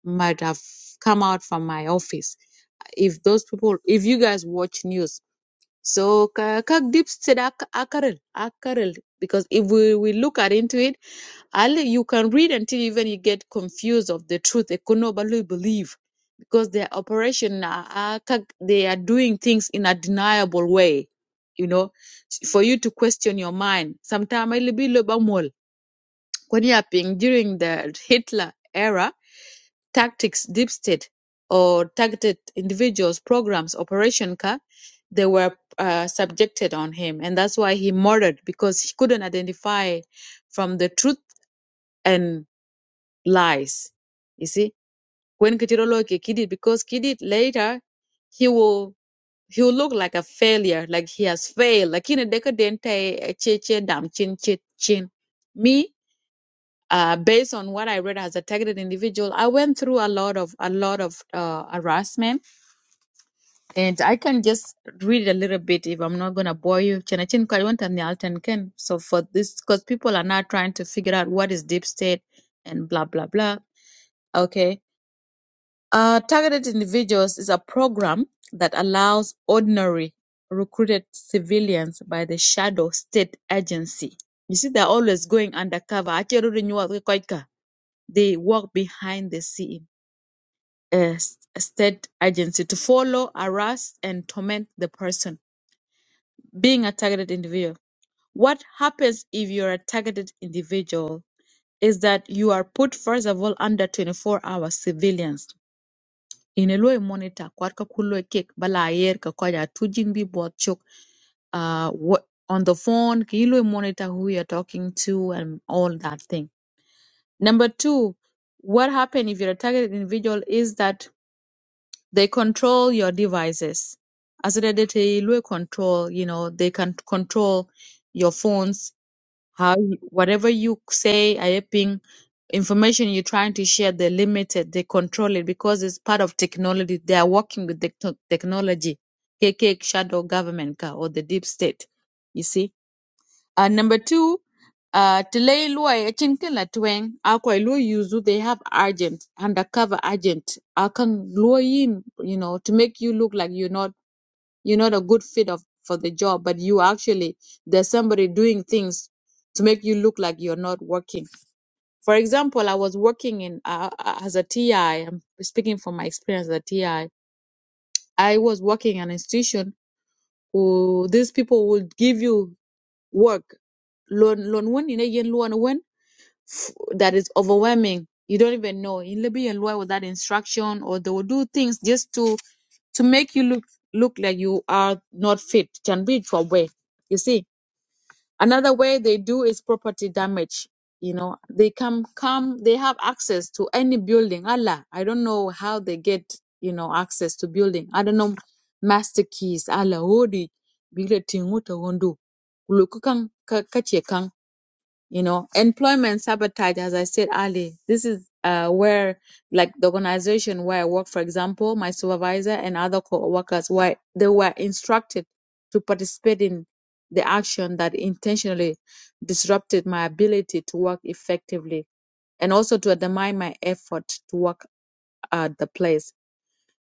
might have come out from my office if those people if you guys watch news so ka kak deep said akarel, akarel. Because if we, we look at into it, Ali, you can read until even you get confused of the truth. They could not barely believe because their operation, are- are kak- they are doing things in a deniable way. You know, for you to question your mind. Sometimes Konyaping during the Hitler era tactics deep state or targeted individuals programs operation car they were uh, subjected on him and that's why he murdered because he couldn't identify from the truth and lies you see when Kitiroloke Kidid because Kidid later he will he will look like a failure like he has failed like in a decadente a cheche dam chin chin chin me uh, based on what I read as a targeted individual, I went through a lot of a lot of uh, harassment, and I can just read a little bit if I'm not gonna bore you. Chinachin Kariwanta Nyalten Ken. So for this, because people are now trying to figure out what is deep state and blah blah blah. Okay, uh, targeted individuals is a program that allows ordinary recruited civilians by the shadow state agency. You see, they're always going undercover. Ache ruri nyua kwe they work behind the scene, a state agency, to follow, harass, and torment the person being a targeted individual. What happens if you're a targeted individual is that you are put, first of all, under 24 hour surveillance. In a low monitor, kwat ka kulo kek bala ayer ka koja tujin bi bot chok uh, what on the phone? Can you really monitor who you're talking to and all that thing? Number two, what happened if you're a targeted individual is that they control your devices As asidedete ilwe control you know they can control your phones how you- whatever you say ayeping information you're trying to share they're limited they control it because it's part of technology they are working with the technology kk shadow government ka or the deep state you see uh, number two, uh, Tilei Luai Echinkin Latwing, Akwa Lu Yuzu, they have agent, undercover agent. Akang Luayin, you know, to make you look like you're not you're not a good fit of for the job, but you actually there's somebody doing things to make you look like you're not working. For example, I was working in uh, uh, as a TI. I'm speaking from my experience as a TI. I I was working in an institution who these people would give you work lon lon won f- that is overwhelming. You don't even know. In Libya and Lua with that instruction, or they will do things just to to make you look look like you are not fit. Can be for way. You see, another way they do is property damage. You know, they come come. They have access to any building. Allah, I don't know how they get you know access to building. I don't know master keys. Allah, hodi bila tinguta wondo. Kuluku kang you know employment sabotage as i said earlier this is uh, where like the organization where i work for example my supervisor and other co-workers were they were instructed to participate in the action that intentionally disrupted my ability to work effectively and also to undermine my effort to work at the place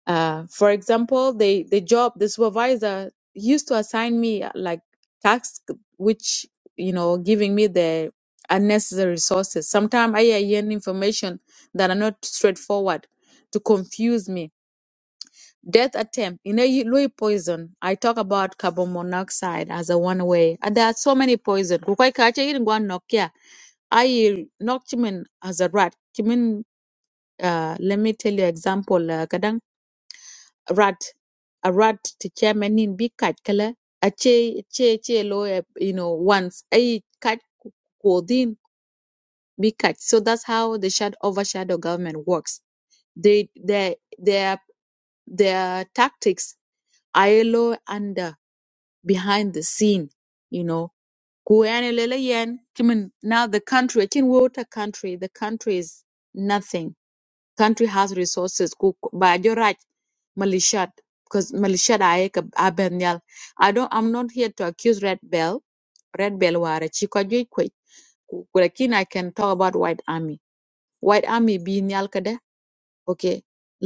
uh, for example, the the job the supervisor used to assign me uh, like tasks which you know giving me the unnecessary resources. Sometimes I hear information that are not straightforward to confuse me. Death attempt in a Louis poison. I talk about carbon monoxide as a one way. And there are so many poison. Kukwai kache yin gwan nokia. I knock him as a rat. Kimin, uh, let me tell you example. Uh, kadang rat a rat ti chairman nin bi kaj kala a che, che, che lo eh, you know once ai kaj ko din bi kaj so that's how the shadow overshadow government works they their their their tactics are lo under behind the scene you know ku yani lele yen kimin now the country kin water country the country is nothing country has resources ku ba jo right, malishat because malishat aye ka aben i don't i'm not here to accuse red bell red bell ware chi ko jo i can talk about white army white army bin yal okay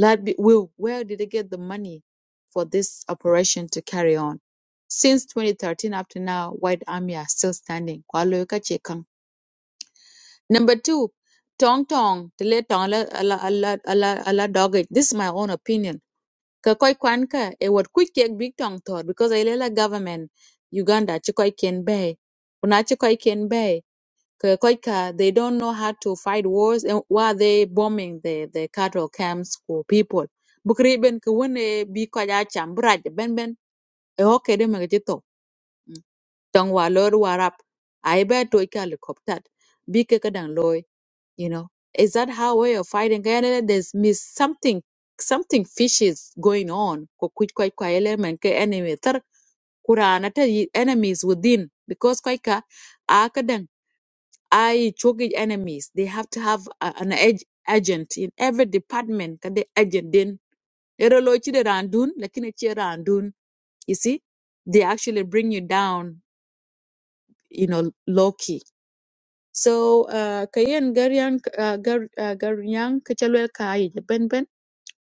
let be will where did they get the money for this operation to carry on since 2013 up to now white army are still standing kwa lo Number two, tong tong, tele tong la ala ala ala ala dog it. This is my own opinion. Ka koi kwan ka e wat quick cake big tong thor because I la government Uganda chi koi ken bay. Una chi koi ken bay. Ka koi ka they don't know how to fight wars and why they bombing the the cattle camps for people. Bukri ben ka wone bi kwa ya cham braj ben ben e hoke de me Tong wa lor warap. Ai ba toy ka helicopter. Bi ke ka dang loy you know is that how way of fighting Granted, there's mis something something fishy is going on ko kuj kwaj kwa element ke enemy tar kurana ta yi- enemies within because kwaj ka akadan i chogi enemies they have to have a, an ag- agent in every department ka the agent din ero lo chi de randun lakini chi randun you see they actually bring you down you know low key So uh, ka yen gar uh, gar uh, gar yan ka ben ben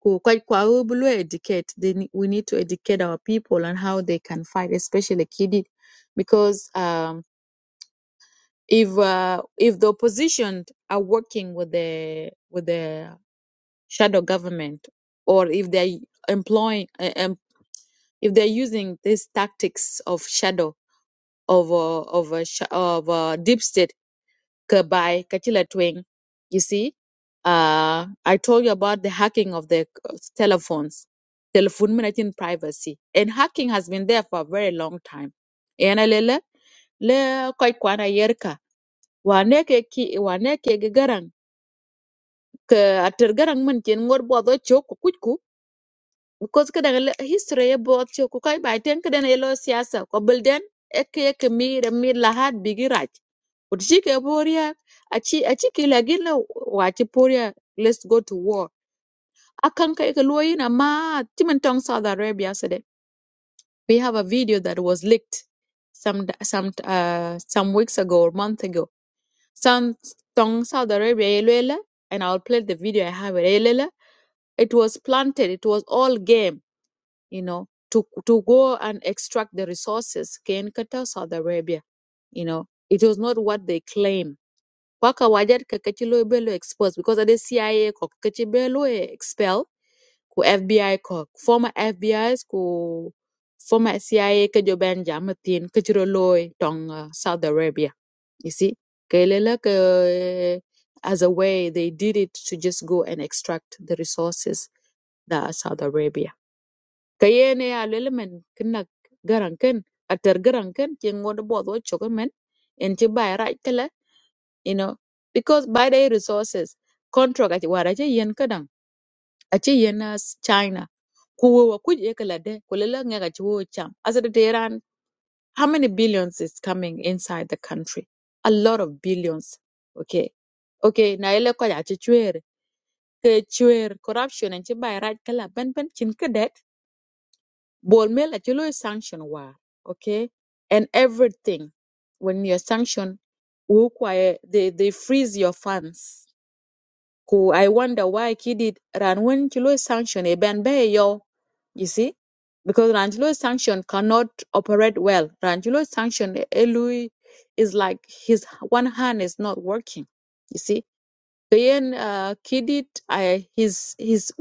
ko kwa kwa u bulu educate they, ne- we need to educate our people on how they can fight especially kidi because um, if uh, if the opposition are working with the with the shadow government or if they are employing uh, um, if they're using these tactics of shadow of uh, of uh, sh- of uh, deep state Kabai, Kachila Twing. You see, uh, I told you about the hacking of the c- telephones, telephone in privacy. And hacking has been there for a very long time. Yana lele, le koi kwana yerka. Wane ke ki, wane ke ge garang. Ka atir garang mun kin ngor bodo chok because kada gal history ya bot ci ku kay bay ten kada ne lo siyasa ko bulden ek ek mi re mi lahat bigi raj but ci ke boria a ci a ci ki la gin la wa ci poria let's go to war akan kai ka lo yin amma timin tong saudi arabia said we have a video that was leaked some some uh, some weeks ago or month ago some tong saudi arabia ya and i'll play the video i have it ya it was planted it was all game you know, to, to go and extract the resources can Qatar, Saudi Arabia. You know, it was not what they claim. Kwaka wajar ka belo exposed because of the CIA ko kaci expel ku FBI ko former FBIs ku former CIA ka joben jamatin ka ciro loy tong uh, Saudi Arabia. You see, kelela ke as a way they did it to just go and extract the resources that are Saudi Arabia ka yen ya lele men kin nak garan kin atar garan kin ci ngod bod wo choko men en ci bay raj tele you know because by the resources contract ati wara ci yen kadang. aci yen as china ku wo wa kuj e kala de ku lele nga cham as the iran how many billions is coming inside the country a lot of billions okay okay na ile ko ya ci chwer ke chwer corruption en ci bay raj kala ben ben cin Bol mel at you sanction war, okay? And everything when you're sanctioned, who quiet- they they freeze your funds. Who I wonder why kidid ran when you sanction a ban be yo, you see? Because Ranjilo sanction cannot operate well. Ranjilo sanction Elui is like his one hand is not working. You see? Then uh, kidid uh, his his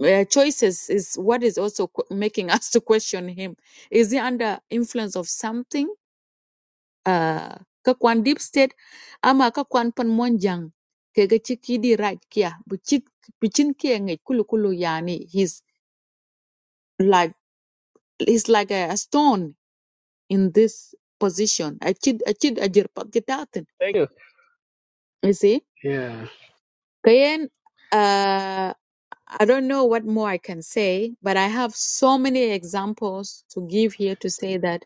uh, choices is what is also qu- making us to question him. Is he under influence of something? Uh, kakwan deep state ama kakwan pan monjang kega chikidi right kia buchik bichin kia ngi kulu kulu yani he's like he's like a, a stone in this position a chid a chid a jirpat jitatin thank you you see yeah kayen uh I don't know what more I can say, but I have so many examples to give here to say that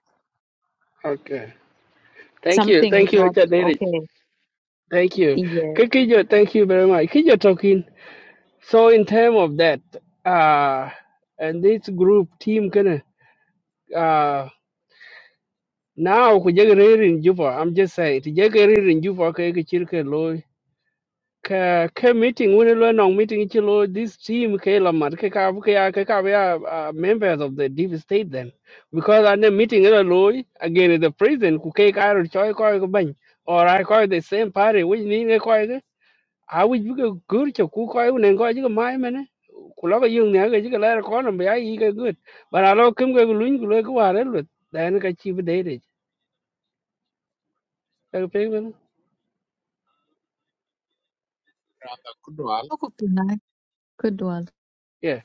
okay thank you Something is thank you not Richard Derek. okay. thank you Yes. Ke- ke thank you very much Ke jo talking so in terms of that uh and this group team kind uh, now ku jeg rir in juba i'm just saying ti jeg rir in juba ke ke chir ke ka ka meeting when lo no meeting chi lo this team ke la mar ke ka ke ya ke ka ya uh, members of the deep state then because at the meeting lo lo again at the president ku ke ka ro choi ko ko ban or i call the same party which ni ne ko ke a wi bu ke gur cho ku ko ne ko ji ko mai mene ku lo ko yung ne ke ji ke la ko no ba yi ke good but a lo kim ke lu ni ku lo ko wa re lu dan ka chi bu de Like penguin? Kudwal, Ko pinai Good one. Yeah.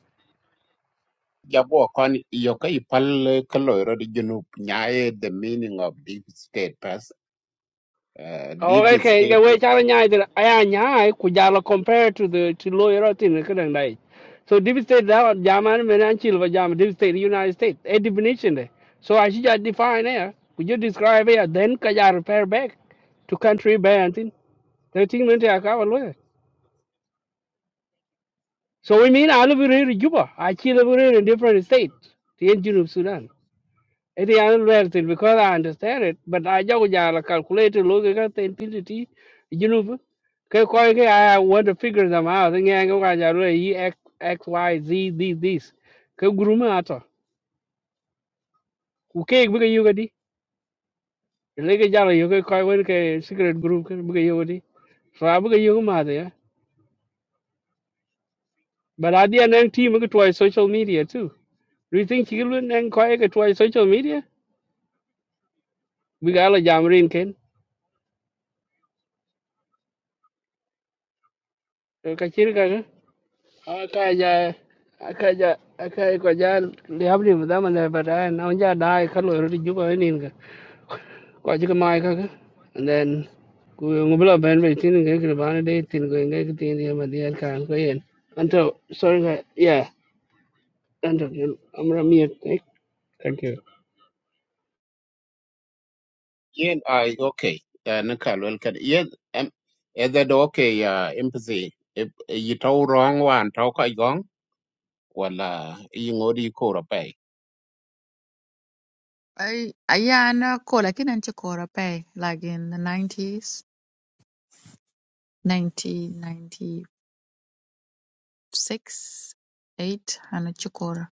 jabo kon yoka ipal kaloiro di junub nyae the meaning of deep state pass uh, Oh, deep okay. state The way China nyai the ayanya kujala compared to the to lawyer thing the kind of So deep state that German men and chill but German deep state United States a definition there. So I should just define here. Could you describe here then could you repair back to country by and thing. The thing meant to lawyer. So we mean I live here in Juba. I chill over here in different states. The engine of Sudan. It is unreal thing because I understand it, but I just want to calculate it, look at the infinity, you know. Because I want to figure them out. And I go, to just really X, X, Y, Z, this, this. Because group me ato. Okay, because you got it. Like a just you can call it a secret group, because you got it. So I because you got it. But I did an team to try social media too. Do you think children can try social media? We got a jammer Can Ken. Aka ja aka ja aka ko ja liab ni da man ba da na ja dai ka lo ri ju ba ni ga ko ji ka mai ka ka and then ku ngu bla ben be tin ga ga ba na de tin ga ga ga tin ya ma de ka ko yen and so sorry ga yeah and i'm ram here thank you yen i okay uh, nakal welkan yen em. either do okay uh, empathy if you tow wrong one talk i gong wala ingodi ko I yeah na ko lakini nchi kora pay like in the 90s 90 96 8 ana chikora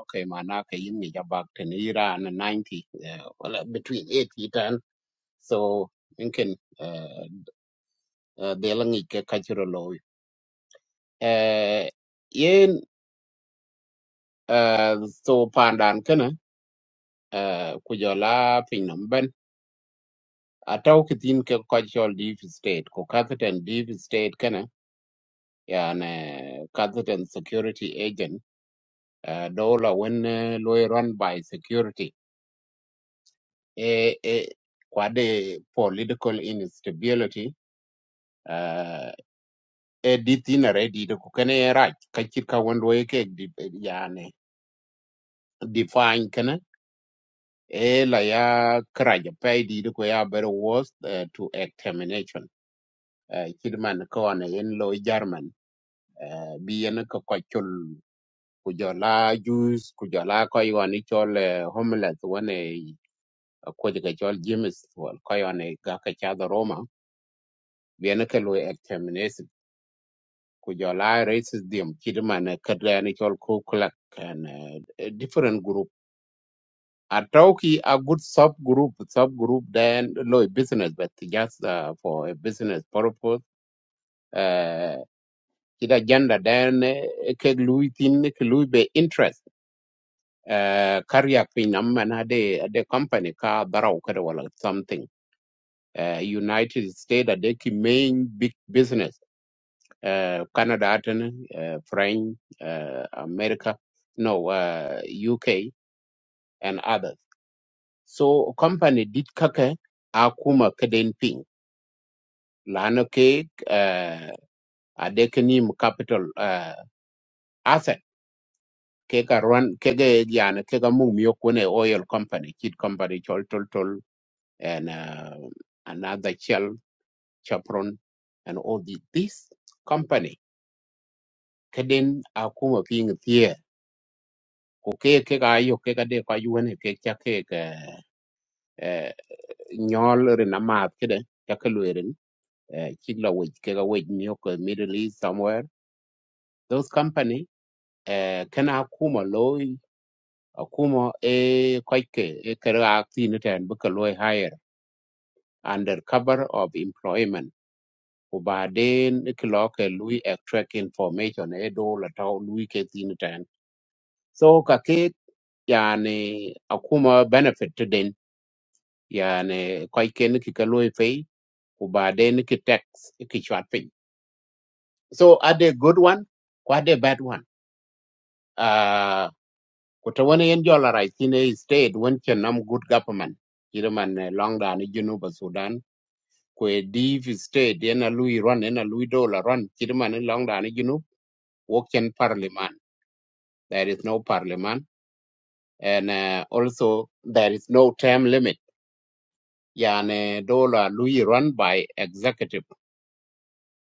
okay manake in mi jabak ten iran 90 uh, well uh, between 80 and so inken uh, uh, de langi ke kachiro lo uh, yen uh, so pandan kana uh, kujola pinyam ben ataw kitin ke kachol deep state ko katheten deep state kana yani katheten security agent uh, dola when uh, lo run by security e, e, kwade political instability uh, edit in a ready the kukane right kachika wando eke yani define kana e la ya kraja pay di ko ya better was uh, to extermination uh, kidman ko an in lo e german uh, bi en ko kochul kujala Jews, kujala ku jola ko yoni chol uh, homeless one ko diga chol james wal ko yoni ga ka cha da roma bi en ko lo ku jola racism kidman kadani chol ku kulak and uh, different group atauki a good sub group sub group then low business but just uh, for a business purpose uh kida agenda then uh, ke lui tin ke lui be interest uh karya pin amman de ade company ka barau kada wala something uh, united states ade ki main big business uh, Canada atene uh, French uh, America no uh, UK and others so company did kake akuma kaden ping lano ke uh, adeknim capital uh, asset ke run kege ge yana kega ga mum yo oil company kid company chol tol tol and uh, another shell chapron and all the, this company kaden akuma ping ku ke ke ga yo ke ga de ka yu ne ke cha ke ke eh, nyol ri na ma ke de cha ke lu ri chi la we ke ga we ni ko middle east somewhere those company eh, kana kuma loy akuma e kai ke e ke ga ti ne ten bu ke loy hire under cover of employment ku ba den ke lo ke lui extract information e do la ta lui ke ti ne ten so ka ke yani akuma benefit to yani koy ken ki ka loy pay ku ba ki tax ki chat pin so are they good one ko are they bad one uh ko to wona yen jola right in a state when can nam good government ira man eh, long da ni sudan ko e div state yen a lui run yen a lui dollar run ira man in long da ni junu wo parliament there is no parliament and uh, also there is no term limit yani dollar lui run by executive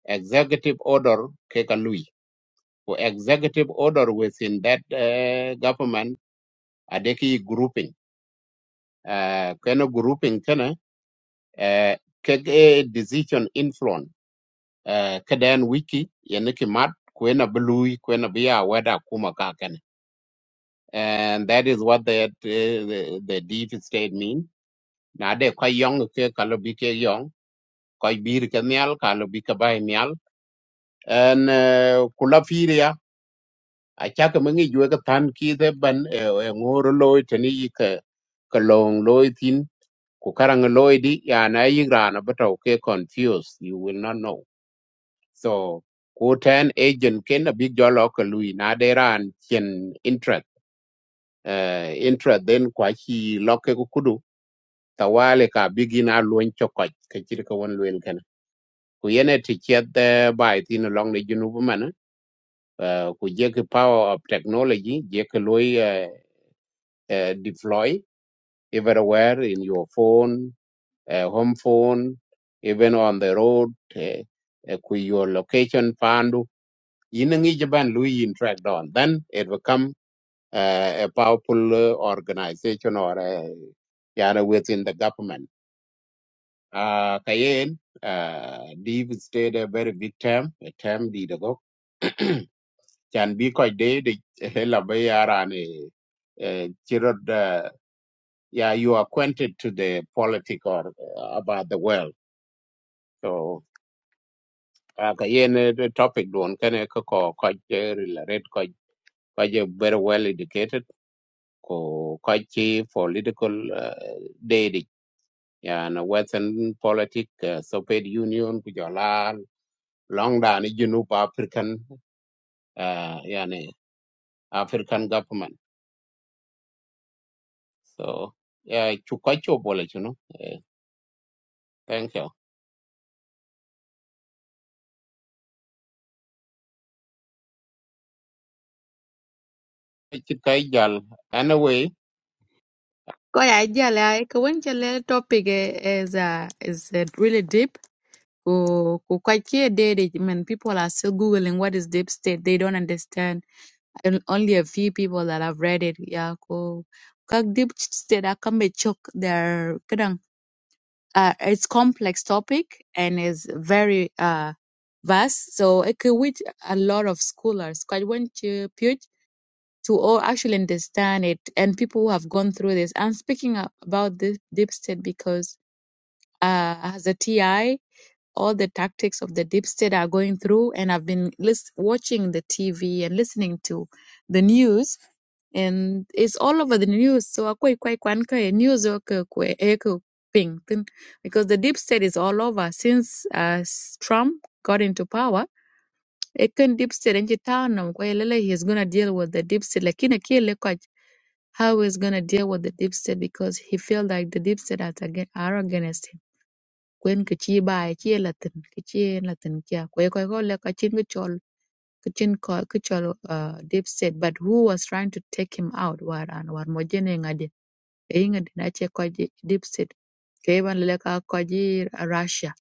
executive order Kekalui. For executive order within that uh, government, adeki grouping. Uh, kena grouping kena uh, kege decision influence. Uh, kedan wiki yeniki mat kwena belui kwena biya weda kuma ka kene. And that is what the uh, the, the deep state mean. Na de kwa yong ke kalobi ke yong. Kwa bir ke nyal kalobi ke bay nyal. And uh, kula firia achaka mangi jwe ka tan ki de ban e e ngoro loy tani yi ka ka long loy tin ku karang loy di ya na yi rana bato ke confused you will not know so ku ten agent ken a big jolo ka lui na de ran chen interest uh, interest then kwa chi loke ku kudu tawale ka bigina loin chokoj ka chir ka won loel kana ku yene ti chet de bai tin long de junu man ku je ki power of technology je ki uh, deploy everywhere in your phone, uh, home phone, even on the road, uh, uh, with your location pandu. In Japan, Louis in track down. Then it become uh, a powerful uh, organization or uh, yeah, within the government. Uh, Kayen, uh, Dave stayed a very big term, a term did ago. Can be quite day, the hell of a year and a chirrut yeah, you are acquainted to the politic or uh, about the world. So aka yen eh, the topic don kene ko ko ko eh, relate ko ko je very well educated ko ko chi political uh, daddy yeah na western politic uh, soviet union ku jola long down junub african uh, yani african government so yeah chu ko chu bole chu no Eh, thank you Chi kai jal anyway ko ya jala ko wenche topic eh, is uh, is uh, really deep ko ko kwakie dede man people are still googling what is deep state they don't understand and only a few people that have read it yeah ko kag deep state akambe chok their uh, it's complex topic and is very uh, vast. So it could with a lot of scholars quite want to put to all actually understand it and people who have gone through this. I'm speaking up about this deep state because uh, as a TI all the tactics of the deep state are going through and i've been list- watching the tv and listening to the news and it's all over the news so akwai kwai kwan kai news o ka kwe- e ka ping tin. because the deep state is all over since uh, s- trump got into power ekan deep state nji tano kwa lele he's going to deal with the deep state lakini kile kwa how he's going to deal with the deep state because he feel like the deep state are aga- are against, him quên cái chi bài chia là tình cái chia là tình kia quay quay gọi là cái chân cái chol cái chân có cái chol uh, deep set but who was trying to take him out war an war mo jene ngadi e ngadi na che ko deep set ke ban le ka ko ji russia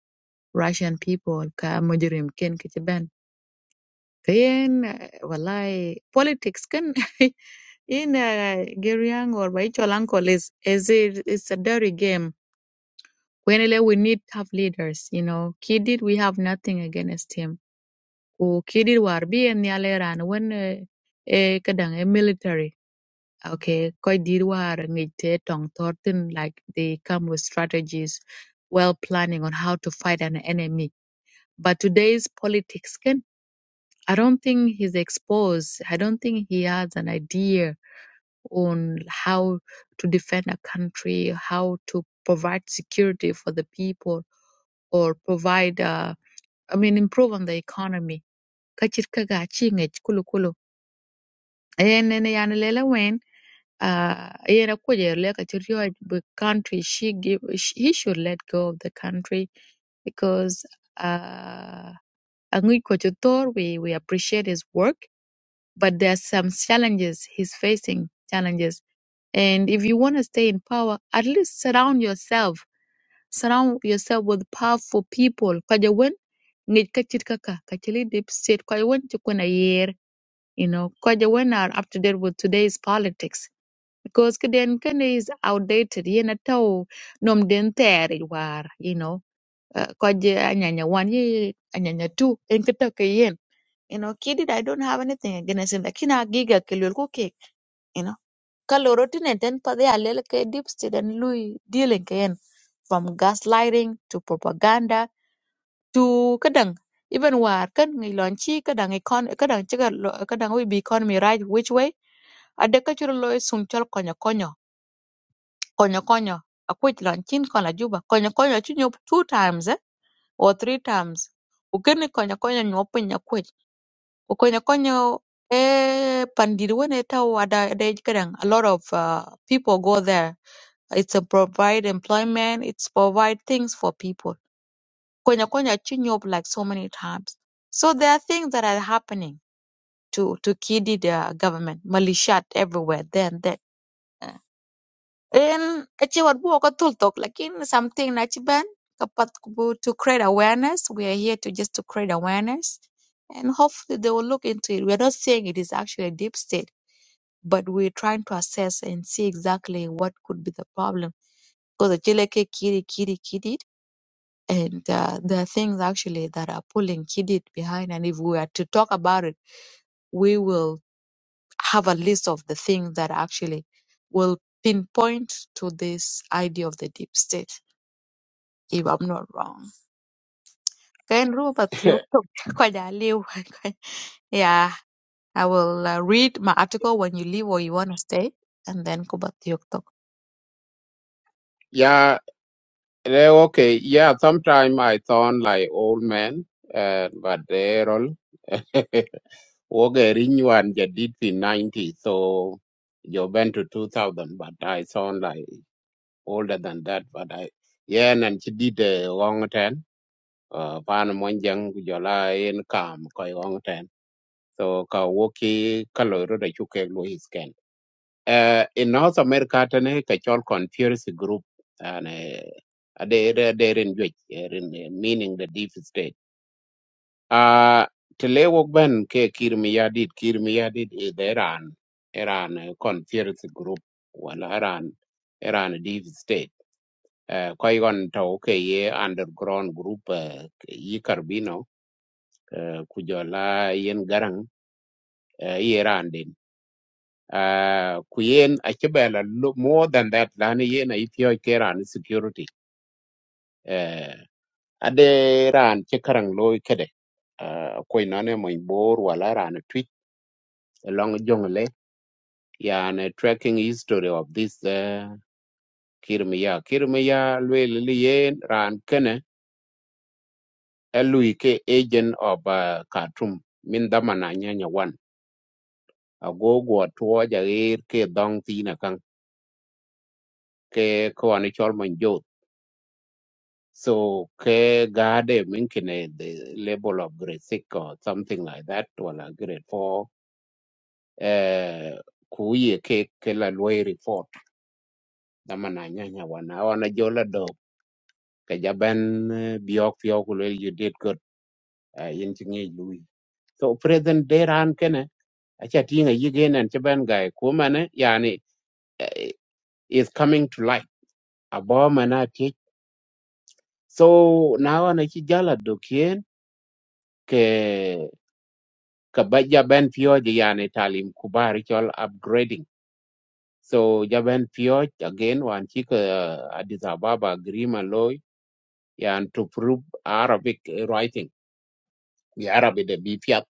russian people ka mujrim ken ke ben ken wallahi politics ken in uh, Geriang or by Cholanko is is it, it's a dirty game Kwenele, we need tough leaders. You know, Kidid, we have nothing against him. Ku Kidid war bi en nyale ran when eh eh, kadang eh, military. Okay, koi did war ngi te tong tortin like they come with strategies, well planning on how to fight an enemy. But today's politics can I don't think he's exposed. I don't think he has an idea on how to defend a country, how to provide security for the people, or provide, uh, I mean, improve on the economy. Kachir kaga chingech kulu kulu. Ayene ne yani lele wen, uh, ayene kuje le kachir yo the country she give sh he should let go of the country because uh, Angui Kochutor we we appreciate his work but there are some challenges he's facing challenges and if you want to stay in power at least surround yourself surround yourself with powerful people kaja wen ngi kachit kaka kachili deep state kaja wen chukuna year you know kaja wen are up to date with today's politics because kiden kene is outdated yena tau nom den teri war you know koje anyanya one ye anyanya two en kito ke yen you know kid, i don't have anything against him lakini agiga kelwel ku kek you know kaloro tinen ten pade alel ke dipsti den lui dealing ke yen from gaslighting to propaganda to kadang even war kan ngi lonchi kadang econ kadang chiga lo- kadang we be economy right which way ade ka chiro sum chol konyo konyo konyo konyo akwich lonchin kon la juba konyo konyo chinyo two times eh? or three times ukini konya konya nyuwa pin na konya konya e pandiri ta wada ada ada a lot of uh, people go there it's a provide employment it's provide things for people konya konya chin up like so many times so there are things that are happening to to kidi the government malishat everywhere then that in ci we bu ko tul tok lakin something na ci ban kapat ku to create awareness we are here to just to create awareness and hopefully they will look into it we're not saying it is actually a deep state but we're trying to assess and see exactly what could be the problem because the chileke kiri kiri kidid and uh, there are things actually that are pulling kidid behind and if we are to talk about it we will have a list of the things that actually will pinpoint to this idea of the deep state, if I'm not wrong. Kain rupa thiok tok ko ja liu. kwa- Yeah, I will uh, read my article when you leave or you want to stay, and then ko ba thiok tok. ya Eh, okay, yeah, sometime I sound like old man, uh, but they're all okay, renew and get it in 90, so you went to 2000, but I sound like older than that, but I, yeah, and she did a long ten, uh, pan mon jang jola in kam koi long ten, so ka woki kaloro da chuke lo is uh, in north america tane ka chol conspiracy group and uh, they they in which meaning the deep state uh tele wok ben ke kirmiyadit kirmiyadit is iran iran eh, conspiracy group wala iran iran deep state uh, ko igon to ke ye underground group uh, yi karbino uh, kujola yen garang uh, Iran uh, ku yen achibela lo- more than that lani yen aithio ke ran security uh, ade ran chekarang karang loy kede uh, ko inane mo bor wala ran tweet along jongle yan uh, tracking history of this uh, kirmiya kirmiya lwelili yen ran kene elui ke agent of uh, Khartoum min damana nyanya wan agogo tuoja ir ke dong tina kang ke ko ani chol So ke gade minkine the level of grade six or something like that wala grade four eh kuye ke ke la lwai report dama na nyanya wana wana jola do ke jaban eh, biok biok lwel you did good uh, yin tinge lui so present day ran kene acha tinga yigen and chaban guy kumane yani eh, is coming to light aboma na teach so now na chi jala do kien Kabaj Jaban Pio yani Talim Kuba Ritual Upgrading. So Jaban Pio again one chick uh, Addis Ababa Grima Loy and to prove Arabic writing. The Arabic the Bifiat.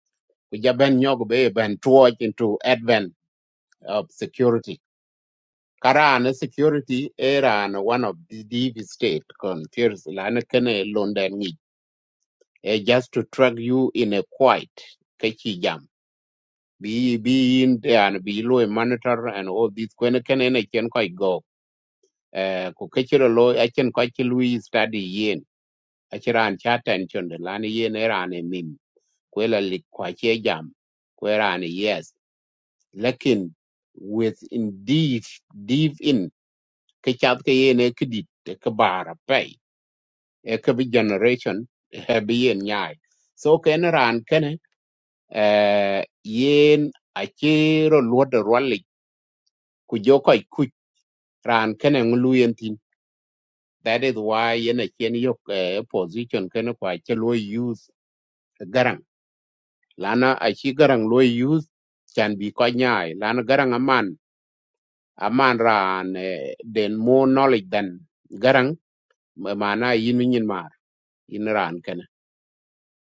Jaban Nyog Bay Ben towards into advent of security. Karan security era and one of the deep state conspiracy lana kene London ni. Eh, just to track you in a quiet. Kechi jam. be be in there and be low monitor and all this when can and I can quite go eh ko kechiro lo I can quite lui study yen achiran chata and chonde lani yen era ne mim kwela li kwa che jam kwera ne yes lakin with in deep deep in kechat ke yen e kidit ke bara pay e ke bi generation he bi yen nyai so ken ran ken eh yen achiro luodo ku joko ku ran kene nguluyen tin that is why yana chen yok eh, position kene kwa che lo use garang lana a chi garang lo use can be ko nyai lana garang aman aman ran eh, den more knowledge than garang ma- mana yin nyin mar in ran kene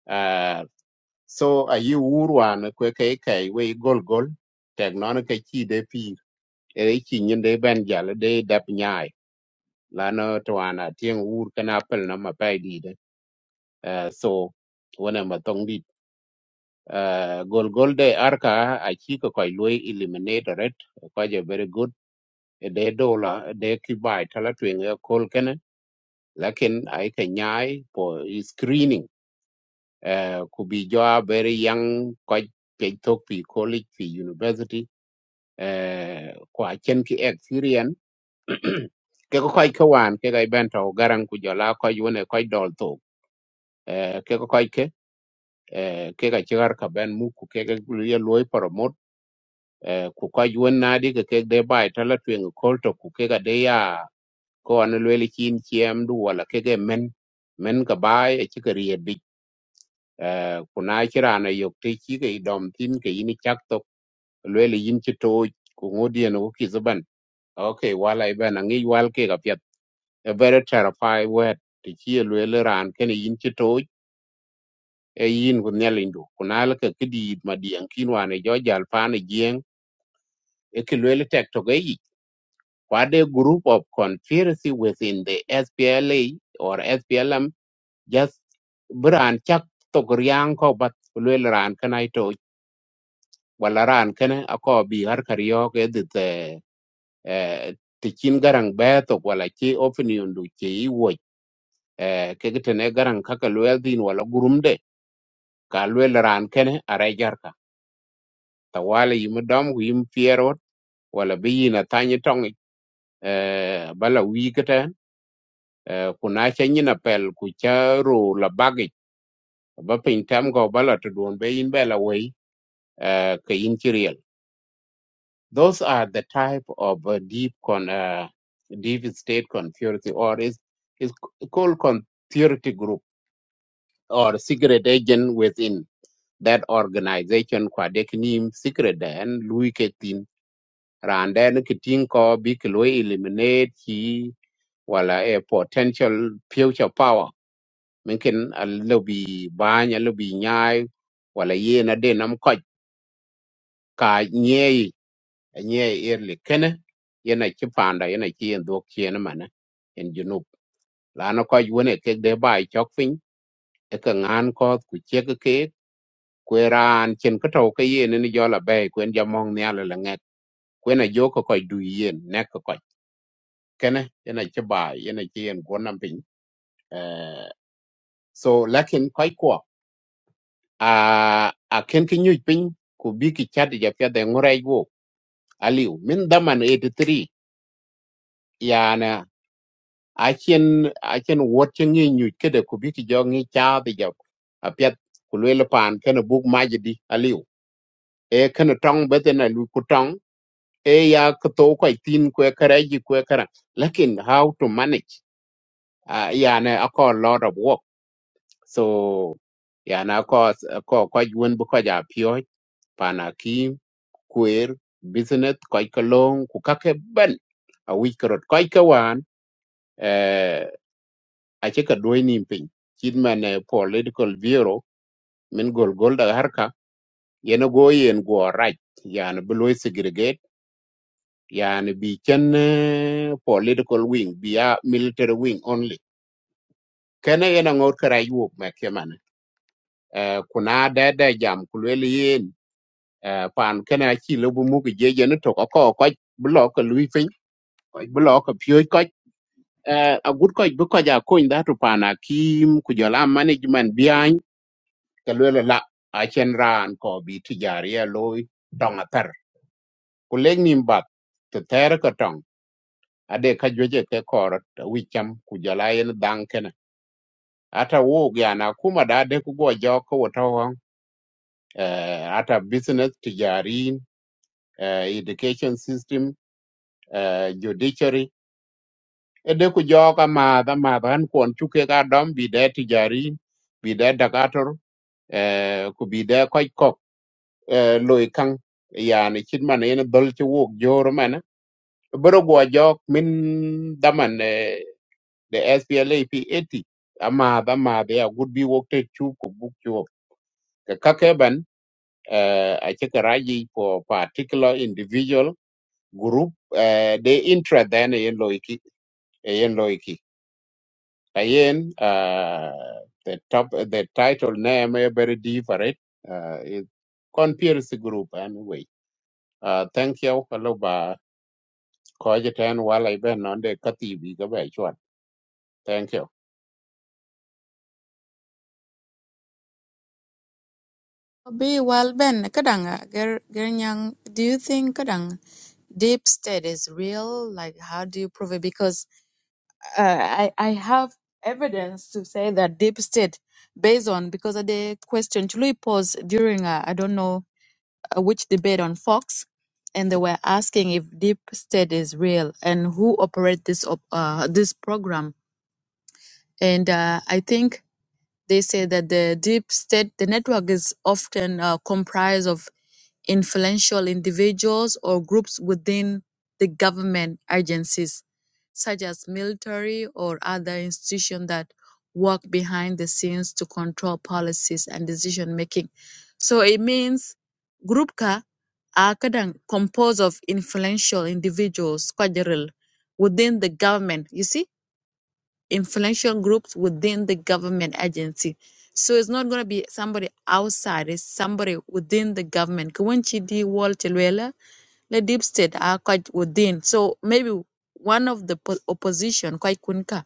Ah, so a yi urwan kwe kai kai we gol gol tek non ka chi de pi e chi nyin de ben jal de dap nyai lana twana tieng wur kana pel na ma pai di de Ah, so wana ma tong di Ah, gol gol de arka a chi ko koi lui eliminator it ko je very good E de dola de ki bai tala twen kol kana lakin ai ka nyai for screening uh, could be job very young quite they talk to college to university uh, kwa chen experience Keko koi ke ko kai ka wan ke ga ben garang ku jola ko yune ko dol to eh, ke ko kai ke eh, ke ga chigar ka ben mu ku ke ga ye loy promote eh, ku ko yun na di ke ke de bai tala twen ko ku ke ga de ya ko an lweli chin chiem du wala ke ge men men ka bai e chi ka eh, kuna chira na yok te chi ke dom tin ke ini chak to lwe le yin chi to ku ngodi no ki zuban okay wala iban ngi wal ke ga pet a very terrified word ti chi lwe le ran ke ni yin chi to e yin ku ne lindu kuna le ke kidi ma dien kin wa ne jo jal pa ne gien e ke lwe le tek to ge yi kwa de group of conspiracy within the SPLA or SPLM just bi raan cak tok riaaŋ ko bat ku luel raan kena wala ran kene ako bi har kar yo ke dit eh ti kin garang be to wala ki opinion du ki wo eh ke gite ne garang kaka luel din wala gurumde ka luel ran kene are jarka tawala yim dom yim fiero wala bi yina tanyi tongi eh bala wikete eh kuna cha nyina pel ku cha ru la bagi ba pin tam go bala to don be in bela wei eh ke in Those are the type of uh, deep con, uh, deep state conspiracy, or is is called conspiracy group or secret agent within that organization. Kwa dek nim secret and lui Ketin Randen Ketin ko big Louis eliminate he wala a potential future power. Minkin a lobby bany lobby nyai wala ye a denam kaj ka nyei nye yerli kene yana ki panda yana ki yen dok chien mana en junub lana ko wone kek de bai chok piny e ka ngan ko ku chek ke kwe ran chen ka tau ka yen ni jola bai kwen jamong ni ala la ngek kwen a jo ko ko du yen nek ko kene yana ki bai yana ki yen gonam piny Eh, so lakin ko ko a a ken ki nyuj piny ku bi ki chat ja pya de ngurai wo aliu min daman 83 yana achen achen wot chen ngi nyu kede ku bi ki jo ngi cha bi jo apet ku pan kana buk majidi aliu e kana tong betena lu ku e ya kato kwa ko tin ku kare ji ku lakin how to manage uh, yana ako a lot of work so yana ako ko ko yun bu ko ja pyo pana kim kuer business kwa ka long ku ban a week karot kwa ka ache ka duoy nim piny chit political bureau min gol gol da harka yene go yen go raj yani beloy segregate yani bi chen eh, political wing bi a military wing only kene yena ngor kara yuok me kemane eh, kuna da da jam kulwel yen eh, pan kene achi lobu mugi jeje ne to ko ko blok ka lui piny blok ka ko a good ko bu ko ja kony da to pana kim ku jola management bi ke lwe la a chen ran ko bi ti jar ye loy tong a ter ku leng nim bat to ter ko tong ade ka jweje ke kor wi cham ku jala yen dang kene ata wo ya na kuma da de ku go jo ko wo to hong, eh, ata business ti eh, education system eh, judiciary ede ku jo ka ma da ma ban kon chu ke ga dom bi de ti bi de da eh, ku bi de eh, loy kang yani chin man yen dol ci wok joro man boro go jok min daman eh, the SPLA P80 amma dama da ya good. be work te chu ko book chu ka kake ban eh, a ci raji for particular individual group eh, they interest then yen loy ki yen loy ayen uh, the top the title name eh, very different uh, it conspiracy group anyway uh, thank you hello bye. ko je ten wala ben non de kati bi ga be chwat thank you Be well, Ben. Kadang, ger, gernyang, do you think kadang deep state is real? Like, how do you prove it? Because uh, I, I have evidence to say that deep state based on because of the question Chului posed during uh, I don't know uh, which debate on Fox and they were asking if deep state is real and who operate this op- uh, this program and uh, I think they say that the deep state, the network is often uh, comprised of influential individuals or groups within the government agencies, such as military or other institutions that work behind the scenes to control policies and decision making. So it means grupka are kadang- composed of influential individuals, kwajaril, within the government. You see, influential groups within the government agency. So it's not going to be somebody outside, it's somebody within the government. Kwenchi di wall chelwela, the deep state are quite within. So maybe one of the po- opposition, quite kunka,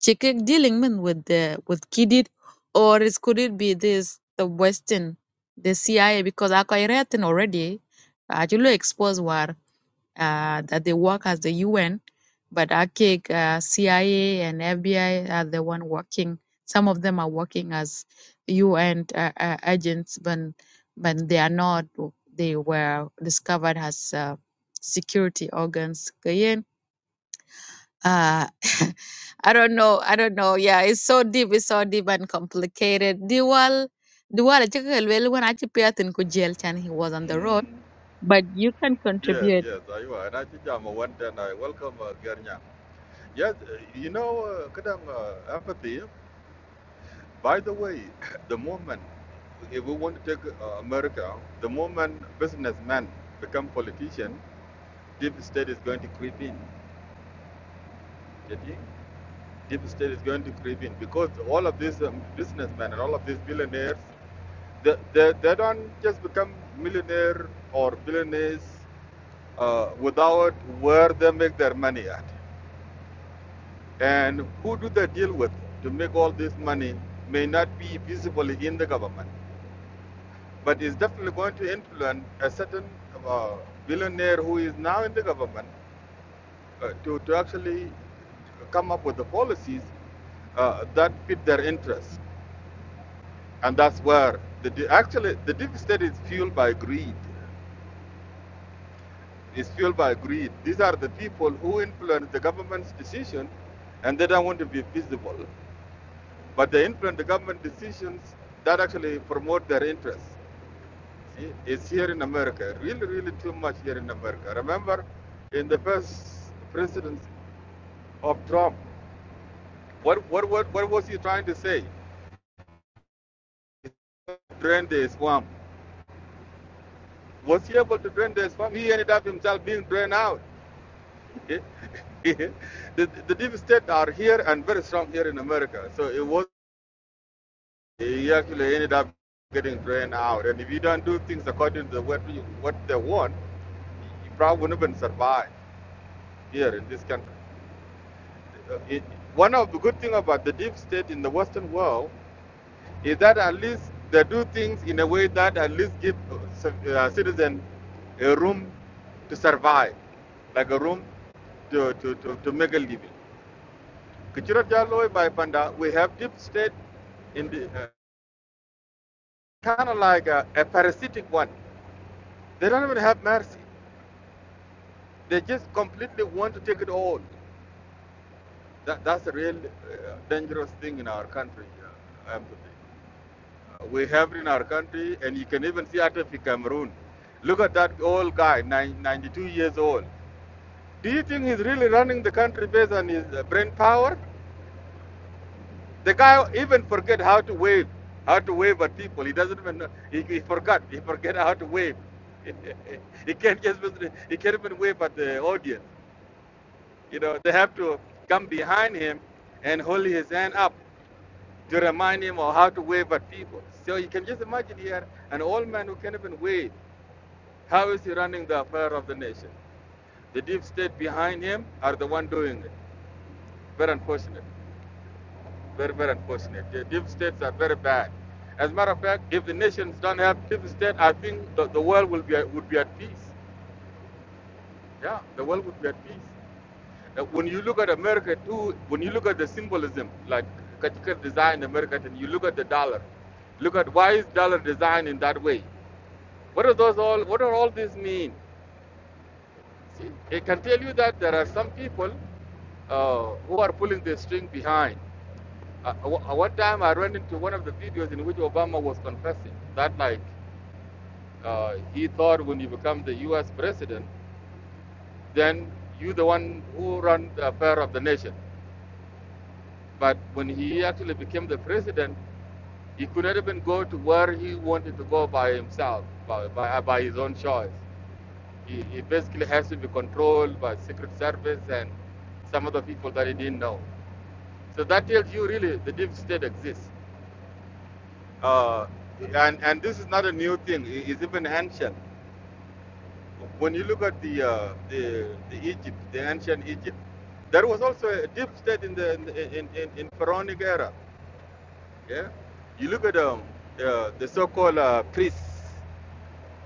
chike dealing men with the with Kidid, or is, could it be this the Western, the CIA? Because I quite written already, I actually exposed war uh, that they work as the UN, but ACIG, uh, CIA, and FBI are the one working. Some of them are working as UN uh, uh, agents, but but they are not. They were discovered as uh, security organs. Again, Uh, I don't know. I don't know. Yeah, it's so deep. It's so deep and complicated. Diwal, Diwal, when I think in jail, and he was on the road, Mm, but you can yes, contribute, yes, I will. And I think I'm a one and I welcome uh, Gernya. Yes, uh, you know, uh, Kadang uh, empathy. By the way, the moment if we want to take uh, America, the moment businessmen become politician, deep state is going to creep in. You think? deep state is going to creep in because all of these um, businessmen and all of these billionaires, they, they, they don't just become millionaire or billionaires uh, without where they make their money at. And who do they deal with to make all this money may not be visible in the government, but is definitely going to influence a certain uh, billionaire who is now in the government uh, to, to actually come up with the policies uh, that fit their interests. and that's where the de- actually the deep state is fueled by greed is fueled by greed these are the people who influence the government's decision and they don't want to be visible but they influence the government decisions that actually promote their interests see it's here in america really really too much here in america remember in the first presidency of trump what what what, what was he trying to say drain the swamp was he able to drain the swamp he ended up himself being drained out Okay. the, the deep state are here and very strong here in America. So it was he actually ended up getting drained out. And if you don't do things according to what you, what they want, you probably wouldn't even survive here in this country. Uh, It, one of the good thing about the deep state in the Western world is that at least they do things in a way that at least give uh, ci- uh, citizen a room to survive, like a room to, to, to, to make a living. Kichura by Panda, we have deep state in the uh, kind of like a, a parasitic one. They don't even have mercy. They just completely want to take it all. That, that's a real uh, dangerous thing in our country. Uh, empathy. Uh, we have it in our country, and you can even see Atafi Cameroon. Look at that old guy, 92 years old. Do you think he's really running the country based on his uh, brain power? The guy even forget how to wave, how to wave at people. He doesn't even know. He, he forgot. He forget how to wave. he can't just he can't even wave at the audience. You know, they have to come behind him and hold his hand up to remind him of how to wave at people. So you can just imagine here an old man who can't even wave. How is he running the affair of the nation? The deep state behind him are the one doing it. Very unfortunate. Very, very unfortunate. The deep states are very bad. As a matter of fact, if the nations don't have deep state, I think the, the world will be would be at peace. Yeah, the world would be at peace. Uh, When you look at America too, when you look at the symbolism, like Kachika designed America, and you look at the dollar, look at why is dollar designed in that way? What are those all? What are all these mean? See, I can tell you that there are some people uh, who are pulling the string behind. Uh, one time I ran into one of the videos in which Obama was confessing that, like, uh, he thought when you become the US president, then you are the one who run the affair of the nation. But when he actually became the president, he could not even go to where he wanted to go by himself, by, by, by his own choice. He, he basically has to be controlled by Secret Service and some other people that he didn't know. So that tells you really the deep state exists. Uh, and, and this is not a new thing, it is even ancient. When you look at the, uh, the, the Egypt, the ancient Egypt, there was also a deep state in the in, in, in, in pharaonic era. Yeah, you look at um, uh, the so-called uh, priests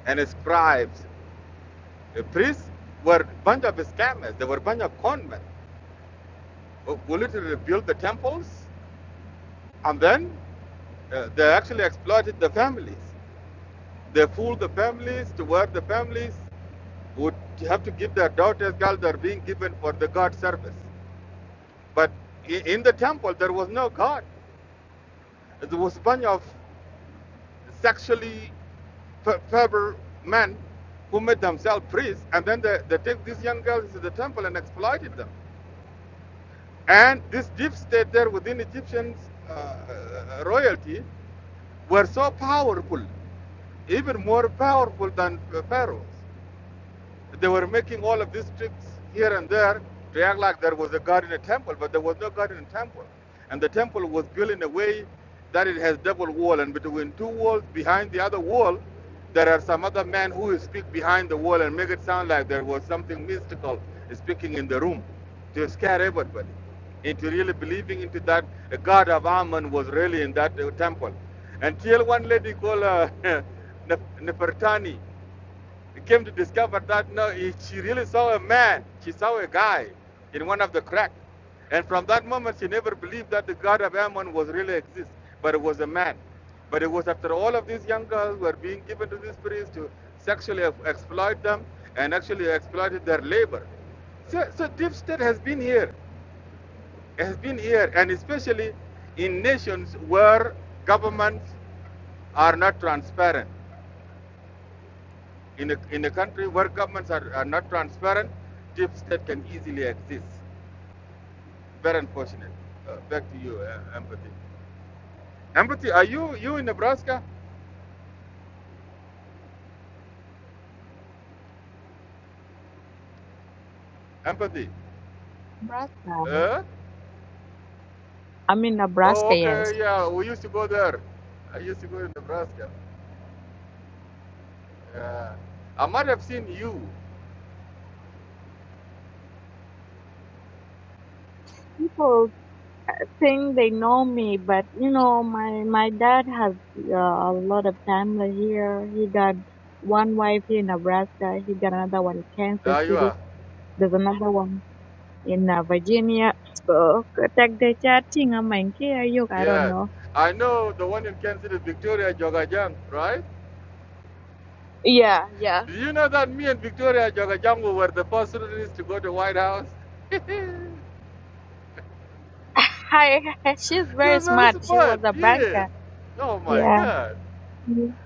and scribes. The priests were a bunch of scammers. They were a bunch of conmen who literally built the temples, and then uh, they actually exploited the families. They fooled the families to where the families would have to give their daughters, girls that are being given for the God service. But in the temple, there was no God. There was a bunch of sexually per- pervert men who made themselves priests, and then they, they take these young girls to the temple and exploited them. And this deep state there within Egyptian uh, uh, royalty were so powerful, even more powerful than uh, pharaohs. They were making all of these tricks here and there to act like there was a God in a temple, but there was no God in a temple. And the temple was built in a way that it has double wall, and between two walls, behind the other wall, there are some other men who speak behind the wall and make it sound like there was something mystical speaking in the room to scare everybody into really believing into that a god of Ammon was really in that uh, temple. Until one lady called uh, Nef- Nefertani came to discover that no, she really saw a man. She saw a guy in one of the cracks, And from that moment, she never believed that the God of Ammon was really exist, but it was a man. But it was after all of these young girls were being given to these priests to sexually exploit them and actually exploited their labor. So, so deep state has been here, has been here, and especially in nations where governments are not transparent. In a, in a country where governments are, are not transparent, deep state can easily exist. Very unfortunate. Uh, back to you, uh, empathy. Empathy, are you you in Nebraska? Empathy. brother. Uh? I'm in Oh, Nebraska, yes. okay, yeah, we used to go there. I used to go to Nebraska. Uh, I might have seen you. People think they know me, but you know, my my dad has uh, a lot of family here. He got one wife here in Nebraska. He got another one in Kansas Uh, you City. are. There's another one in uh, Virginia. So, contact the chatting. I'm like, yeah, you, I don't Yes. know. I know the one in Kansas City, Victoria Jogajang, right? Yeah, yeah. Did you know that me and Victoria Jogajang were the first students to go to the White House? Hi, she's very Yes, that smart. is She fun. was a Yes. banker. Oh my Yeah, God.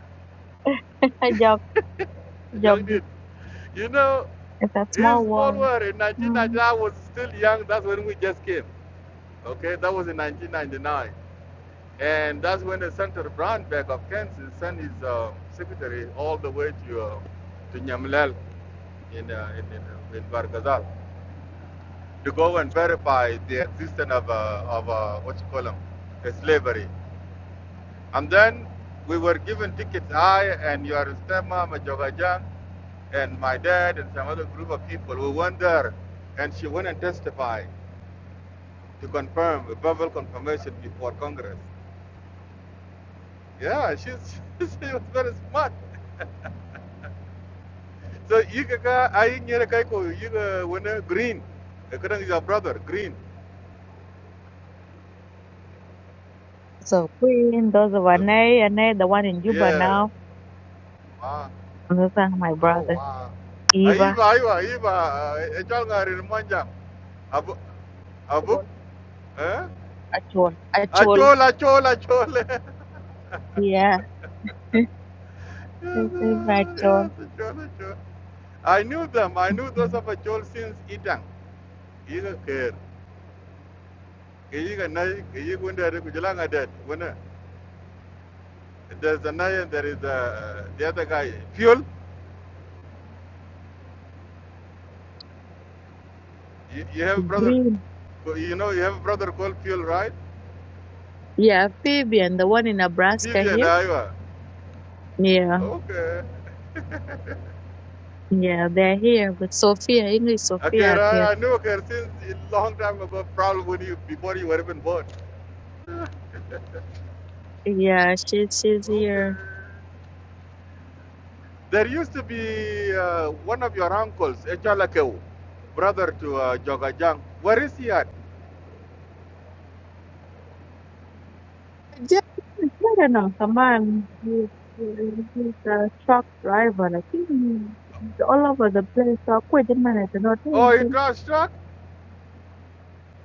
I joke, joke. Young It. dude, you know, It's a it's small small world. world. In Mm. 1999, I was still young. That's when we just came. Okay, that was in 1999. And that's when the Senator Brownback of Kansas sent his uh, secretary all the way to uh, to Nyamlel in, uh, in, in, uh, in Bargazal to go and verify the existence of, uh, of uh, what you call them, slavery. And then we were given tickets, I and your stepmom, Jogajan, and my dad, and some other group of people. We went there, and she went and testified to confirm, a verbal confirmation before Congress. Yeah, she's, she was very smart. So, you can go- I near Kaiko, you go, when, uh, green. Uh, Kadang is your brother, green. So Queen, those of Ane, That's- Ane, the one in Juba Yeah. now. Ah, Another my oh, brother, wow. Eva. Aiba, Aiba, Aiba, Echal Rin Monjang. Abu, Actual, Eh? actual, A actual. Chola, Chola, Chola. yes, Yeah, It's Eva uh, actual. yes, Chola, Chola. I knew them. I knew those Mm. of a Chol since Itang. Iga Kher. Iga Nai, When uh, there's a Nai and there is uh, the other guy, Fuel. You, you have a brother, Green. you know, you have a brother called Fuel, right? Yeah, Phoebe and the one in Nebraska Vivian here. Aiwa. Yeah, Okay. yeah, they're here with Sophia, English Okay, Sophia here. I I knew her since a long time ago, probably when you, before you were even born. Yeah, she's she's here. Okay. There used to be uh, one of your uncles, Echalakeu, brother to uh, Jogajang. Where is he at? Just, I don't know, come on. He's he's a truck driver. I think he's all over the place. So I quit the Oh, he manager. got struck?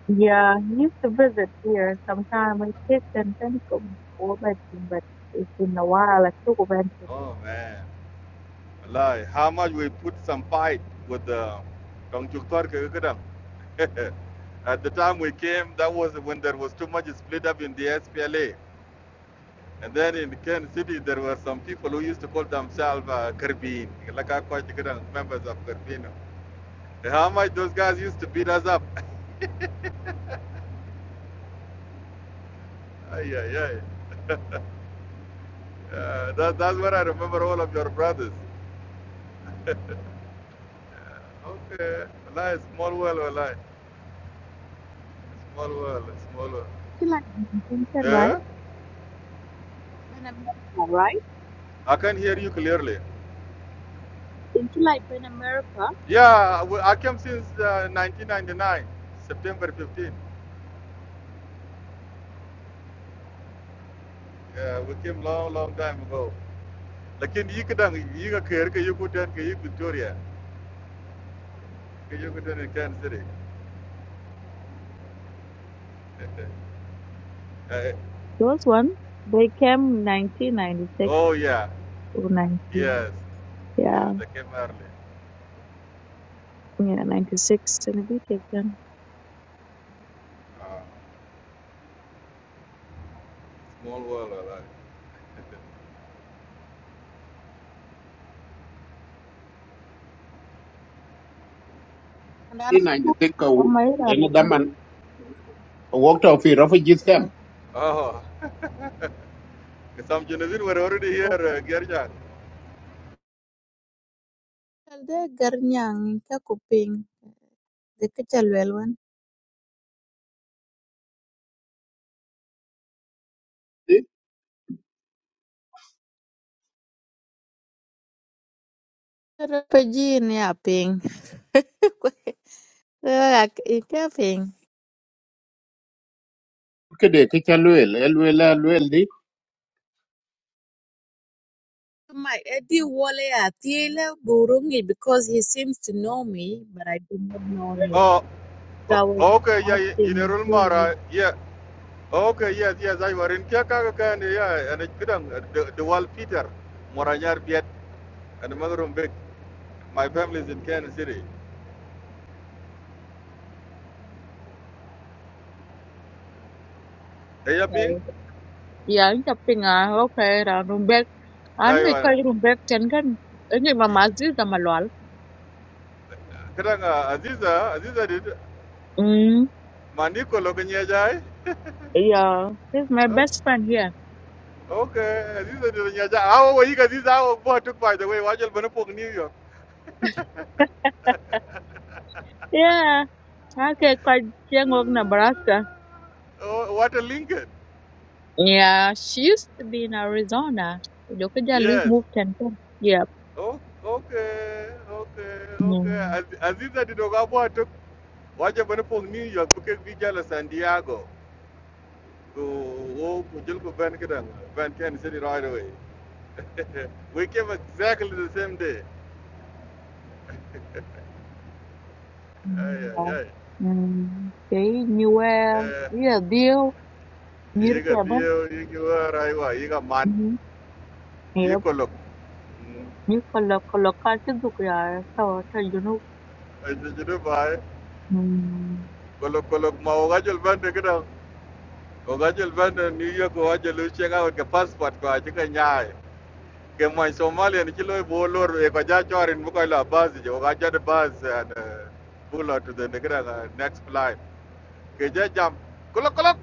Yeah, he used to visit here sometime. I kids and then go over to him, but it's been a while. I took over to him. Oh, man. Wallahi, how much we put some fight with the Tongchuktor Kekudang. At the time we came, that was when there was too much split up in the SPLA. And then in Ken City, there were some people who used to call themselves uh, Kerbin, like I quite members of Kerbino. How much those guys used to beat us up. Ay, ay, ay. Uh, that, that's where I remember all of your brothers. Uh, okay, lie, small world, Allah. small world, small world. She like Benton, right? Yeah, Ben America, right? I can hear you clearly. It's like Ben America. Yeah, I came since uh, 1999, September 15. Yeah, we came long, long time ago. Like in Yikadang, Yikakir, Yukutan, Yik Victoria, Yukutan in Kansas City. Uh, Those ones, they came 1996 oh yeah, or 19. yes, yeah, Yeah, they came early. yeah, 96 and a bit of them. Uh, small world, Allah. in i think Oh ko my God, I en that. daman walked off fi refugees camp Oh. Some Genesis were already here, uh, Gerjan. Kalde garnyang ka kuping de kechalwelwan. Pero pejin ya ping. Kwe- kwe- ak- Ike ping. ke de ke chalwel elwel elwel di My Eddie Wale Atiele Burungi because he seems to know me, but I do not know him. Oh, So oh, I was okay, yeah, in a asking room, who is Mara, yeah. Okay, yes, yes, I were in Kiakaka, yeah, and it couldn't, uh, the, the wall Peter, Moranyar Piet, and the mother of Big. My family is in Kansas City. They are ping, he? Yeah, in pinga okay ra rumbek. they Anu ika were. rumbek ten kan. Ini mama Aziz sama Lual. Kadanga, Aziza, Aziza did, Mm. Maniko Lokanyajai. Yeah, he's my best friend here. Okay, Aziza did Nyaja. How were you guys? This hour took by the way, Wajal Banapok, New York. Yeah. Okay, quite young of Nebraska. Oh, what a Lincoln. Yeah, she used to be in Arizona. Kujokuja Luke Yes. moved ten. Yeah. Oh, okay, okay, okay. As, Aziza Didogabwa took waje bane pong New York buke vijala San Diego go wo kujul ko ben kedang ben Kansas city right away. We came exactly the same day. Ay Ờ. ay ay. Ừm, chỉ như qua ý là điêu như You cái got bên yiga bio yiga raiwa you got man Ừm, you hiểu yikolok. Mm. như con lộc con lộc con tiếp tục là sau sau you know Ay jidu bai Ừm, kolok kolok ma waga jul ben de Ogajel ben New York owacho lu chieng awot ke passport ko achi ke nyai. Ke mwan Somalia ni chilo ibo lor e ko ja chorin mu ko la bus je ogaja de bus and uh, pull out to the negra uh, next flight. Ke ja jam kulok kulok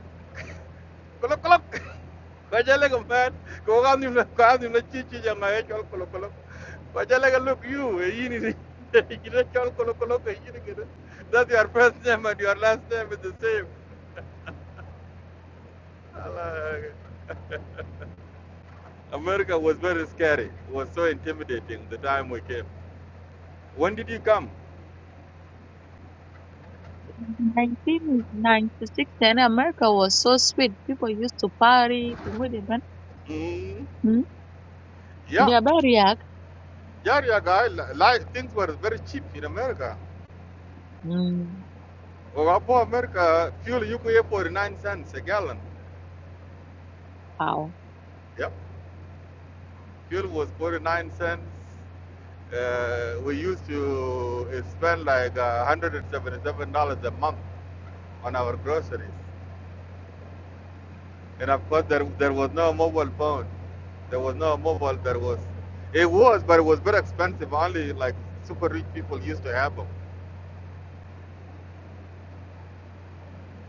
kulok kulok. Ko ja le ko ben ko ga ni na ka ni na chi chi ja ma e chol kulok kulok. Ko ja le ga look you e yini ni. Kire chol kulok kulok e yini kire. That your first name and your last name is the same. Allah. America was very scary. It was so intimidating the time we came. When did you come? 1996 then America was so sweet people used to party kungo de ban Mm, Hmm. yeah, yeah very yak yeah, yeah, guy. Like, things were very cheap in America. Hmm. Well, for America, fuel you could pay 49 cents a gallon. wow Yep, fuel was 49 cents. Uh, we used to uh, spend like uh, $177 a month on our groceries. And of course, there, there was no mobile phone. There was no mobile. There was, it was, but it was very expensive. Only like super rich people used to have them.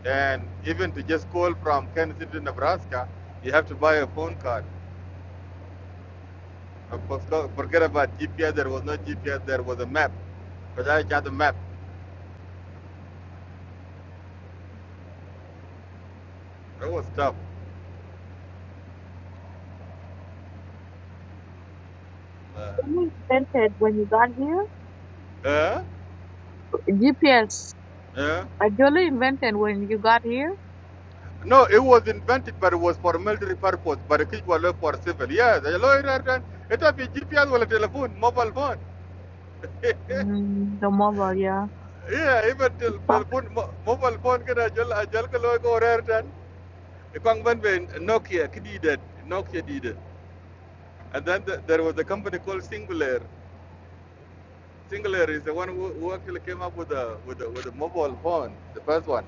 And even to just call from Kansas City to Nebraska, you have to buy a phone card. Of course, forget about GPS. There was no GPS. There was a map. But I had a map. It was tough. Uh, Only invented when you got here uh, GPS uh. I only invented when you got here No, it was invented, but it was for military purpose. But it was for civil. Yes, a lawyer. It was GPS or a telephone, mobile phone. Hmm. the mobile yeah Yeah, even tel- telefon mobile phone kada jol ajal ko loy ko rare tan ikong ban be Nokia kididet Nokia did and then th there was a company called Singular Singular is the one who, who actually came up with a with a with a mobile phone the first one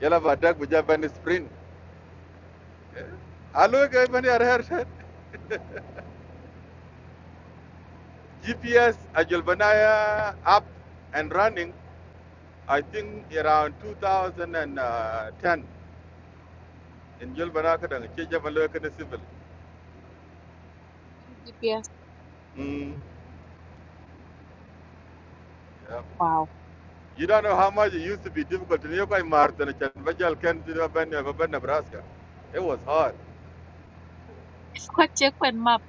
yala ba dag buja ban sprint alo ga ban ya rare tan GPS ajal banaya up and running I think around 2010 in jol banaka dan ke jabalo kana civil Then GPS mm Yeah. wow You don't know how much it used to be difficult to nearby Martin and Vajal Kennedy and Nebraska. It was hard. quite check when map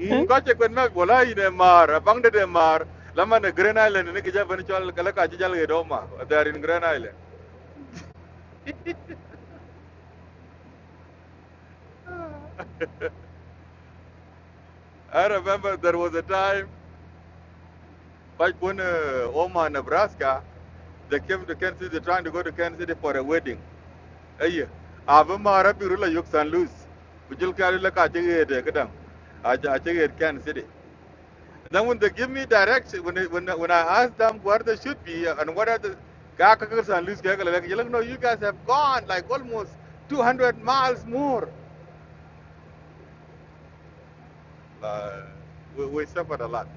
Ngache kwenna bola ine mar, abangde de mar, lama ne Green Island ne kija bani chal kala in Green Island. I remember there was a time back when uh, Oma, Nebraska, they came to Kansas City, trying to go to Kansas City for a wedding. Hey, yeah. Ave Mara Yuk San Luis. Kujul Kari Laka Achigate Kadam. Achigate Kansas City. And Then when they give me direction, when it, when when I ask them where they should be and what are the Gakakers and Luis Gagala, like, you look, no, you guys have gone like almost 200 miles more. Uh, we, we suffered a lot.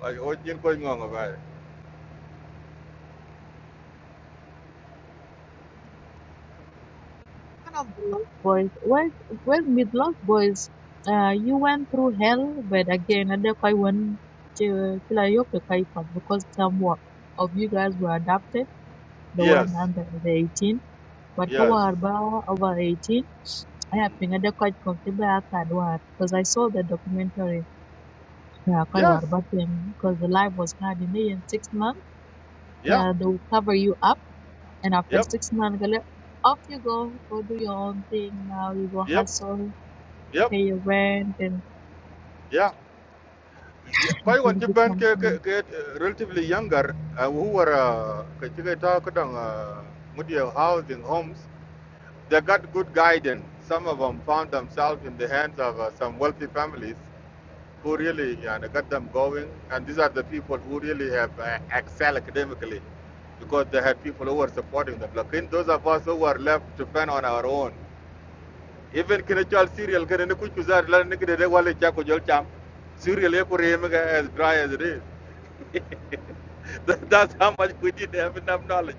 Like, what you going on about it? one of the Lost Boys. Well, well, with Lost Boys, uh, you went through hell, but again, and then I went to Kilayoke Kaipan because some wa- of you guys were adopted, the Yes, one under the 18, but yes, Kawarba over 18. I have mm. been at the quite comfortable because I saw the documentary yes, because the life was hard in there in six months. yeah, Uh, they will cover you up, and after yep, six months, they off you go, go do your own thing. Now you go yep, hustle, yep, they went and yeah. Yeah, quite they one Japan become get healthy. relatively younger uh, who were uh, talk on uh, housing homes They got good guidance. Some of them found themselves in the hands of uh, some wealthy families who really you know, got them going. And these are the people who really have uh, excelled academically because they had people who were supporting them. Like in those of us who were left to fend on our own, even Kinichal serial, Kinichal serial ye ko rem ga as dry as it is. That's how much we didn't have enough knowledge.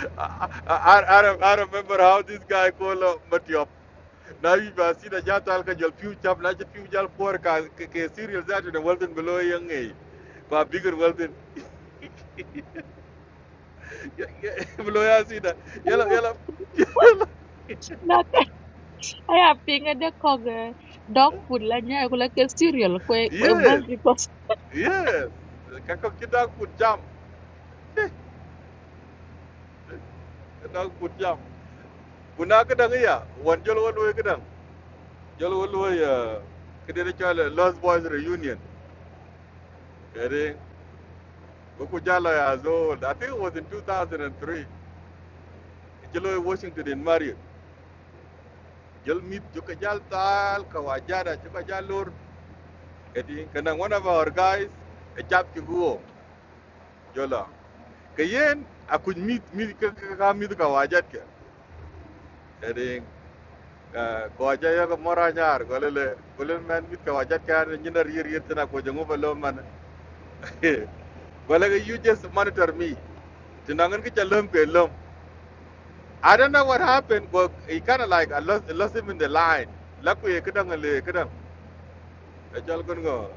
I, I, I remember how this guy called uh, Matthew na wi ba sida ja tal ka jal piu chap na ja piu jal por ka ke ke below yang ngai ba bigger walden below ya sida yala Yeah. yala nak aya piŋe de ko ge dog food la nyai la ke cereal kwe kwe yes bel yes ka ko kita ku jam na ku jam kuna ka dang ya wan jol wan we ka dang ya ke de cha lost boys reunion ere ko ku ya zo i think it was in 2003 jelo washington in mario jel mit jo ka tal ka wajada jo ka Kati kanang one of our guys a chap ki go, jola. Kayen a kuj mit mit ka ka ka- mit ka wajat ke. Kati ko aja ya ko mora nyar ko lele ko lele man mit ka wajat ka ni na rir rir tana ko jangu ba lom man. Ko lele you just monitor me. Tinangan ki chalom ke lom. I don't know what happened, but he kind of like I lost, I lost him in the line. Laku ye kadang le kadang. Ajal kun go.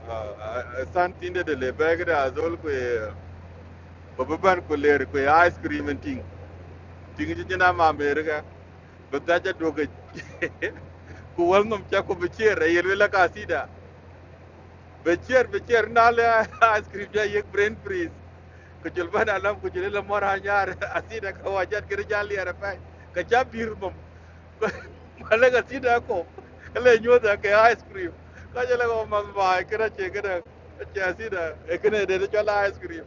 San tinde de le bag da azol ku. Baba ban ko ler ko ya ice cream and ting. Ting ji jina ma America. Ba ta ja doga ku wannan ta ko bicer yel wela ka sida. Bicer bicer na le ice cream ja yek brain freeze. Ko jul ban alam ko jule la mora nyar asida ka wajat gir jali ara pai. Ka ja bir Wala ka tida ko. Kala nyo ta ke ice cream. La jala ko mas ba kira che kira che asida e kene de de chala ice cream.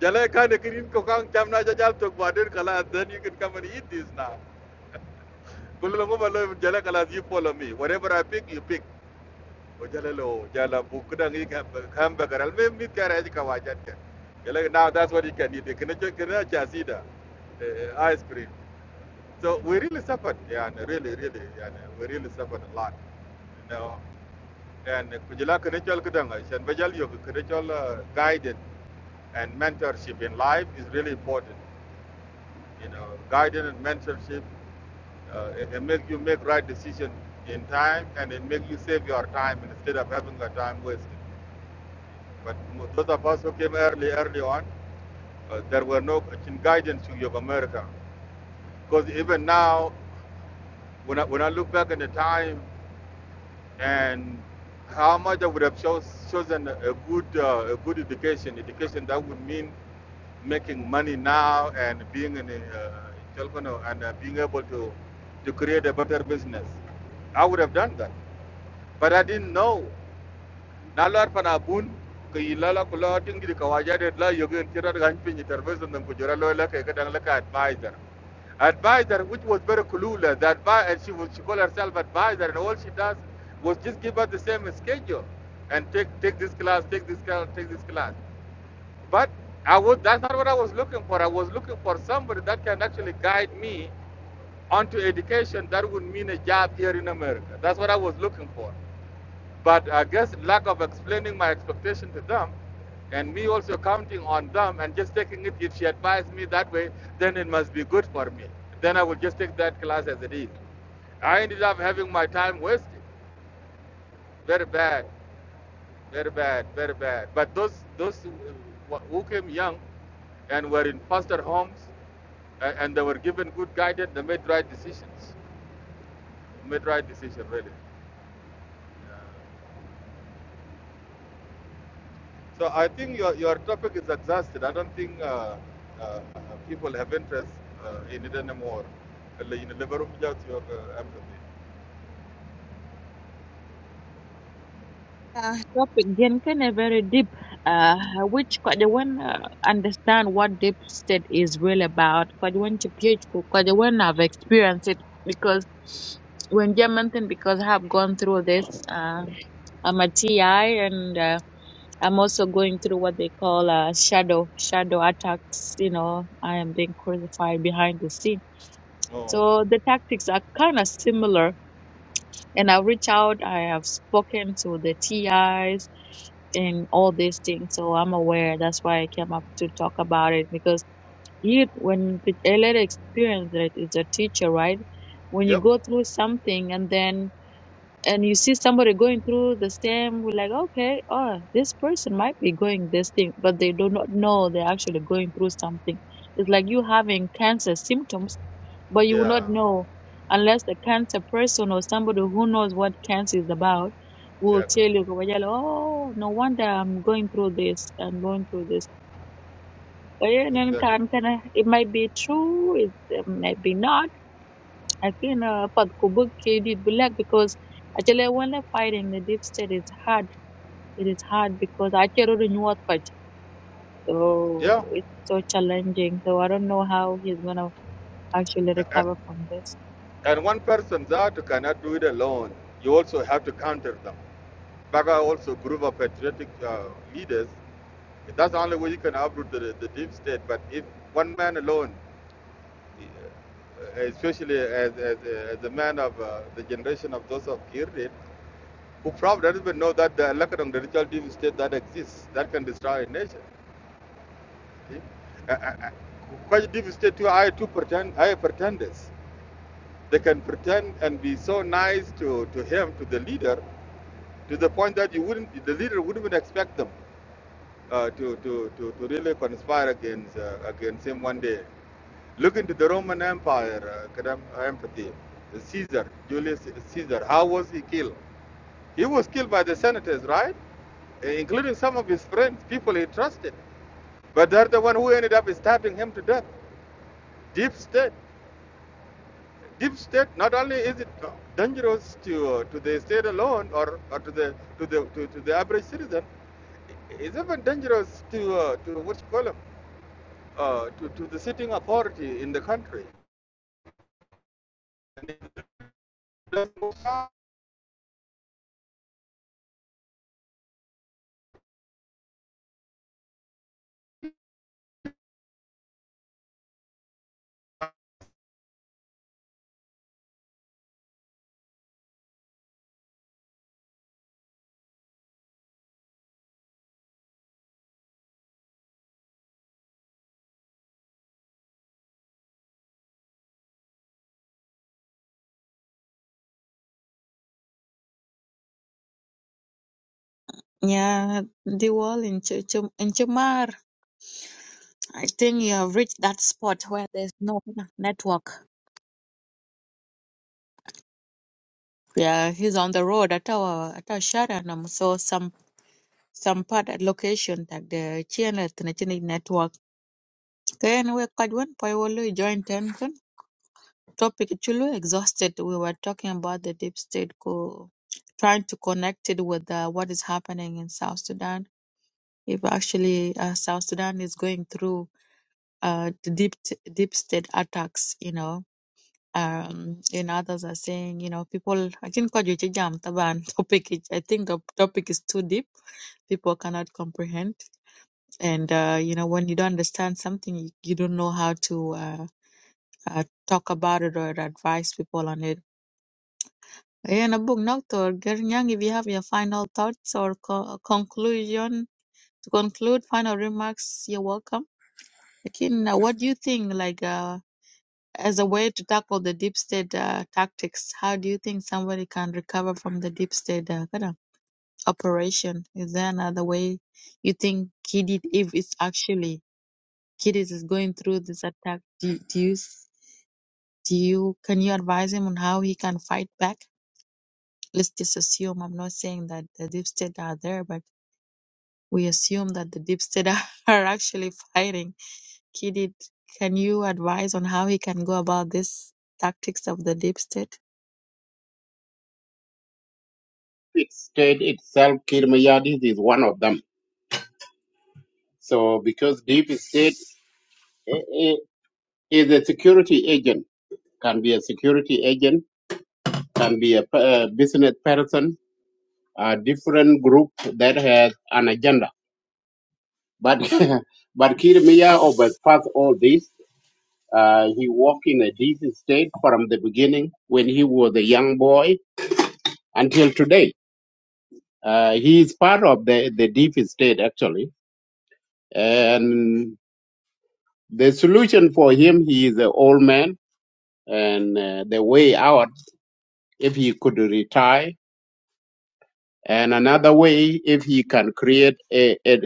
Jala ka ne cream ko kang cham na jajal tok ba den kala then you can come and eat this now. Kulo ngo balo jala kala you follow me. Whatever I pick you pick. O jala lo jala bu kida ngi kam kam ba karal me mit kara ji ka wajat ke. Jala now that's what you can eat. Kene che kira che asida Eh, ice cream. So we really suffered, yeah, really, really, yeah, we really suffered a lot, you know. And Kujila Kanichol Kudanga, Shanbajal Yoga Kanichol guided and mentorship in life is really important, you know. Guidance and mentorship, uh, it, it makes you make right decision in time and it makes you save your time instead of having your time wasted. But those of us who came early, early on, uh, there were no guidance to Yoga America. Because even now, when I, when I look back at the time, and how much I would have chose, chosen a good uh, a good education, education that would mean making money now and being an uh, entrepreneur and uh, being able to to create a better business. I would have done that, but I didn't know na lor pana bun ke yila la kulo tingi ka waja de la yogen tirar gan pinyi terbezo nan kujora lo la ke kadang la ka advisor advisor, which was very clueless. that and she was she called herself advisor, and all she does was just give us the same schedule and take take this class, take this class, take this class. But I was that's not what I was looking for. I was looking for somebody that can actually guide me onto education that would mean a job here in America. That's what I was looking for. But I guess lack of explaining my expectation to them and me also counting on them and just taking it, if she advised me that way, then it must be good for me. Then I would just take that class as it is. I ended up having my time wasted. Very bad, very bad, very bad. But those, those who came young and were in foster homes and they were given good guidance, they made right decisions. Made right decision really. So I think your, your topic is exhausted. I don't think uh, uh, uh, people have interest uh, in it anymore. Uh, You never without your uh, empathy. Uh, topic again kind of very deep, uh, which quite the one uh, understand what deep state is really about. Quite the one to PhD, quite the one have experienced it because when German thing because I have gone through this. Uh, I'm a TI and uh, I'm also going through what they call uh, shadow shadow attacks. You know, I am being crucified behind the scene. No. So the tactics are kind of similar and I've reached out, I have spoken to the TIs and all these things. So I'm aware. That's why I came up to talk about it because you, when a little experience that is a teacher, right? When you Yep. go through something and then and you see somebody going through the same we're like okay oh this person might be going this thing but they do not know they're actually going through something it's like you having cancer symptoms but you will Yeah. not know unless the cancer person or somebody who knows what cancer is about will Exactly. tell you "Kobajalo, oh no wonder i'm going through this i'm going through this but yeah, and then Exactly. can- can I- it might be true it, it might be not Lakini uh, pat kubuk kidit black because actually when they're fighting the deep state it's hard. It is hard because actually the new so Yeah. it's so challenging. So I don't know how he's gonna actually A- a- recover from this. And one person that cannot do it alone. You also have to counter them. Baga also group of patriotic uh, leaders. That's the only way you can uproot the, the deep state. But if one man alone Yeah. especially as, as, as a man of uh, the generation of those of Kirin, who probably does not even know that the Lakadong, the ritual deep state that exists, that can destroy a nation. Uh, uh, uh, Quite deep state too, I too pretend, I pretenders. They can pretend and be so nice to, to him, to the leader, to the point that you wouldn't, the leader wouldn't even expect them uh, to, to, to, to really conspire against, uh, against him one day. Look into the Roman Empire, uh, kind of empathy. Caesar, Julius Caesar, how was he killed? He was killed by the senators, right? Uh, Including some of his friends, people he trusted. But they're the one who ended up stabbing him to death. Deep state deep state not only is it dangerous to uh, to the state alone or, or to the to the to, to the average citizen it's even dangerous to uh, to what you call 'em, uh, to, to the sitting authority in the country And if it doesn't work Yeah, the wall in Ch- Ch- in Chumar. I think you have reached that spot where there's no network. Yeah, he's on the road at our at our Sharanam. So some some part at location that the channel the network Then we could one by joined join tension. Topic chulu exhausted. We were talking about the deep state co trying to connect it with uh, what is happening in South Sudan. If actually uh, South Sudan is going through uh, the deep t- deep state attacks, you know, um, and others are saying, you know, people. I think kwa juche jam taban topic. is- I think the topic is too deep. People cannot comprehend, and uh, you know, when you don't understand something, you, you don't know how to. Uh, uh, talk about it or advise people on it. Ayan, abog doctor, Gernyang, if you have your final thoughts or co- uh, conclusion, to conclude, final remarks, you're welcome. Akin, uh, what do you think, like, uh, as a way to tackle the deep state uh, tactics, how do you think somebody can recover from the deep state uh, kind of operation? Is there another way you think Kidid, if it's actually Kidid is going through this attack, do, do you, s- do you, can you advise him on how he can fight back? let's just assume i'm not saying that the deep state are there but we assume that the deep state are are actually fighting kidid can you advise on how he can go about this tactics of the deep state it state itself kirmayadi is one of them so because deep state eh, eh, is a security agent can be a security agent can be a pe- business person a different group that has an agenda but but kirmaya overpass all this Uh, he worked in a DC state from the beginning when he was a young boy until today. Uh, he is part of the, the deep state actually. And the solution for him, he is an old man and uh, the way out, if he could retire and another way, if he can create a, a,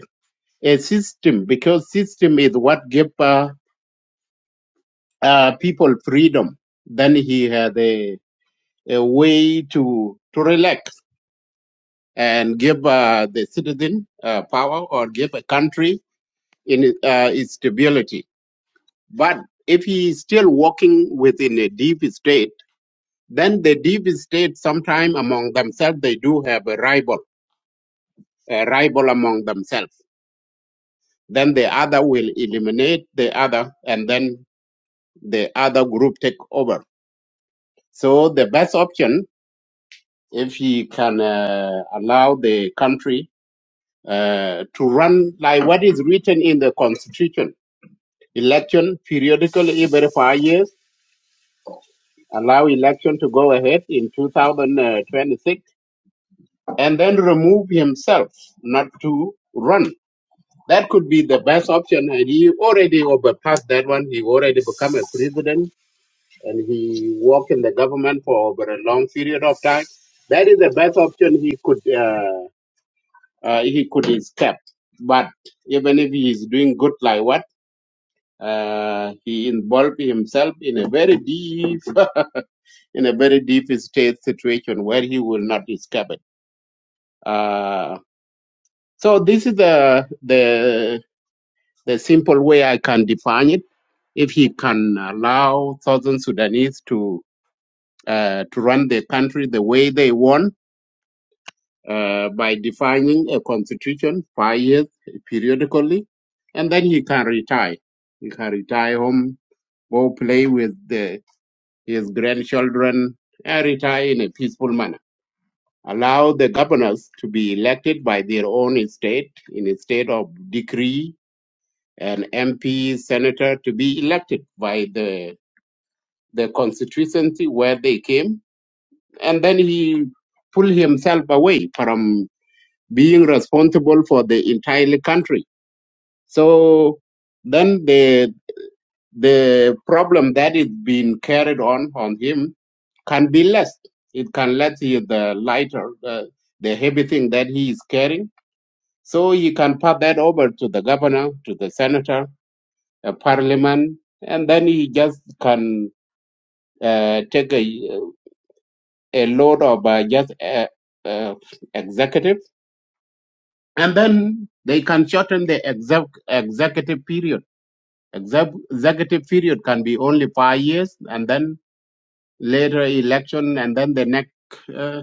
a system because system is what give uh, uh, people freedom. Then he had a, a way to, to relax and give uh, the citizen uh, power or give a country in it- uh, its stability. But if he is still working within a deep state, then the deep state sometime among themselves they do have a rival, a rival among themselves. Then the other will eliminate the other, and then the other group take over. So the best option, if he can uh, allow the country uh, to run like what is written in the constitution election periodically every five years, allow election to go ahead in 2026, and then remove himself not to run. That could be the best option, and he already overpassed that one. He already become a president, and he worked in the government for over a long period of time. That is the best option he could uh, uh, he could escape. But even if he is doing good, like what uh, he involved himself in a very deep in a very deep state situation where he will not discover. it. Uh, so this is the the the simple way I can define it. If he can allow southern Sudanese to uh, to run the country the way they want uh, by defining a constitution five years periodically, and then he can retire. He can retire home, go play with the, his grandchildren, and retire in a peaceful manner allow the governors to be elected by their own state instead of decree and MP senator to be elected by the the constituency where they came and then he pull himself away from being responsible for the entire country so then the the problem that is being carried on on him can be less it can let you the lighter the, the heavy thing that he is carrying So you can pass that over to the governor, to the senator, a parliament, and then you just can uh, take a, a load of uh, just uh, uh, executive, and then they can shorten the exec- executive period. Exec- executive period can be only five years, and then later election, and then the next uh,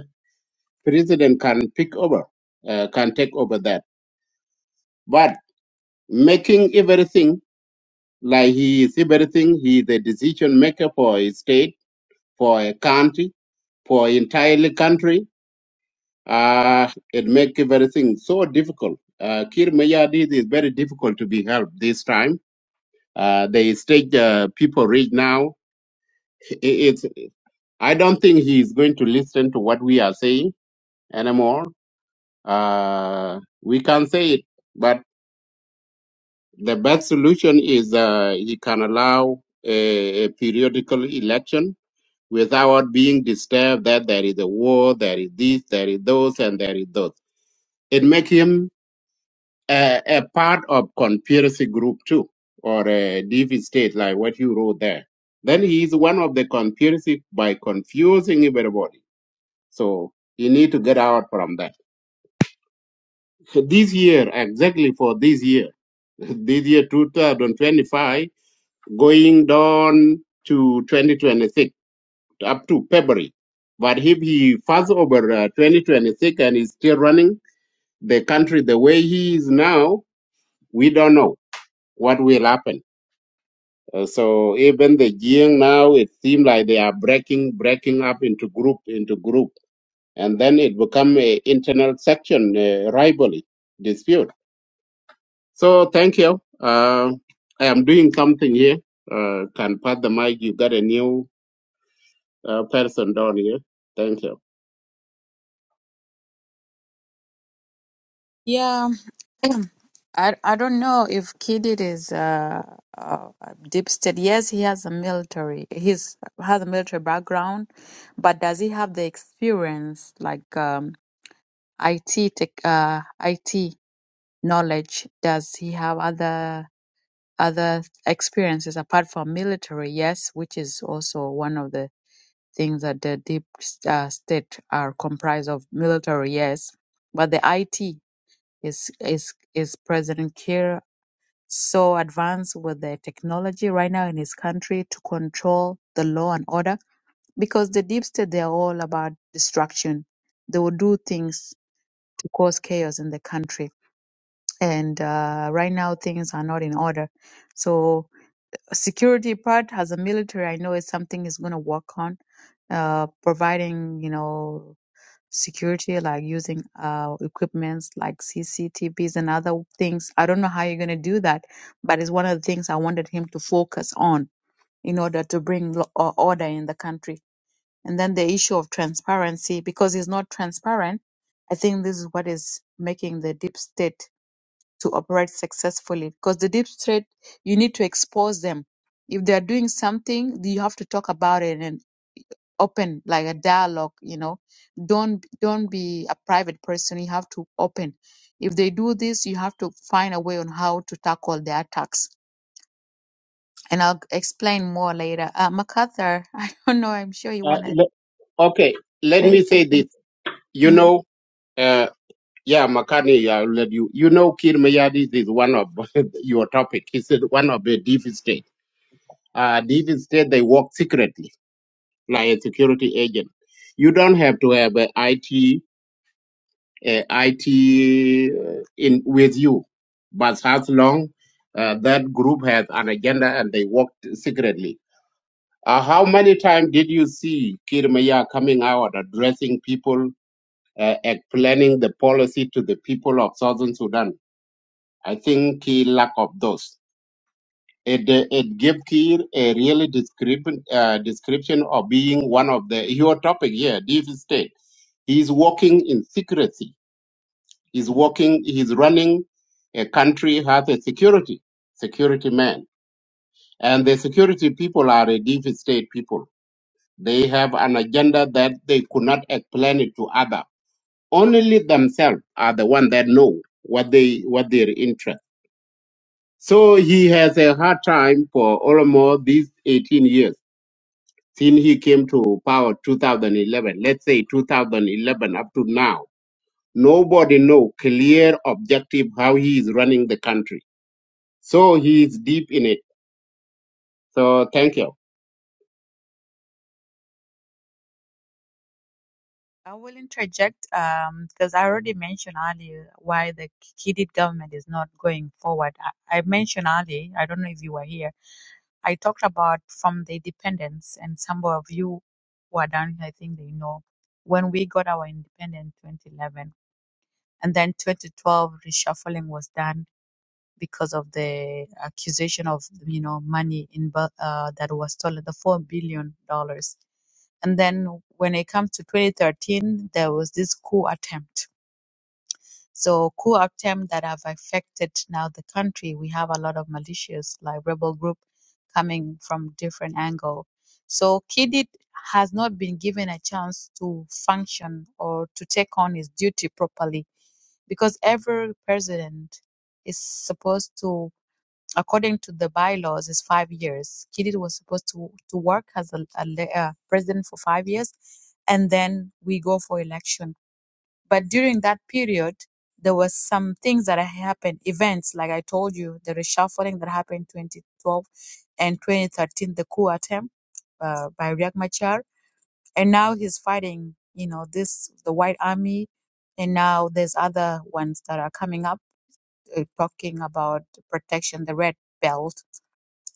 president can pick over, uh, can take over that. But making everything Like he is everything. He is the decision maker for a state, for a country, for entire country. Uh, it make everything so difficult. Uh, Kir Mayadid is very difficult to be helped this time. Uh, the state uh, people read now. I- It's, I don't think he is going to listen to what we are saying anymore. Uh, we can say it, but the best solution is uh, he can allow a, a periodical election without being disturbed that there is a war, there is this, there is those, and there is those. It makes him a, a part of conspiracy group too, or a deep state like what you wrote there. Then he is one of the conspiracy by confusing everybody. So you need to get out from that. This year, exactly for this year, this year 2025, going down to 2026 up to February. But if he falls over uh, 2026 and is still running the country the way he is now, we don't know what will happen. Uh, so even the Jiang now, it seems like they are breaking, breaking up into group, into group, and then it become a internal section uh, rivalry dispute. So thank you. Uh, I am doing something here. Uh, can pass the mic. You got a new uh, person down here. Thank yeah i, I don't know if kidid is uh, uh, a deep state yes he has a military he's has a military background but does he have the experience like um, it tech, uh, it knowledge does he have other other experiences apart from military, yes, which is also one of the things that the deep uh, state are comprised of military, yes, but the IT is is is President Kiir so advanced with the technology right now in his country to control the law and order because the deep state they are all about destruction. They will do things to cause chaos in the country, and uh, right now things are not in order. So security part as a military i know is something is going to work on uh providing you know security like using uh equipments like cctvs and other things i don't know how you're going to do that but it's one of the things i wanted him to focus on in order to bring lo- uh, order in the country and then the issue of transparency because it's not transparent i think this is what is making the deep state to operate successfully because the deep state you need to expose them if they are doing something you have to talk about it and open like a dialogue you know don't don't be a private person you have to open if they do this you have to find a way on how to tackle their attacks and i'll explain more later uh, macarthur i don't know i'm sure you want to you. Okay, let say me say something this. You Mm. know, uh, yeah, Makani, I'll let you. You know, Kir Mayadis is one of your topic. He said one of the deep state. Uh, deep state, they work secretly, like a security agent. You don't have to have a IT, uh IT uh, in with you, but as long uh, that group has an agenda and they work secretly. Uh, how many times did you see Kir Maya coming out addressing people uh, explaining the policy to the people of Southern Sudan. I think he lack of those. It, uh, it gave Kiir a really description, uh, description of being one of the, your topic here, deep state. He's working in secrecy. He's working, he's running a country has a security, security man. And the security people are a deep state people. They have an agenda that they could not explain it to others Only themselves are the one that know what they what their interest. So he has a hard time for almost these 18 years since he came to power 2011. Let's say 2011 up to now. Nobody know clear objective how he is running the country. So he is deep in it. So thank you. I will interject um, because I already mentioned earlier why the Kidid government is not going forward. I, I mentioned earlier, I don't know if you were here, I talked about from the independence, and some of you who are down here, I think they know, when we got our independence 2011, and then 2012 reshuffling was done because of the accusation of you know money in uh, that was stolen, the four billion dollars. And then when it comes to 2013, there was this coup attempt. So coup attempt that have affected now the country. We have a lot of militias like rebel group coming from different angle. So Kidid has not been given a chance to function or to take on his duty properly because every president is supposed to according to the bylaws, is five years. Kidid was supposed to, to work as a, a le- uh, president for five years, and then we go for election. But during that period, there was some things that happened, events like I told you, the reshuffling that happened 2012 and 2013, the coup attempt uh, by Riek Machar, and now he's fighting, you know, this the White Army, and now there's other ones that are coming up uh, talking about protection, the Red Belt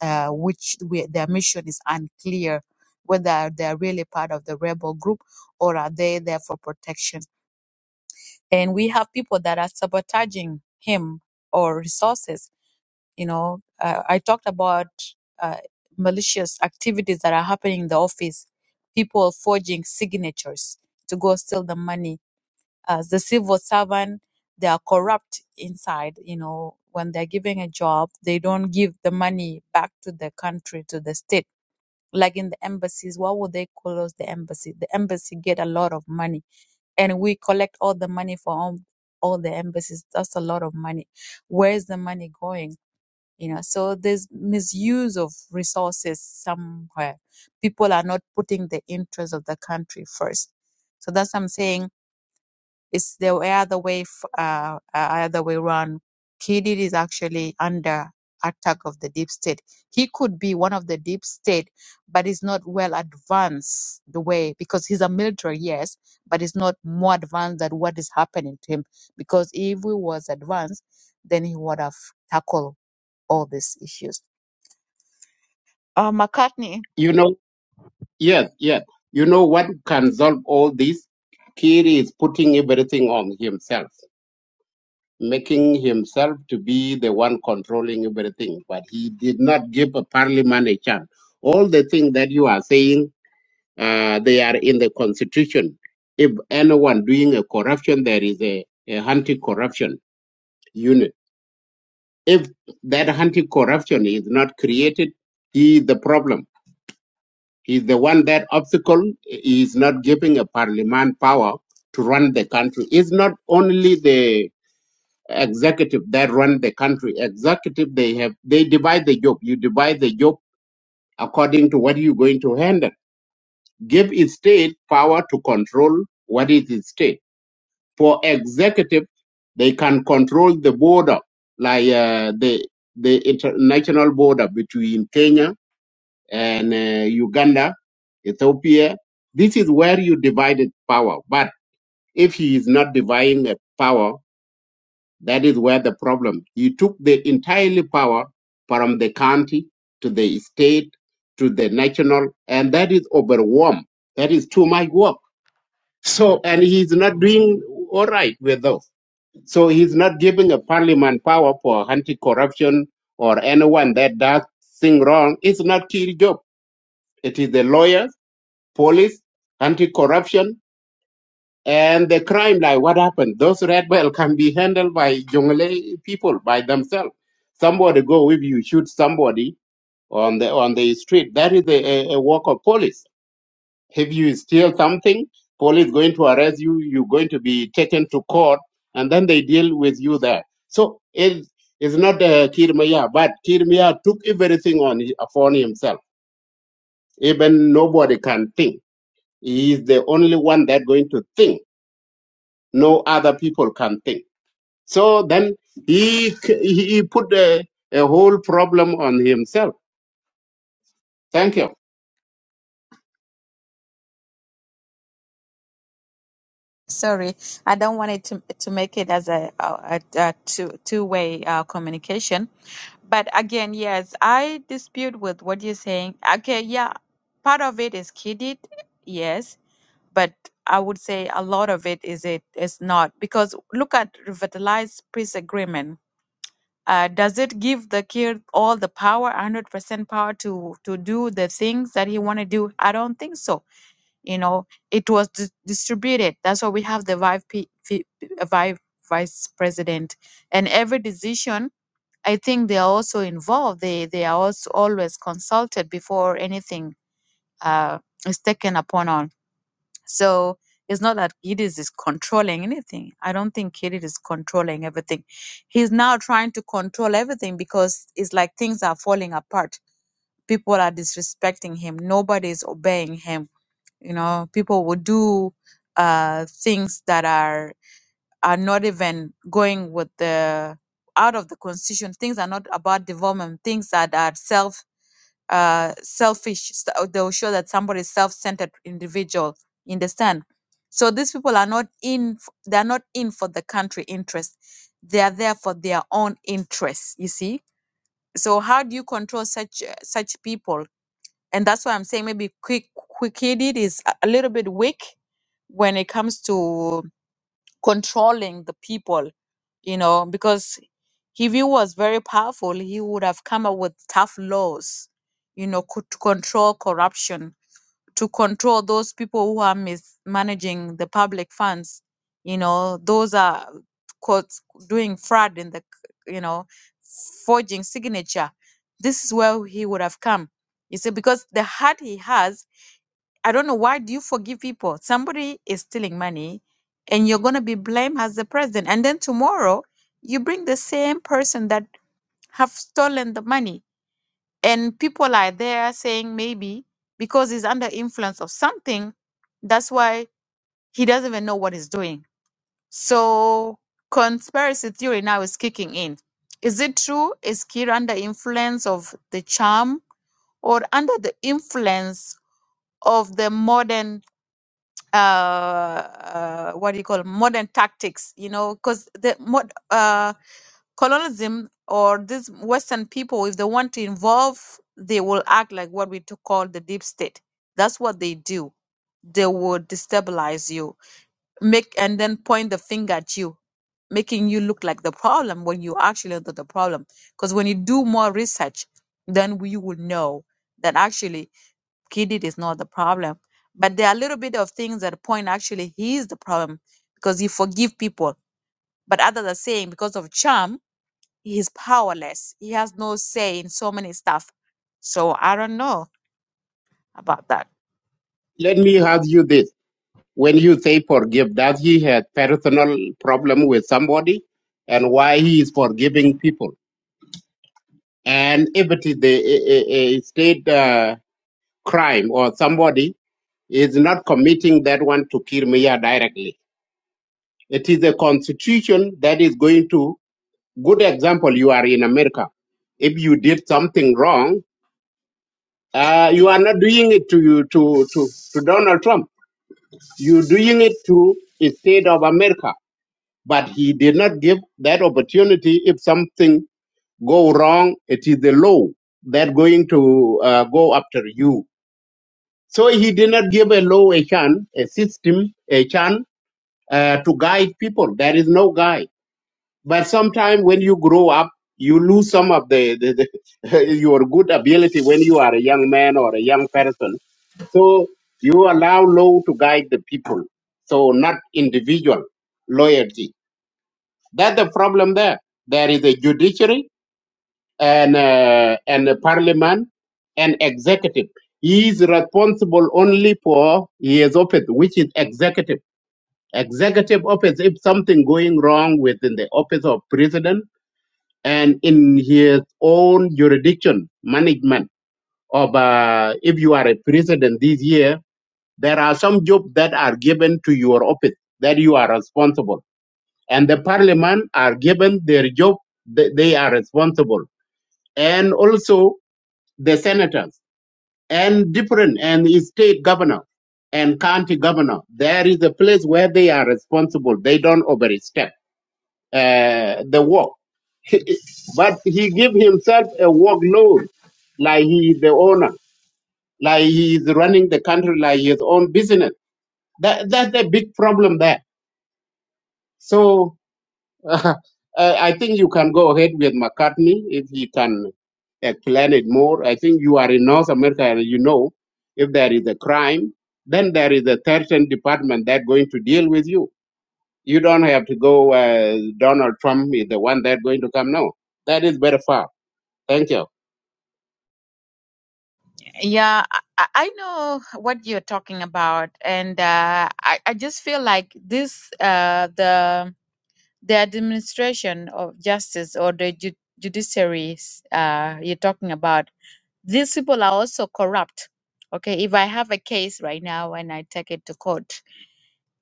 uh, which we, their mission is unclear whether they are really part of the rebel group or are they there for protection. And we have people that are sabotaging him or resources. You know, uh, I talked about uh, malicious activities that are happening in the office, people forging signatures to go steal the money. As the civil servant, they are corrupt inside. You know, when they're giving a job, they don't give the money back to the country, to the state like in the embassies why would they call us the embassy the embassy get a lot of money and we collect all the money for all, all the embassies that's a lot of money where's the money going you know so there's misuse of resources somewhere people are not putting the interest of the country first so that's what i'm saying it's the other way, f- uh, uh, other way around. Kidid is actually under attack of the deep state. He could be one of the deep state, but he's not well advanced the way because he's a military, yes, but he's not more advanced than what is happening to him. Because if he was advanced, then he would have tackled all these issues. Uh, McCartney. You know, yes, yes. You know what can solve all this? Kiri is putting everything on himself. making himself to be the one controlling everything, but he did not give a parliament a chance. All the things that you are saying, uh, they are in the constitution. If anyone doing a corruption, there is a, a anti-corruption unit. If that anti-corruption is not created, he is the problem. He is the one that obstacle is not giving a parliament power to run the country. It's not only the executive that run the country. Executive, they have they divide the job. You divide the job according to what you're going to handle. Give a state power to control what is its state. For executive, they can control the border, like uh, the the international border between Kenya and uh, Uganda, Ethiopia. This is where you divided power. But if he is not dividing the power, That is where the problem. He took the entirely power from the county to the state to the national, and that is overwhelmed. That is too much work. So, and he's not doing all right with those. So he's not giving a parliament power for anti-corruption or anyone that does thing wrong. It's not his job. It is the lawyers, police, anti-corruption, and the crime, like what happened, those red belt can be handled by Jongle people by themselves. Somebody go if you shoot somebody on the on the street, that is a, a, a work of police. If you steal something, police going to arrest you. You're going to be taken to court, and then they deal with you there. So it is not uh, Kirmaya, but Kirmaya took everything on hi- upon himself. Even nobody can think. He is the only one that going to think. No other people can think So then he he put a, a whole problem on himself. Thank you. Sorry, I don't want it to to make it as a, a, a two two way uh, communication. But again, yes, I dispute with what you're saying. Okay, yeah, part of it is kidded, yes, but I would say a lot of it is it is not because look at revitalized peace agreement uh, does it give the kid all the power 100% power to to do the things that he want to do i don't think so you know it was dis- distributed that's why we have the vice, P- P- uh, vi- vice president and every decision i think they are also involved they they are also always consulted before anything uh, is taken upon on so it's not that Gideon is controlling anything. I don't think Gideon is controlling everything. He's now trying to control everything because it's like things are falling apart. People are disrespecting him. Nobody is obeying him. You know, people will do uh, things that are are not even going with the out of the constitution. Things are not about development. Things that are self uh, selfish. s- They'll show that somebody is self-centered individual you understand? So these people are not in, f- they are not in for the country interest. They are there for their own interests, you see? So how do you control such uh, such people? And that's why I'm saying maybe quick quick headed is a a little bit weak when it comes to controlling the people, you know, because if he was very powerful, he would have come up with tough laws, you know, co- to control corruption to control those people who are mismanaging the public funds. You know, those are quote doing fraud in the c- you know forging signature. This is where he would have come. You see, because the heart he has, I don't know why do you forgive people? Somebody is stealing money, and you're gonna be blamed as the president. And then tomorrow you bring the same person that have stolen the money and people are there saying maybe because he's under influence of something that's why he doesn't even know what he's doing so conspiracy theory now is kicking in is it true is kir under influence of the charm or under the influence of the modern uh, uh, what do you call modern tactics? You know, because the mod, uh, colonialism or these Western people, if they want to involve, they will act like what we to call the deep state. That's what they do. They will destabilize you, make and then point the finger at you, making you look like the problem when you actually are not the problem. Because when you do more research, then we will know that actually Kidid is not the problem. But there are a little bit of things that point actually he is the problem because he forgive people. But others are saying because of charm, he is powerless. He has no say in so many stuff. So I don't know about that. Let me ask you this: When you say forgive, does he have personal problem with somebody, and why he is forgiving people? And if it is a, a, a a state uh, crime or somebody is not committing that one to kill Mia directly, it is a constitution that is going to. Good example: You are in America. If you did something wrong, Uh, you are not doing it to you to, to, to Donald Trump. You're doing it to the state of America. But he did not give that opportunity. If something go wrong, it is the law that going to uh, go after you. So he did not give a law a chance, a system a chance uh, to guide people. There is no guide. But sometimes when you grow up, you lose some of the, the, the your good ability when you are a young man or a young person So you allow law to guide the people, so not individual loyalty. That's the problem there. There is a judiciary and uh, and a parliament and executive. He is responsible only for his office, which is executive. Executive office. If something going wrong within the office of president and in his own jurisdiction management of, uh, if you are a president this year There are some jobs that are given to your office that you are responsible. And the parliament are given their job, th- they are responsible. And also the senators and different and state governor and county governor. There is a place where they are responsible. They don't overstep uh, the work. but he give himself a workload like he is the owner, like he is running the country like his own business. That, that's a big problem there So I, I think you can go ahead with McCartney if he can explain it more. I think you are in North America and you know if there is a crime, then there is a certain department that going to deal with you. You don't have to go. Uh, Donald Trump is the one that going to come. No, that is very far. Thank you. Yeah, I, I I know what you're talking about, and uh, I I just feel like this uh, the the administration of justice or the ju- judiciary uh, you're talking about These people are also corrupt. Okay, if I have a case right now and I take it to court,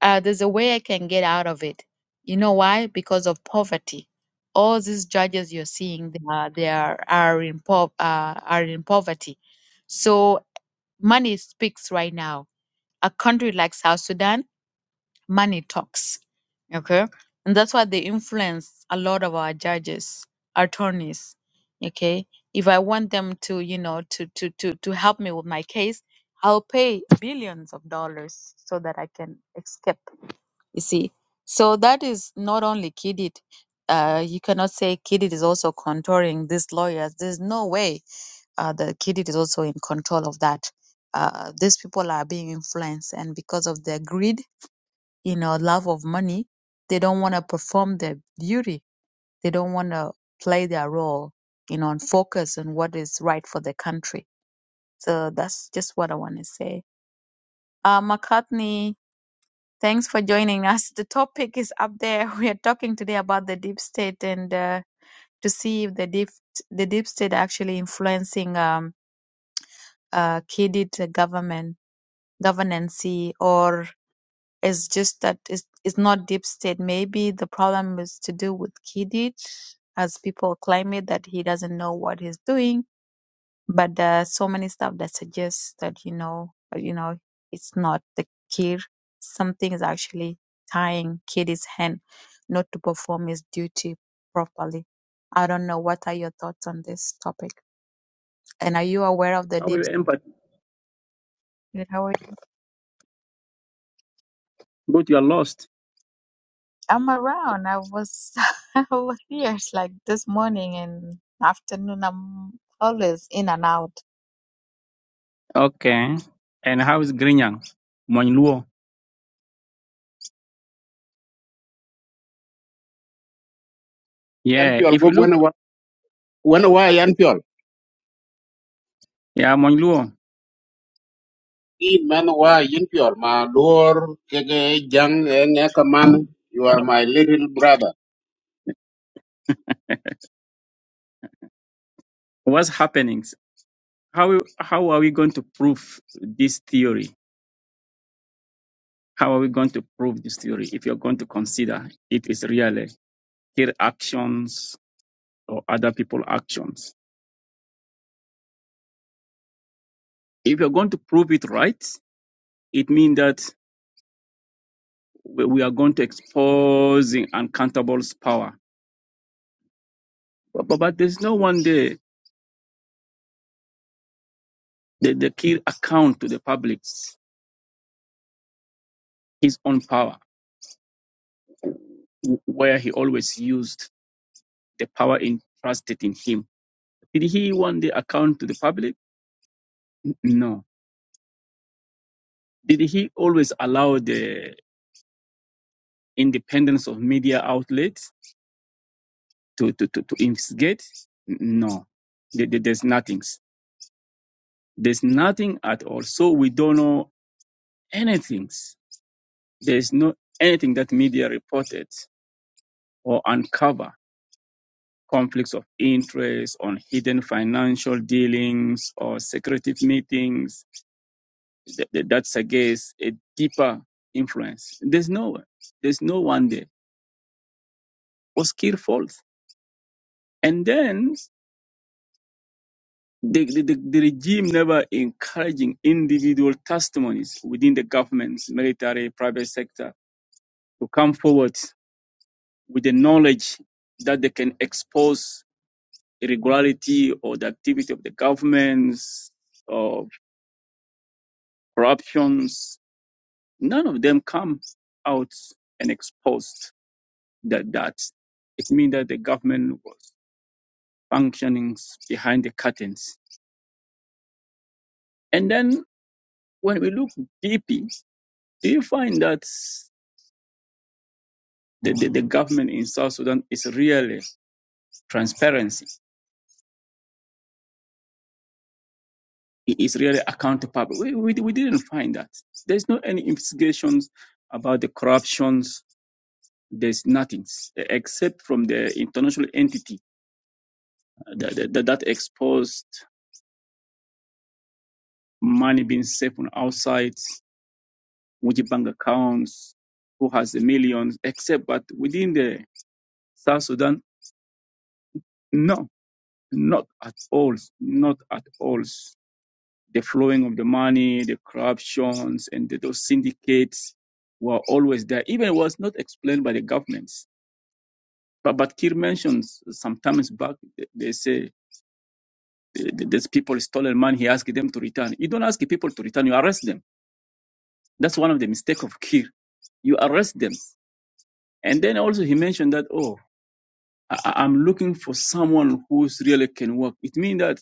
uh, there's a way I can get out of it. You know why? Because of poverty. All these judges you're seeing, they are, they are, are in po- uh, are in poverty. So money speaks right now. A country like South Sudan money talks. Okay. And that's why they influence a lot of our judges, attorneys. Okay. If I want them to, you know, to to to to help me with my case, I'll pay billions of dollars so that I can escape. You see. So that is not only kidded. Uh, you cannot say kidded is also contouring these lawyers. There's no way uh, the kid is also in control of that. Uh, these people are being influenced, and because of their greed, you know, love of money. They don't want to perform their duty. They don't want to play their role, you know, and focus on what is right for the country. So that's just what I want to say. Uh, McCartney, thanks for joining us. The topic is up there. We are talking today about the deep state and uh, to see if the deep the deep state actually influencing um, uh, kidid government governance or It's just that it's, it's not deep state. Maybe the problem is to do with Kidi, as people claim it that he doesn't know what he's doing. But there are so many stuff that suggests that you know, uh, you know, it's not the kid. Something is actually tying Kidi's hand not to perform his duty properly. I don't know. What are your thoughts on this topic? And are you aware of the How will deep? you empathy? state? But you are lost. I'm around. I was I was here like this morning and afternoon. I'm always in and out. Okay. And how is Grinyang? Monluo. Yan Yeah. piol If you go look, gwen wa gwen wa yan piol. yeah, Monluo, I man wa yin piol ma lor kege jang eh, ng'e kamano. You are my little brother. what's happening? How how are we going to prove this theory? How are we going to prove this theory if you're going to consider it is really their actions or other people actions? If you're going to prove it right, it means that we we are going to expose the uncountable's power. But, but, but there's no one there. The, the key account to the public his own power, where he always used the power entrusted in him. Did he one day account to the public? No. Did he always allow the independence of media outlets to, to, to, to investigate? No. There's nothing. There's nothing at all. So we don't know anything. There's no anything that media reported or uncover conflicts of interest on hidden financial dealings or secretive meetings th- th- that suggests a deeper influence. There's no one. There's no one there. Was skillful. And then the, the, the, the regime never encouraging individual testimonies within the government, military, private sector to come forward with the knowledge that they can expose irregularity or the activity of the governments or corruptions. None of them come out and exposed. that that it means that the government was functioning behind the curtains. And then when we look deeply, do you find that the, the, the government in South Sudan is really transparency? It is really accountable. We, we, we didn't find that. There's no any investigations about the corruptions. There's nothing except from the international entity that, that, that exposed money being safe on outside. which bank accounts, who has the millions, except but within the South Sudan, no, not at all, not at all. The flowing of the money, the corruptions, and the, those syndicates were always there. Even it was not explained by the governments. But but Kir mentions sometimes back they they say these people stolen money. He asked them to return. You don't ask the people to return. You arrest them. That's one of the mistake of Kir. You arrest them. And then also he mentioned that, oh, I, I- am looking for someone who's really can work. It means that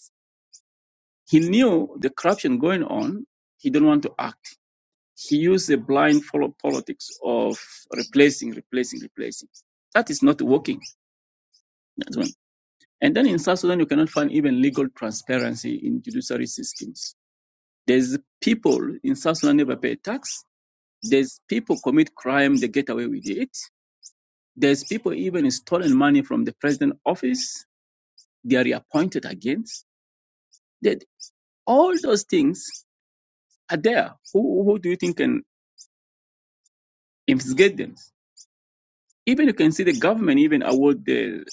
he knew the corruption going on. He didn't want to act. He used the blind follow politics of replacing, replacing, replacing. That is not working. That's one. And then in South Sudan, you cannot find even legal transparency in judiciary systems. There's people in South Sudan never pay tax. There's people commit crime, they get away with it. There's people even stolen money from the president office. They are reappointed again There, All those things are there. Who, who do you think can investigate them? Even you can see the government even award the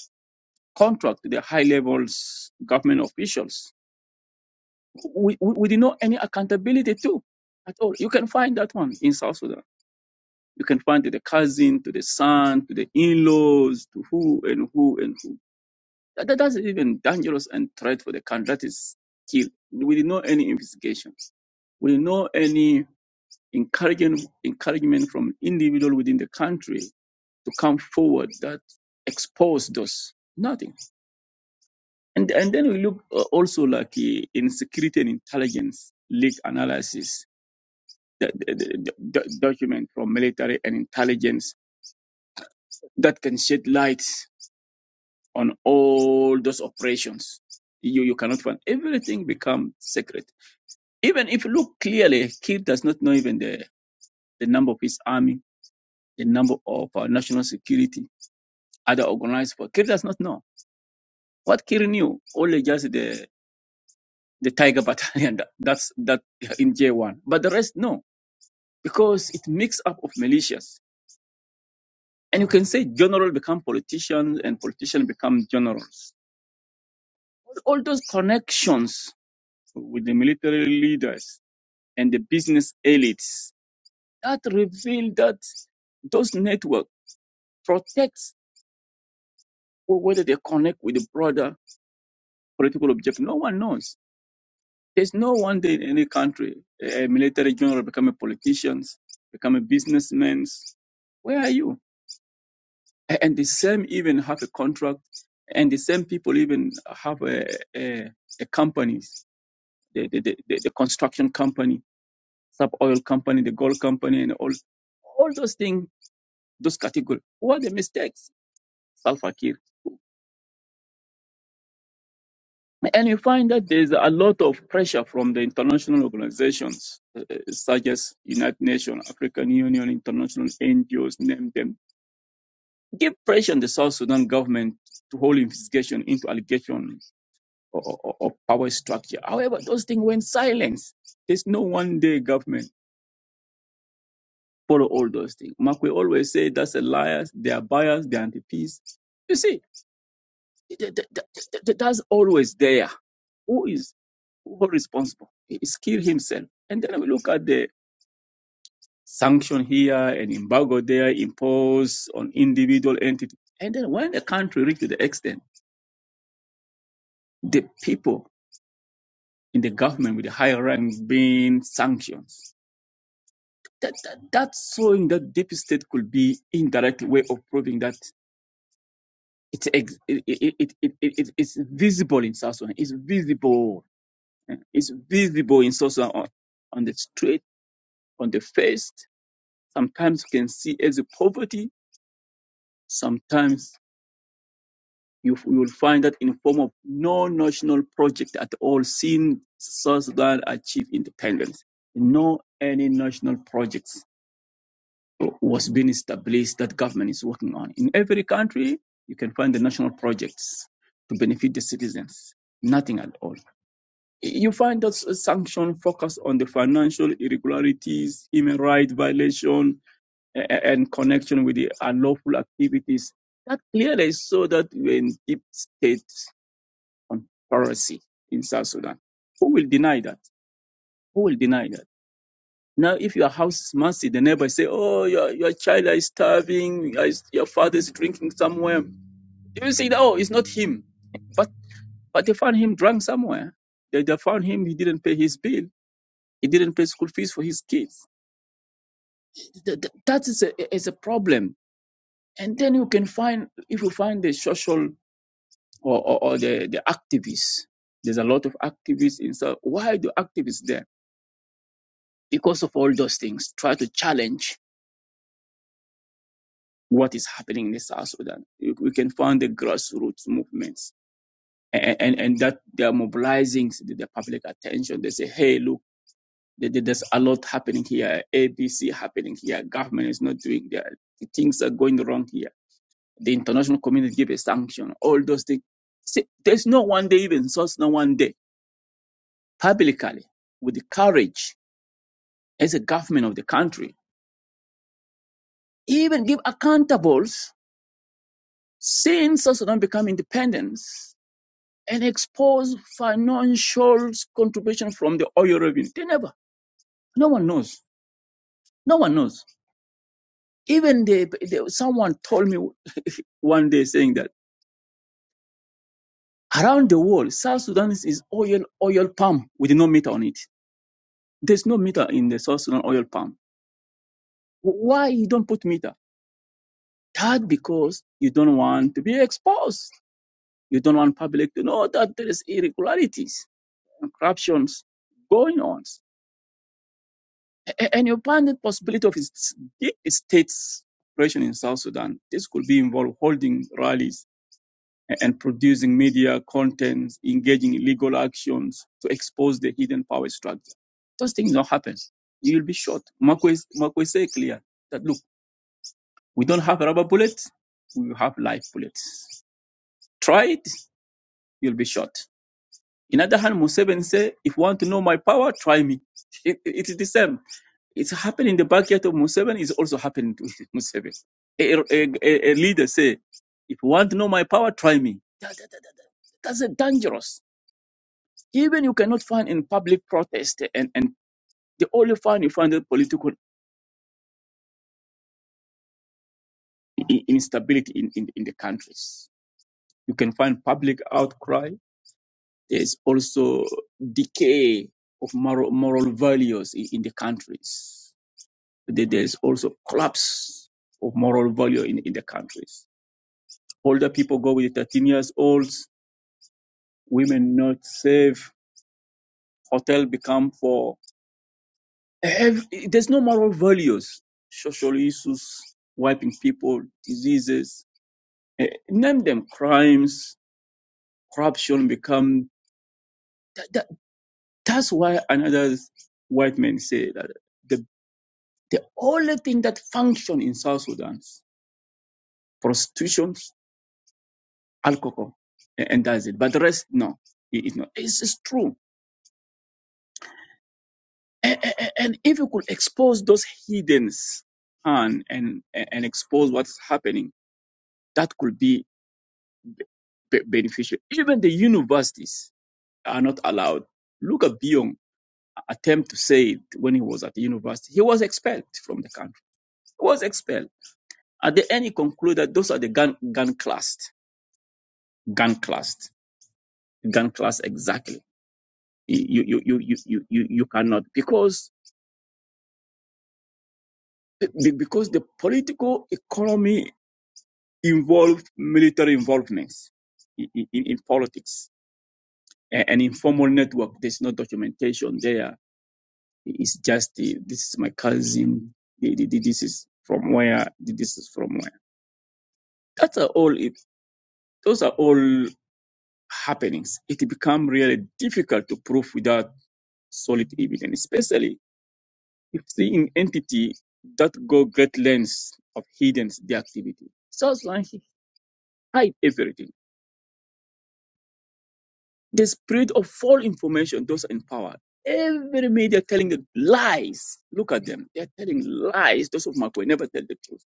contract to the high levels government officials. We, we, we did not any accountability to at all. You can find that one in South Sudan. You can find to the cousin, to the son, to the in-laws, to who and who and who. That, that- that's even dangerous and threat for the country. That is kill. We did not any investigations. We did not any encouraging encouragement from individual within the country to come forward that expose those nothing and and then we look uh, also like uh, in security and intelligence leak analysis the, the, the, the document from military and intelligence that can shed light on all those operations you you cannot find everything become secret even if you look clearly kid does not know even the the number of his army the number of uh, national security other organized for Kir does not know. What Kir knew, only just the the Tiger Battalion that, that's that in J1. But the rest no. Because it mix up of militias. And you can say general become politicians and politicians become generals. All those connections with the military leaders and the business elites that reveal that those network protects whether they connect with the broader political objective. No one knows There's no one day in any country a military general becoming politicians, becoming businessmen. Where are you? A- And the same even have a contract, and the same people even have a, a, a company, the, the, the, the the construction company, sub oil company, the gold company, and all all those things, those categories. What are the mistakes? Salva Kiir. And you find that there's a lot of pressure from the international organizations, uh, such as United Nations, African Union, international NGOs, name them. Give pressure on the South Sudan government to hold investigation into allegations of, of of power structure. However, those things went silent. There's no one day government follow all those things. Makwe always say that's a liar, they are biased, they are anti-peace. You see, th- th- th- th- th- that's always there Who is who responsible? It's Kir himself. And then we look at the sanction here and embargo there imposed on individual entities. And then when the country reaches the extent, the people in the government with the higher ranks being sanctioned, that, that that's showing that deep state could be indirect way of proving that it's ex- it, it, it, it, it, it- it's visible in South Sudan. It's visible. eh, It's visible in South Sudan on, on the street, on the face. sometimes you can see as a poverty, sometimes you, you will find that in form of no national project at all seen South Sudan achieve independence. No any national projects was being established that government is working on. In every country, you can find the national projects to benefit the citizens. Nothing at all. You find that sanction focus on the financial irregularities, human rights violation, and connection with the unlawful activities that clearly show that we're in deep state conspiracy in South Sudan. Who will deny that? Who will deny that? Now, if your house is messy, the neighbor say, "Oh, your your child is starving. Your father is drinking somewhere." You will say, "Oh, it's not him," but but they found him drunk somewhere. They, they found him. He didn't pay his bill. He didn't pay school fees for his kids. That is a is a problem. And then you can find if you find the social or, or, or the, the activists. There's a lot of activists in South. Why do activists there? Because of all those things, try to challenge what is happening in South Sudan. We can find the grassroots movements and, and, and that they are mobilizing the, the public attention. They say, hey, look, there's a lot happening here, ABC happening here, government is not doing that, things are going wrong here. The international community give a sanction, all those things. See, there's no one day even source, no one day. publicly with the courage as a government of the country, even give accountables since South Sudan become independence and expose financial contribution from the oil revenue. They never, no one knows. No one knows. Even the, the, someone told me one day saying that around the world, South Sudan is, is oil oil palm with no meter on it. There's no meter in the South Sudan oil palm. Why you don't put meter? That because you don't want to be exposed You don't want public to know that there is irregularities and corruptions going on. A- And you ban the possibility of its big states operation in South Sudan. This could be involved holding rallies a- and producing media contents, engaging in legal actions to expose the hidden power structure. Those things don't happen. You'll be shot. Marco is Marco is very clear that look, we don't have rubber bullets. We have live bullets. Try it, you'll be shot. In other hand, Museveni said, if you want to know my power, try me. It, it- it's the same. It's happening in the backyard of Museveni, it's also happening to Museveni. A, a, a- leader say, if you want to know my power, try me. That- that- that- that- that's a dangerous. Even you cannot find in public protest and, and the only find you find the political i- instability in, in, in the countries. You can find public outcry. There's also decay of moral, moral values in, in the countries there's also collapse of moral value in, in the countries. Older people go with 13 years olds, women not safe, hotel become for, ev- there's no moral values, social issues, wiping people, diseases, eh, name them crimes, corruption become, that, that, that's why another white man say that the, the only thing that function in South Sudan, prostitution, alcohol and that's it. But the rest, no, it- it's not. It's, it's true. And, and if you could expose those hiddens and, and and expose what's happening, that could be be- beneficial. Even the universities are not allowed. Look at Bion attempt to say it when he was at the university. He was expelled from the country. He was expelled. At the end, he concluded that those are the gun gun classed, gun classed, gun class exactly. you you you you you you you cannot because The- because the political economy involved military involvements in, in, in politics A- an informal network there's no documentation there it's just the, this is my cousin the- the- the- this is from where the- this is from where that's are all it those are all happenings it become really difficult to prove without solid evidence especially if the in- entity that go great lengths of hidden the activity sounds like he hide everything The spirit of false information, those in power. Every media telling the lies. Look at them. They're telling lies. Those of Macquarie never tell the truth.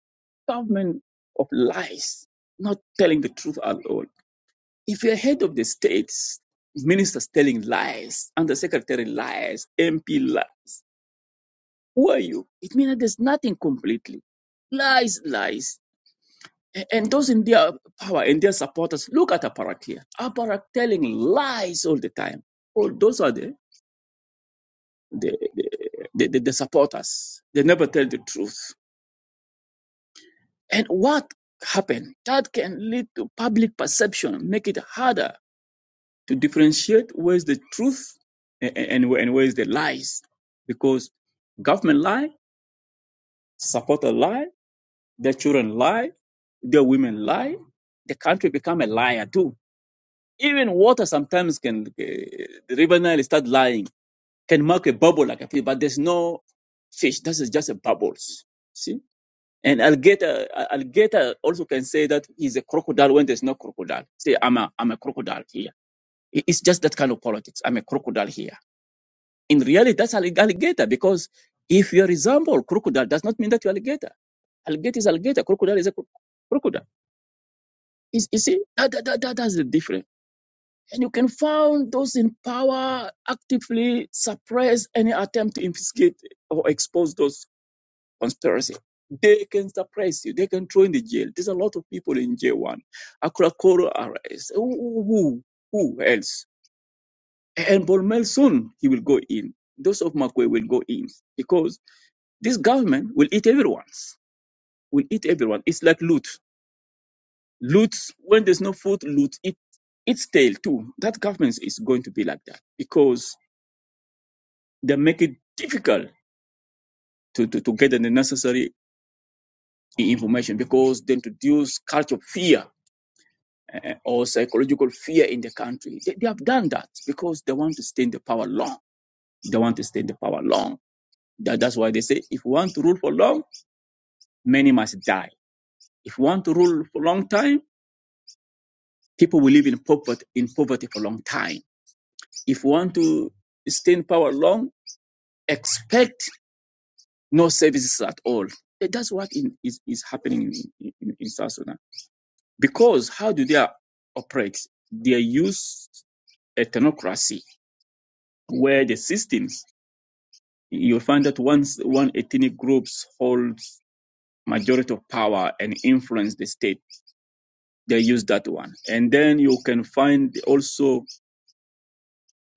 Government of lies, not telling the truth at all. If you're head of the states, ministers telling lies, undersecretary lies, MP lies, who are you? It means that there's nothing completely. Lies, lies. A- And those in their power and their supporters, look at Aparak here. Aparak telling lies all the time. All those are there. They, they, they, they they support us. They never tell the truth. And what happened? That can lead to public perception, make it harder to differentiate where's the truth and, and, where- and where's the lies. Because government lie, supporter lie, their children lie, their women lie, the country become a liar too. Even water sometimes can, uh, the river Nile start lying, can mark a bubble like a fish, but there's no fish. This is just a bubbles. See? And alligator, uh, alligator also can say that he's a crocodile when there's no crocodile. Say, I'm a, I'm a crocodile here. It's just that kind of politics. I'm a crocodile here. In reality, that's allig- alligator because if you resemble crocodile, does not mean that you're alligator. Alligator is alligator. Crocodile is a cro- crocodile. Is you see, that, that, that, that- that's the difference. And you can find those in power actively suppress any attempt to investigate or expose those conspiracy. They can suppress you. They can throw in the jail. There's a lot of people in J1. Akurakoro arrest. Who, who, who else? And Bolmel soon he will go in. Those of Makwe will go in because this government will eat everyone's. Will eat everyone. It's like loot. Loot. When there's no food, loot. It its tail too. That government is going to be like that because they make it difficult to, to, to get the necessary information because they introduce culture of fear or psychological fear in the country. They, they have done that because they want to stay in the power long. They want to stay in the power long. That, that's why they say if we want to rule for long, many must die. If we want to rule for a long time, people will live in poverty in poverty for a long time. If we want to stay in power long, expect no services at all. That- That's what in, is, is happening in, in, in South Sudan. Because how do they operate? They use a technocracy where the system you find that once one ethnic groups holds majority of power and influence the state, they use that one. And then you can find also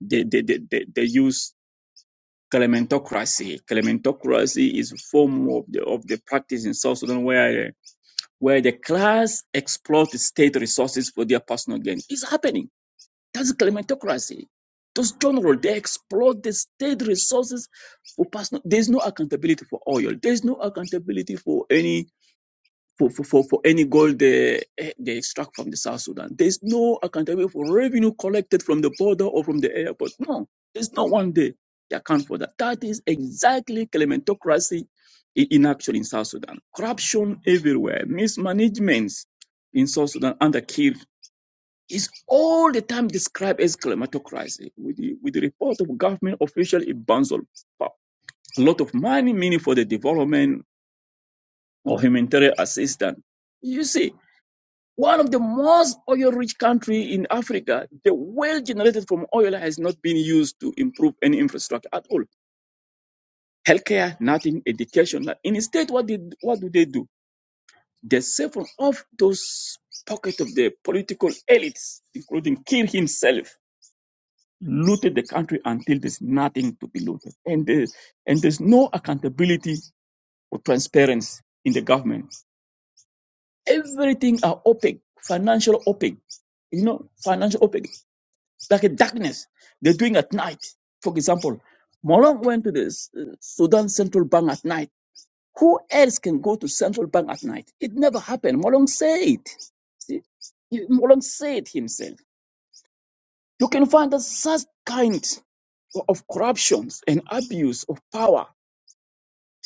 they they, they, they, they use clementocracy. Clementocracy is a form of the of the practice in South Sudan where where the class exploits state resources for their personal gain. It's happening That's kleptocracy. Those general they exploit the state resources for personal. There's no accountability for oil. There's no accountability for any for for, for, for any gold they eh, they extract from the South Sudan. There's no accountability for revenue collected from the border or from the airport. No, there's not one day they account for that. That is exactly kleptocracy i- in action in South Sudan. Corruption everywhere, mismanagement in South Sudan under Kir is all the time described as climatocracy. With the, with the report of government official, it burns a lot of money, meaning for the development or humanitarian assistance. You see, one of the most oil-rich country in Africa, the wealth generated from oil has not been used to improve any infrastructure at all. Healthcare, nothing, education. nothing. And Instead, what did what do they do? They siphon off those pockets of the political elites, including Kir himself looted the country until there's nothing to be looted. And there's, and there's no accountability or transparency in the government. Everything are opaque, financial opaque, you know, financial opaque, like a darkness. They're doing at night. For example, Malong went to the uh, Sudan Central Bank at night. Who else can go to Central Bank at night? It never happened. Malong said. See, Malong said himself. You can find us such kind. of corruptions and abuse of power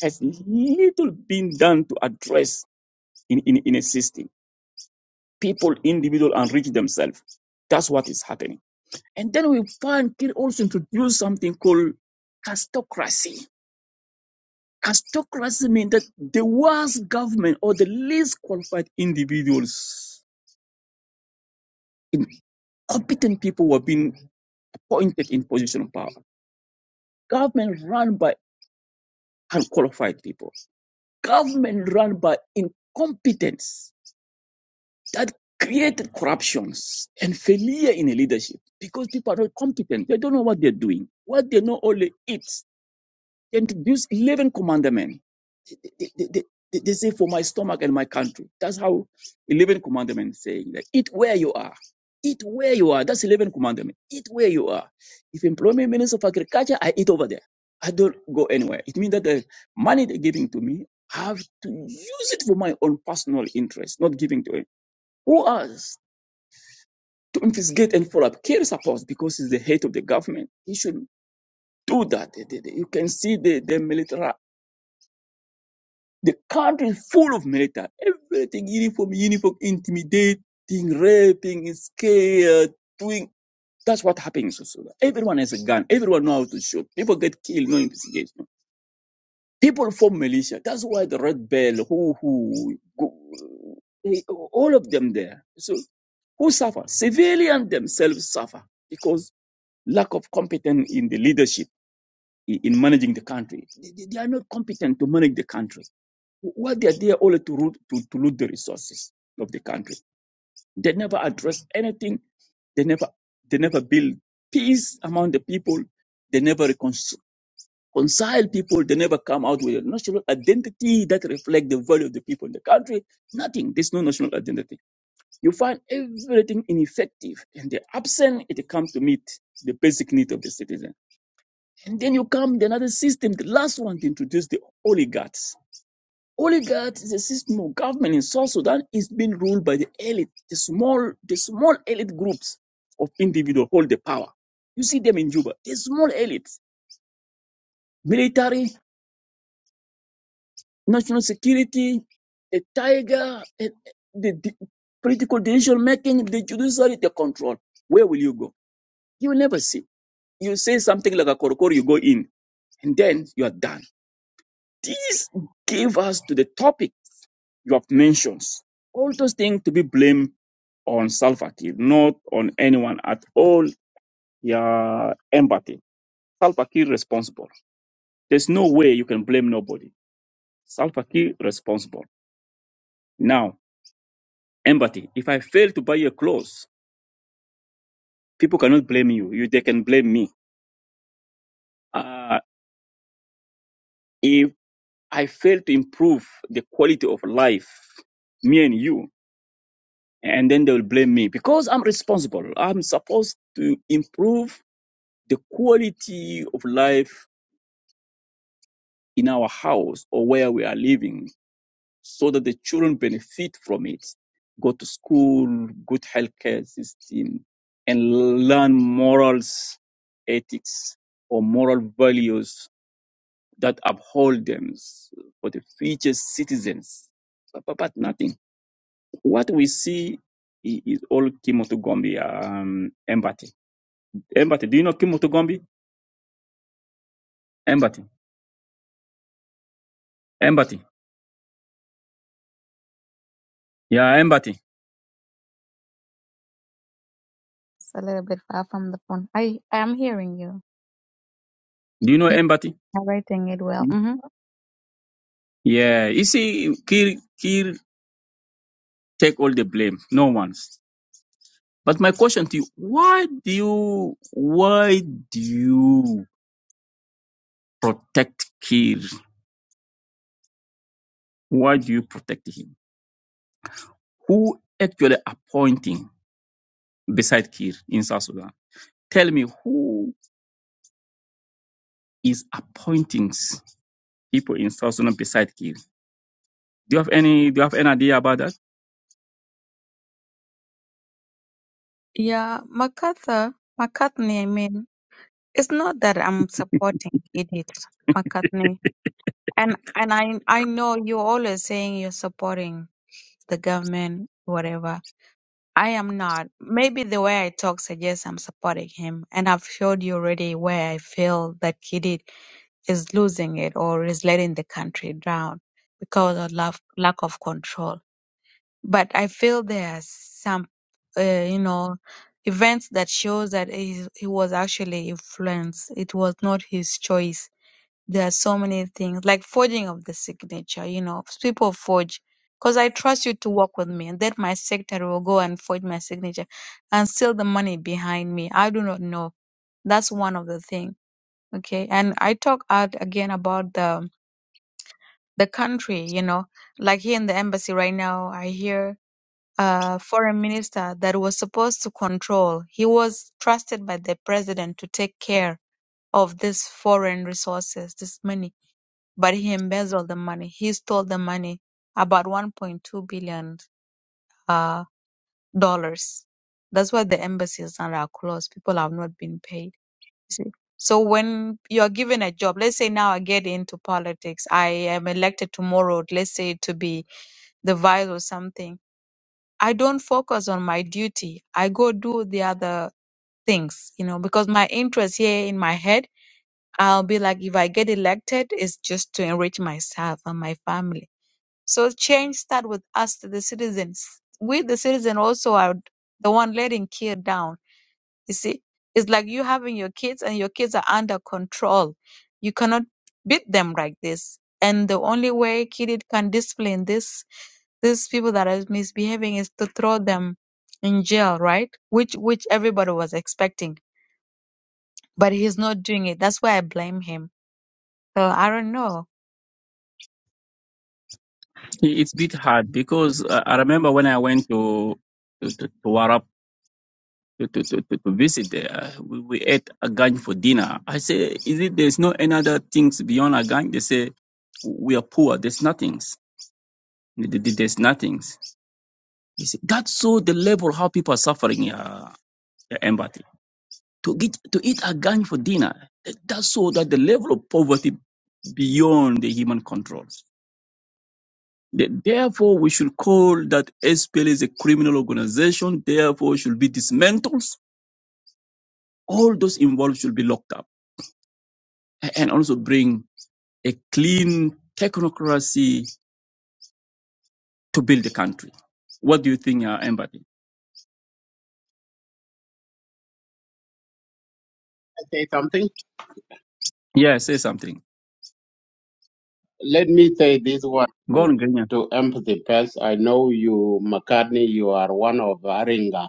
has little been done to address in, in, in a system. People, individual, enrich themselves. That's what is happening. And then we find can also introduce something called castocracy. Castocracy means that the worst government or the least qualified individuals, incompetent people were being appointed in position of power. Government run by unqualified people. Government run by incompetence that created corruptions and failure in leadership because people are not competent. They don't know what they're doing. What they know only eats. They introduce 11 commandments. They, they, they, they they say, for my stomach and my country. That's how 11 commandments saying that eat where you are. Eat where you are. That's 11 commandment. Eat where you are. If employment minister of agriculture, I eat over there. I don't go anywhere. It means that the money they're giving to me, I have to use it for my own personal interest, not giving to it. Who else? to investigate and follow up. Kill supports because he's the head of the government. He should do that. The- the- the- You can see the, the military, the country is full of military. Everything uniform, uniform, intimidating, raping, scared, doing. That's what happens in Sudan. Everyone has a gun. Everyone knows how to shoot. People get killed, no investigation. People form militia. That's why the Red Bell, who, who, go- they, all of them there. So who suffer? Civilians themselves suffer because. lack of competence in the leadership i- in managing the country. They, they- they are not competent to manage the country. What they are there only to root, to, to loot the resources of the country. They never address anything. They never they never build peace among the people. They never reconcile reconcile people. They never come out with a national identity that reflects the value of the people in the country. Nothing. There's no national identity. You find everything ineffective and they absent. It comes to meet the basic need of the citizen and then you come to another system, the last one to introduce the oligarchs. Oligarchs is a system of government in South Sudan is being ruled by the elite, the small, the small elite groups of individuals hold the power. You see them in Juba, the small elites, military, national security, the tiger, eh, eh, the, the political decision making, the judiciary, the control. Where will you go? You will never see. You say something like a korokoro, you go in, and then you are done. This gave us to the topic you have mentioned, all those things to be blamed on Salva Kiir, not on anyone at all. Your empathy. Salva Kiir responsible. There's no way you can blame nobody. Salva Kiir responsible. Now, empathy. If I fail to buy your clothes, people cannot blame you. you they can blame me. Uh, if I fail to improve the quality of life, me and you, and then they will blame me because I'm responsible. I'm supposed to improve the quality of life in our house or where we are living so that the children benefit from it, go to school, good healthcare system, and learn morals, ethics, or moral values that uphold them for the future citizens. But, but, but nothing. What we see i- is all Kimotogombi um, empathy. Empathy. Do you know Kimotogombi? Empathy. Empathy. Yeah, empathy. It's a little bit far from the phone. I I am hearing you. Do you know You empathy? are writing it well. hmm Yeah, you see, Kir, Kir take all the blame, no one's. But my question to you, why do you, why do you protect Kir? Why do you protect him? Who actually appointing beside Kir in South Sudan? Tell me who is appointing people in South Sudan beside Kir? Do you have any, do you have any idea about that? Yeah, MacArthur, McCartney. I mean, it's not that I'm supporting Edith McCartney, and and I I know you're always saying you're supporting the government, whatever. I am not. Maybe the way I talk suggests I'm supporting him, and I've showed you already where I feel that Kidid is losing it or is letting the country down because of lack, lack of control. But I feel there are some, uh, you know, events that shows that he, he was actually influenced. It was not his choice there are so many things like forging of the signature, you know, people forge because I trust you to work with me and then my secretary will go and forge my signature and steal the money behind me. I do not know. That's one of the thing. Okay. And I talk out again about the the country, you know, like here in the embassy right now, I hear a foreign minister that was supposed to control. He was trusted by the president to take care of these foreign resources, this money but he embezzled the money. He stole the money, about 1.2 billion uh, dollars. That's why the embassies are closed. People have not been paid. you See, so when you're given a job, let's say now I get into politics, I am elected tomorrow. Let's say to be the vice or something. I don't focus on my duty. I go do the other things, you know, because my interest here in my head, I'll be like, if I get elected, it's just to enrich myself and my family So change start with us, the citizens. We, the citizen, also are the one letting care down. You see, it's like you having your kids and your kids are under control. You cannot beat them like this. And the only way kid can discipline this these people that are misbehaving is to throw them in jail, right? Which which everybody was expecting, but he's not doing it. That's why I blame him. So I don't know. It's a bit hard because uh, I remember when I went to, to, to to Warab to, to, to, to visit there. We, we ate agang for dinner. I say, is it there's no any other things beyond agang? They say, we are poor. There's nothings. Th- There's nothings. You see, that's so the level how people are suffering uh, empathy. To get to eat agang for dinner, That show that the level of poverty beyond the human controls. Th- Therefore, we should call that SPL is a criminal organization. Therefore, should be dismantled. All those involved should be locked up A- and also bring a clean technocracy to build the country. What do you think, uh, Empathy? Say something. Yeah, say something. let me say this one Go too, on, Grenya. to empathy first. I know you, McCartney, you are one of Aringa.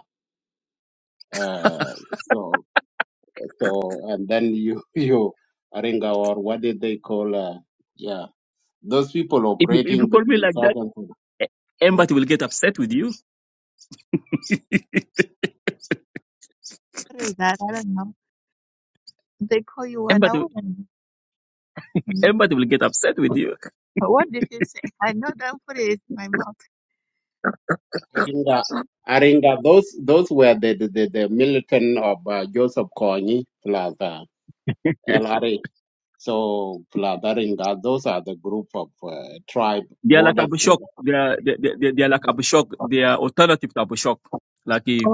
Uh, so, so, and then you, you, Aringa, or what did they call, uh, yeah, those people If you, if you operating call me between like that, Southern Sudan. mm, Empathy will get upset with you. What is that? I don't know. They call you what? I Empathy, wouldn't. Empathy will get upset with you. What did you say? I know don't put it in my mouth. Aringa, Aringa, those, those were the, the, the, the militant of uh, Joseph Kony plus uh, LRA. So, plus Aringa, those are the group of uh, tribe they are like borders. Abishok. They are, they, they, they are like Abishok. They are alternative to Abishok. Like eh,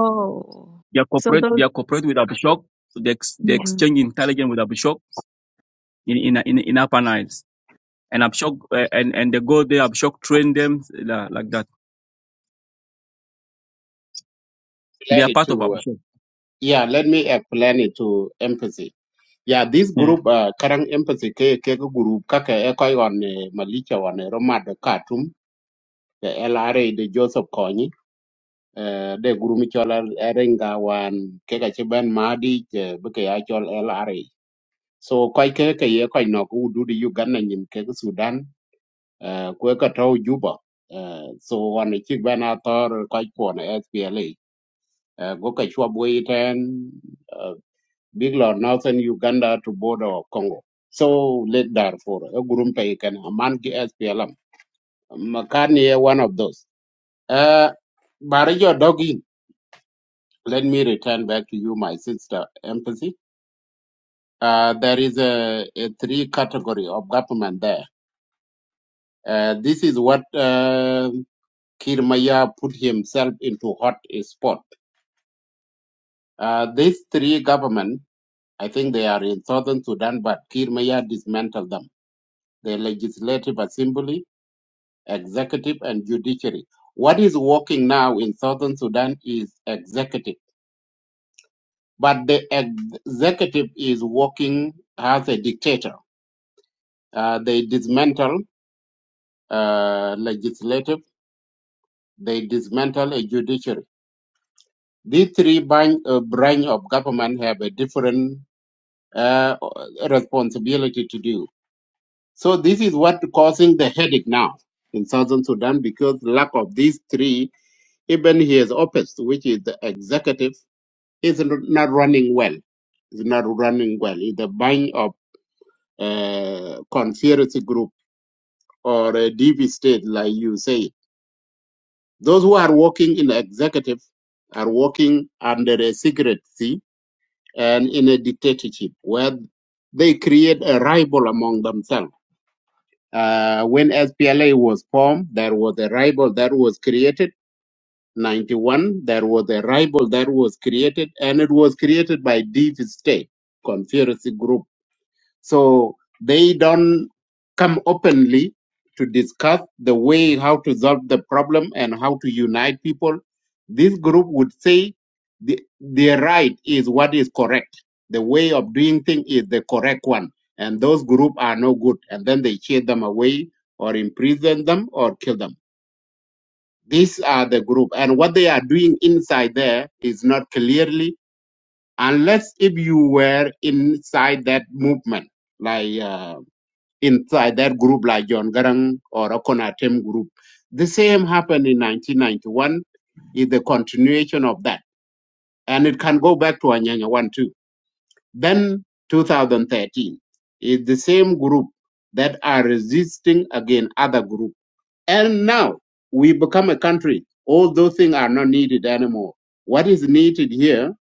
Oh, they are corporate, they are corporate with Abishok. They, ex, they exchange intelligence with Abishok in, in, in, in Upper Niles. And Abishok, uh, and, and they go there, Abishok train them uh, like that. They are Related part of to Abishok. Yeah, let me explain it to empathy. Yeah, this group, uh, karang empathy ke ke ko group kaka e koi on malicha on Roma de Khartoum, the LRA de Joseph Kony, uh, the group mi chol Erenga wan ke ka chiban Madi ke beke ya chol LRA. So koi ke ke ye koi no ku du di Uganda nyim ke ko Sudan, uh, kwe ka tau Juba. Uh, so wan chik ban ator koi ko na SPLA. Uh, go ka chwa bui ten eh, bigla northern Uganda to border of Congo. So late Darfur, a gurumpe can a man ki SPLM. Makani eh, one of those. Uh Barajo Dogi, let me return back to you, my sister empathy. Uh, there is a, a three category of government there. Uh, this is what uh, Kirmaya put himself into hot spot. Uh, these three government, I think they are in southern Sudan, but Kirmaya dismantled them. The legislative assembly, executive and judiciary. What is working now in southern Sudan is executive, but the executive is working as a dictator. Uh, they dismantle uh, legislative, they dismantle a judiciary. These three branch, uh, branch of government have a different uh, responsibility to do. So this is what causing the headache now in southern Sudan because lack of these three, even his office, which is the executive is not running well. It's not running well. It's a bunch of uh, conspiracy group or a DV state, like you say. Those who are working in the executive are working under a secrecy and in a dictatorship where they create a rival among themselves. Uh, when SPLA was formed, there was a rival that was created. 91, there was a rival that was created, and it was created by DV state, conspiracy group So they don't come openly to discuss the way how to solve the problem and how to unite people. This group would say the, their right is what is correct. The way of doing things is the correct one. And those groups are no good. And then they chase them away or imprison them or kill them. These are the group. And what they are doing inside there is not clearly, unless if you were inside that movement. Like uh, inside that group like John Garang or Akonatem group. The same happened in 1991 is the continuation of that. And it can go back to Anyanya 1 too. Then 2013 is the same group that are resisting again other group. And now we become a country. All those things are not needed anymore. What is needed here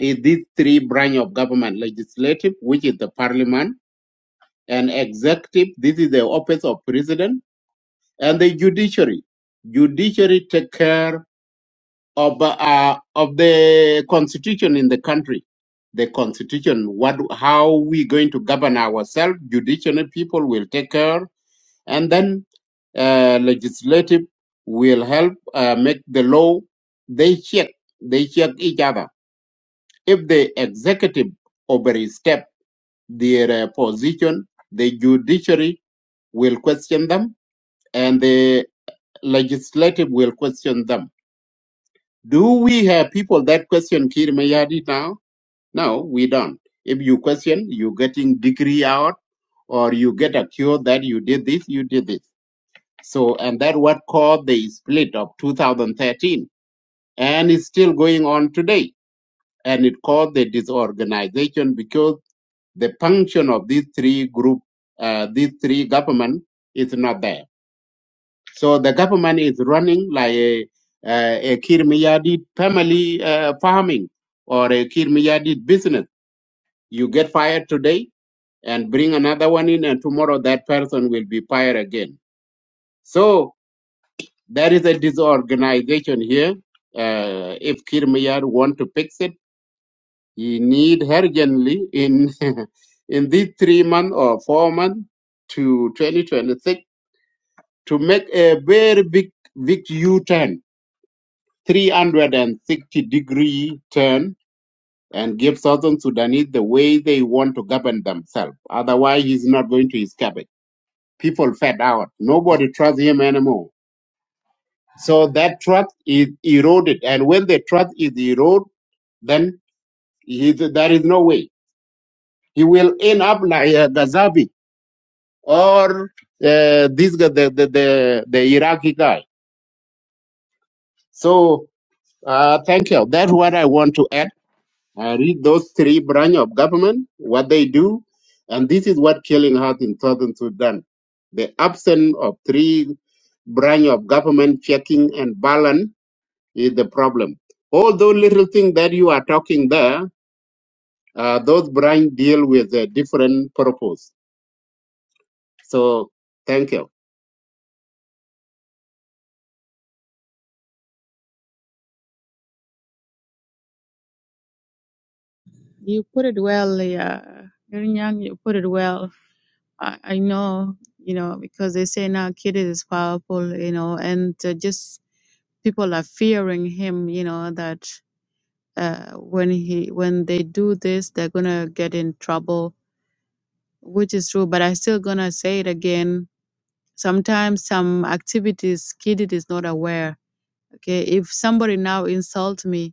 is these three branch of government, legislative, which is the parliament, and executive, this is the office of president, and the judiciary. Judiciary take care of uh, of the constitution in the country. The constitution, what, how we going to govern ourselves? Judiciary people will take care, and then uh, legislative will help uh, make the law. They check, they check each other. If the executive overstep their uh, position, the judiciary will question them, and the legislative will question them. Do we have people that question Kir Mayadi now? No, we don't. If you question, you're getting degree out or you get accused that you did this, you did this. So, and that what caused the split of 2013 and it's still going on today. And it caused the disorganization because the function of these three group, uh, these three government is not there. So the government is running like a, a, a Kirmiyadid family uh, farming or a Kirmiyadid business. You get fired today and bring another one in, and tomorrow that person will be fired again. So there is a disorganization here. Uh, if Kirmiyad want to fix it, he need urgently in in these three months or four months to 2026 to make a very big big U-turn 360 degree turn and give Southern Sudanese the way they want to govern themselves. Otherwise, he's not going to escape it. People fed out. Nobody trusts him anymore. So that trust is eroded. And when the trust is eroded, then he, there is no way. He will end up like uh, Gaddafi or uh, this guy, the, the, the, the Iraqi guy. So uh, thank you. That's what I want to add. I read those three branch of government, what they do, and this is what killing us in southern Sudan. The absence of three branch of government checking and balance is the problem. All those little things that you are talking there, uh, those branch deal with a different purpose. So thank you. You put it well, yeah. Nyang, you put it well. I, I know, you know, because they say now kid is powerful, you know, and uh, just people are fearing him, you know, that uh, when he when they do this, they're gonna get in trouble, which is true. But I still gonna say it again. Sometimes some activities kid is not aware. Okay, if somebody now insult me,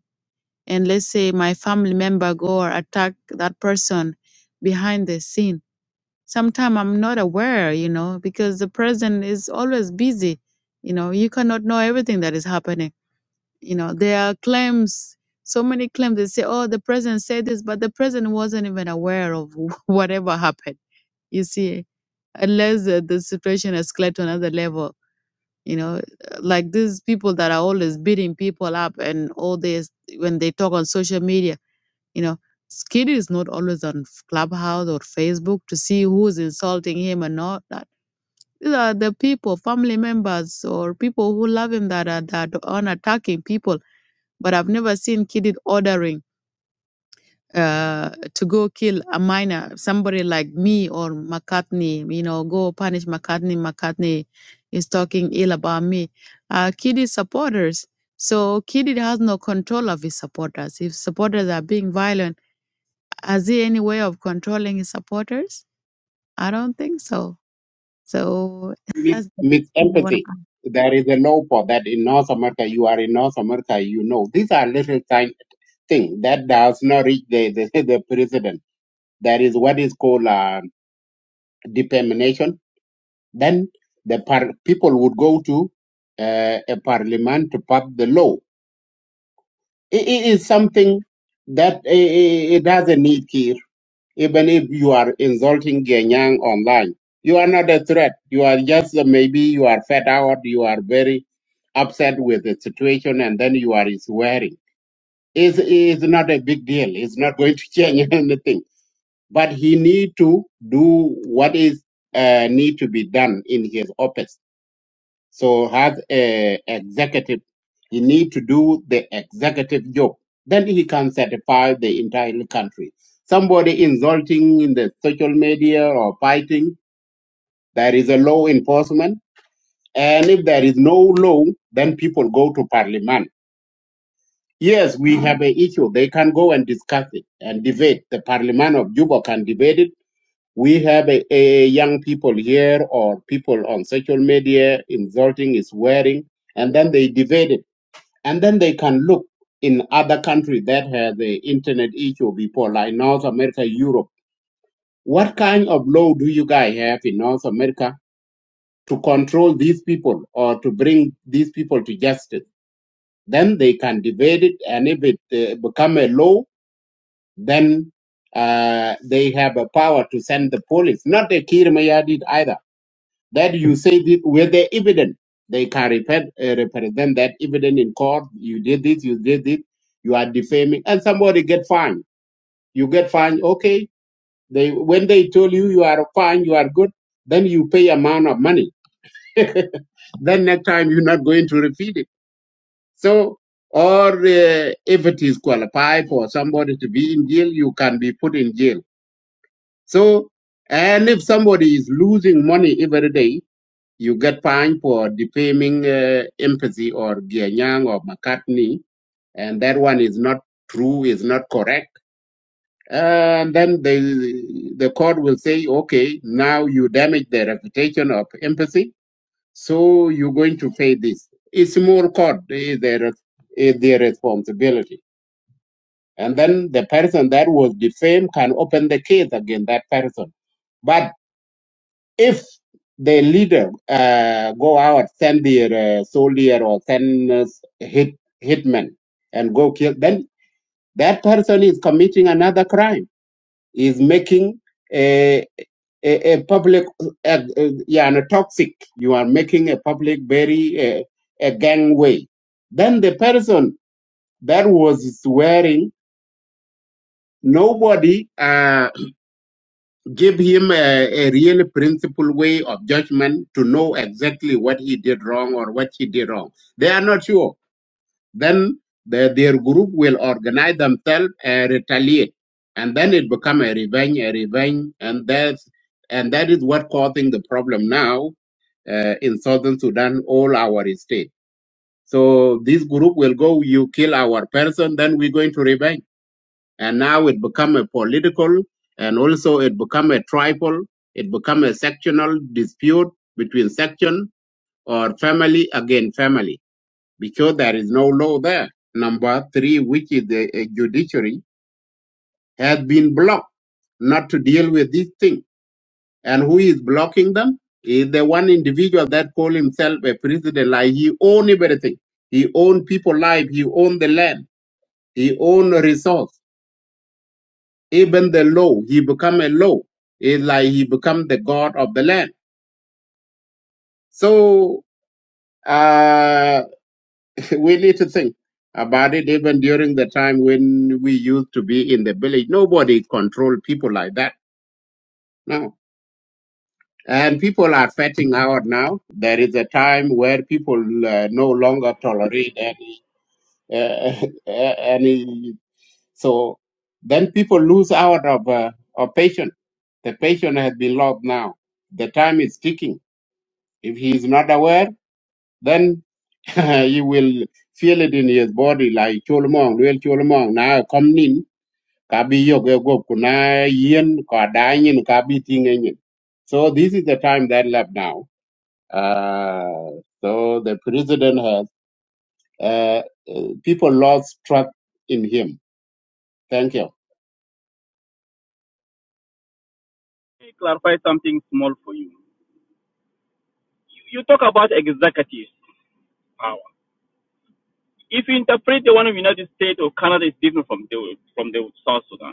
and let's say my family member go or attack that person behind the scene sometimes i'm not aware you know because the president is always busy you know you cannot know everything that is happening you know there are claims so many claims they say oh the president said this but the president wasn't even aware of whatever happened you see unless the, the situation escalates to another level you know like these people that are always beating people up and all this when they talk on social media you know, Skiddy is not always on Clubhouse or Facebook to see who is insulting him and all that. These are the people, family members or people who love him that are that are attacking people. But I've never seen Kiddy ordering uh, to go kill a minor, somebody like me or McCartney. You know, go punish McCartney. McCartney is talking ill about me. Uh, Kiddy supporters. So Kiddy has no control of his supporters. If supporters are being violent is there any way of controlling his supporters? I don't think so. So With, that's the with empathy, there is a law for that in North America. You are in North America, you know. These are little tiny things that does not reach the, the, the president There is what is called uh, determination. Then the par- people would go to uh, a parliament to pass the law. It, it is something that i- i- it doesn't need care. Even if you are insulting Genyang online, you are not a threat. You are just uh, maybe you are fed out. You are very upset with the situation, and then you are swearing. It's, it's not a big deal. It's not going to change anything but he need to do what is uh, need to be done in his office. So has a executive, he need to do the executive job. Then he can certify the entire country. Somebody insulting in the social media or fighting, there is a law enforcement. And if there is no law, then people go to parliament. Yes, we have an issue. They can go and discuss it and debate. The parliament of Juba can debate it We have a, a young people here or people on social media insulting, swearing, and then they debate it. And then they can look in other countries that have the internet issue before, like North America, Europe. What kind of law do you guys have in North America to control these people or to bring these people to justice? Then they can debate it, and if it uh, become a law, then uh, they have a power to send the police. Not the Kir Mayadid either that you say this with the evidence. They can repent, uh, represent that evidence in court. You did this, you did it, you are defaming, and somebody get fined. You get fined, okay. They when they told you you are fine, you are good, then you pay amount of money. then next time you're not going to repeat it. So, or uh, if it is qualified for somebody to be in jail, you can be put in jail. So, and if somebody is losing money every day, you get fined for defaming uh, empathy or Gianyang or McCartney, and that one is not true, is not correct. And then the the court will say, okay, now you damage the reputation of empathy, so you're going to pay this. It's more court is their is their responsibility. And then the person that was defamed can open the case against that person. But if their leader uh, go out, send their uh, soldier or send uh, hit hitman and go kill, then that person is committing another crime. Is making a a, a public, uh, uh, yeah, and a toxic. You are making a public very uh, a gangway. Then the person that was swearing, nobody. Uh, give him a, a real principled way of judgment to know exactly what he did wrong or what he did wrong. They are not sure. Then the, their group will organize themselves and retaliate, and then it become a revenge, a revenge, and that's and that is what causing the problem now uh, in southern Sudan, all our state. So this group will go, you kill our person, then we're going to revenge and now it become a political and also it become a tribal it become a sectional dispute between section or family against family because there is no law there number three which is the uh, judiciary has been blocked not to deal with this thing and who is blocking them is the one individual that call himself a president like he own everything he own people life he own the land he own resource Even the law, he become a law. It's like he become the god of the land. So uh, we need to think about it. Even during the time when we used to be in the village, nobody controlled people like that. No. And people are fetting out now. There is a time where people uh, no longer tolerate any, uh, any. So then people lose out of, uh, of patience. The patient has been lost now. The time is ticking If he is not aware, then he will feel it in his body like cholmong, real cholmong. Now kom in, kabi yo go gop kuna yin ka da yin kabi ting e yin. So this is the time that left now. Uh, so the president has uh, uh, people lost trust in him. Thank you. Let me clarify something small for you. You talk about executive power. If you interpret the one of the United States or Canada is different from the from the South Sudan.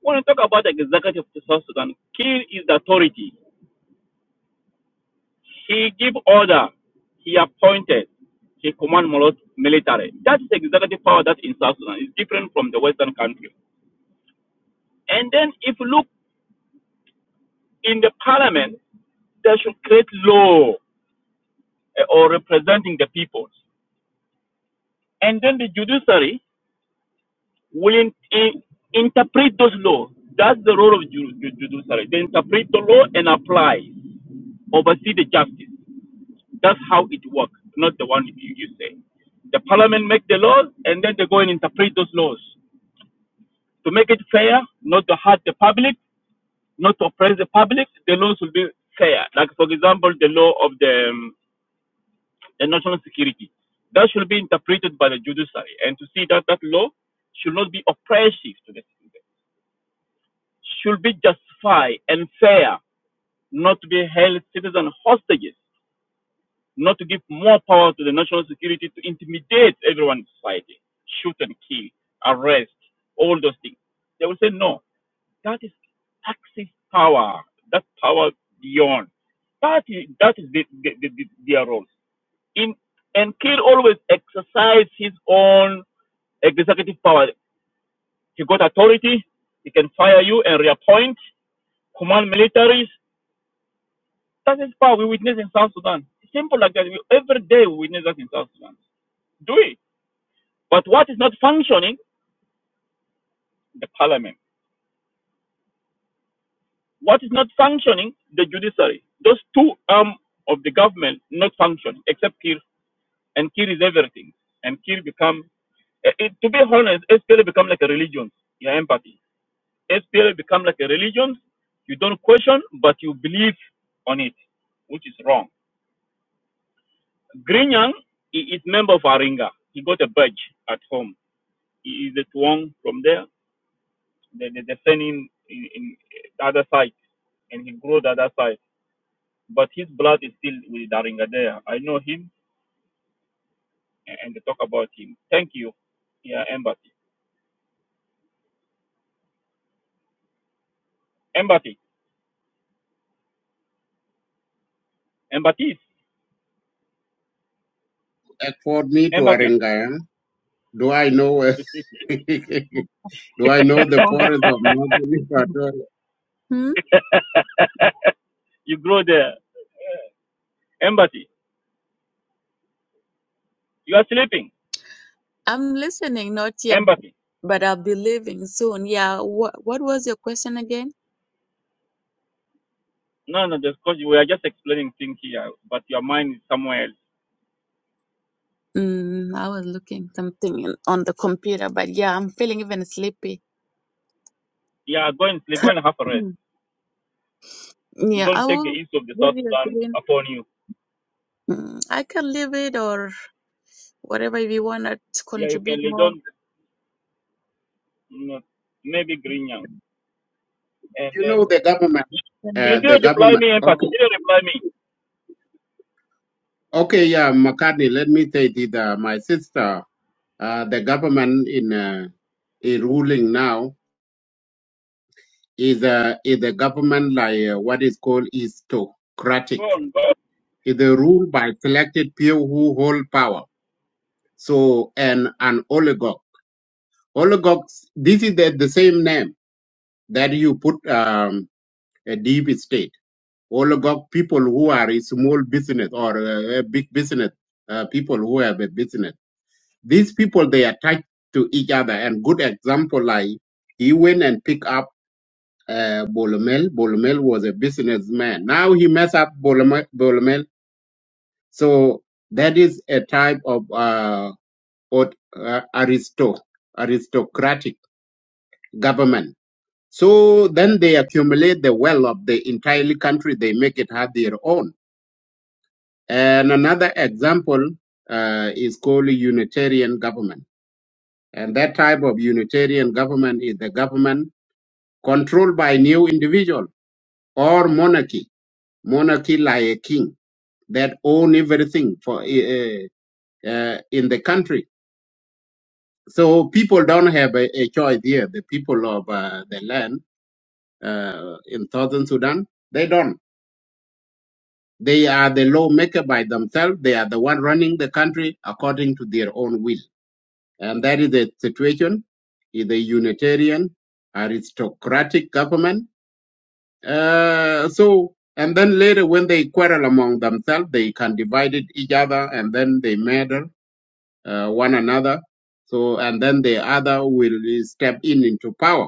When you talk about executive of the South Sudan, Kiir is the authority. He give order. He appointed. He command milo- military. That is executive power that's in South Sudan. It's different from the Western country. And then if you look in the parliament, they should create law eh, or representing the people. And then the judiciary will in, in- interpret those laws. That's the role of ju- judiciary. They interpret the law and apply, oversee the justice. That's how it works, not the one you, you say. The parliament make the laws and then they go and interpret those laws. To make it fair, not to hurt the public, not to oppress the public, the laws will be fair. Like, for example, the law of the, um, the national security. That should be interpreted by the judiciary and to see that that law should not be oppressive to the should be justified and fair, not to be held citizen hostages, not to give more power to the national security to intimidate everyone in society, shoot and kill, arrest, all those things. They will say no. That is Axis power. That power beyond. That is that is the, the, the, the, their role. In and Kill always exercise his own executive power. He got authority. He can fire you and reappoint, command militaries, That is power we witness in South Sudan. Simple like that. We, every day we witness that in South Sudan. Do we? But what is not functioning? The parliament. What is not functioning? The judiciary. Those two arm of the government not functioning, except Kir. And Kir is everything. And Kir become, eh, eh, to be honest, SPLA become like a religion, your empathy. SPLA become like a religion. You don't question, but you believe on it, which is wrong. Grinyang i- is member of Aringa. He got a badge at home Is the twang from there, The they, they send in, in the other side, and he grow the other side. But his blood is still with Daringa there. I know him, and, they talk about him. Thank you. Yeah, empathy. Empathy. Empathy. Afford me to Empathy. Aringaya. Do I know? Do I know the forest of northern Ecuador? you grow there. Empathy. You are sleeping. I'm listening, not yet, Empathy. but I'll be leaving soon. Yeah, what what was your question again? No, no, just because we are just explaining things here, but your mind is somewhere else. Mm, I was looking something in, on the computer, but yeah, I'm feeling even sleepy. Yeah, go and sleep, go and have a rest. Mm. You Yeah, I Don't take the will issue of the South give you a Sudan green. upon you. Mm, I can leave it or whatever if you want to Yeah, you can contribute lay more, down you know, maybe Green Young. you know the government You uh, you the didn't reply government me empathy. okay You didn't reply me. okay yeah mccartney let me say that uh, my sister uh, the government in uh, in ruling now is uh, is a government like uh, what is called aristocratic It is a rule by selected people who hold power so and an oligarch oligarchs this is the, the same name that you put um, a deep state all got people who are a small business or a, a big business, uh, people who have a business. These people, they are tied to each other. And good example, like he went and picked up uh, Bolomel. Bolomel was a businessman. Now he mess up Bolomel. Bolomel. So that is a type of uh, ot- uh, aristo, aristocratic government. So then they accumulate the wealth of the entire country. They make it have their own. And another example uh, is called Unitarian government. And that type of Unitarian government is the government controlled by new individual or monarchy, monarchy like a king that own everything for uh, uh, in the country. So people don't have a, a choice here. The people of uh, the land uh, in southern Sudan, they don't. They are the lawmaker by themselves. They are the one running the country according to their own will And that is the situation is a Unitarian aristocratic government. Uh, so, and then later when they quarrel among themselves, they can divide it each other and then they murder uh, one another. So, and then the other will step in into power.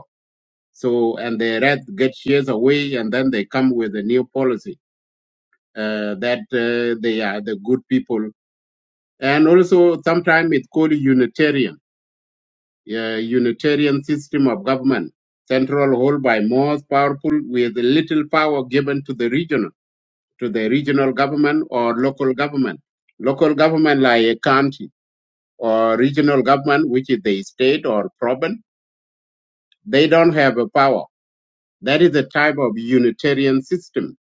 So, and the rest get years away and then they come with a new policy uh, that uh, they are the good people. And also sometimes it's called Unitarian uh, Unitarian system of government, central held by most powerful with little power given to the regional, to the regional government or local government. Local government like a county or regional government, which is the state or province, they don't have a power. That is the type of Unitarian system.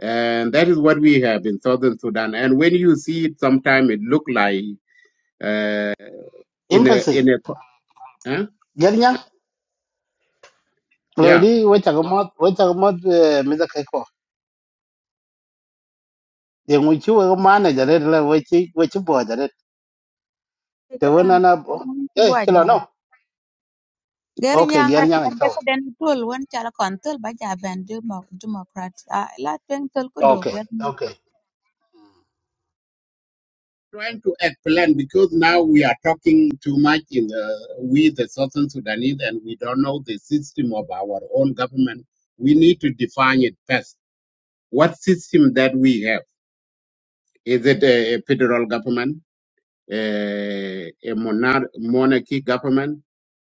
And that is what we have in Southern Sudan. And when you see it, sometimes it look like uh, in a, Empathy. in a, huh? Gernya, yeah. Lodi, which I got, which I got, Mr. Keiko. The which you were manager, the which you, which you bought it. The one can and up. Hey, chill on. leave. no. Gary Okay, Young Gernya, I told. adeko den tol wen calo kon tol ba ja ben Demo- Democrat. Uh, la twen tol ku do Okay, Gary. okay. trying to explain because now we are talking too much in the, we the Southern Sudanese and we don't know the system of our own government. We need to define it first. What system that we have? Is it a, a federal government, a, a monar- monarchy government,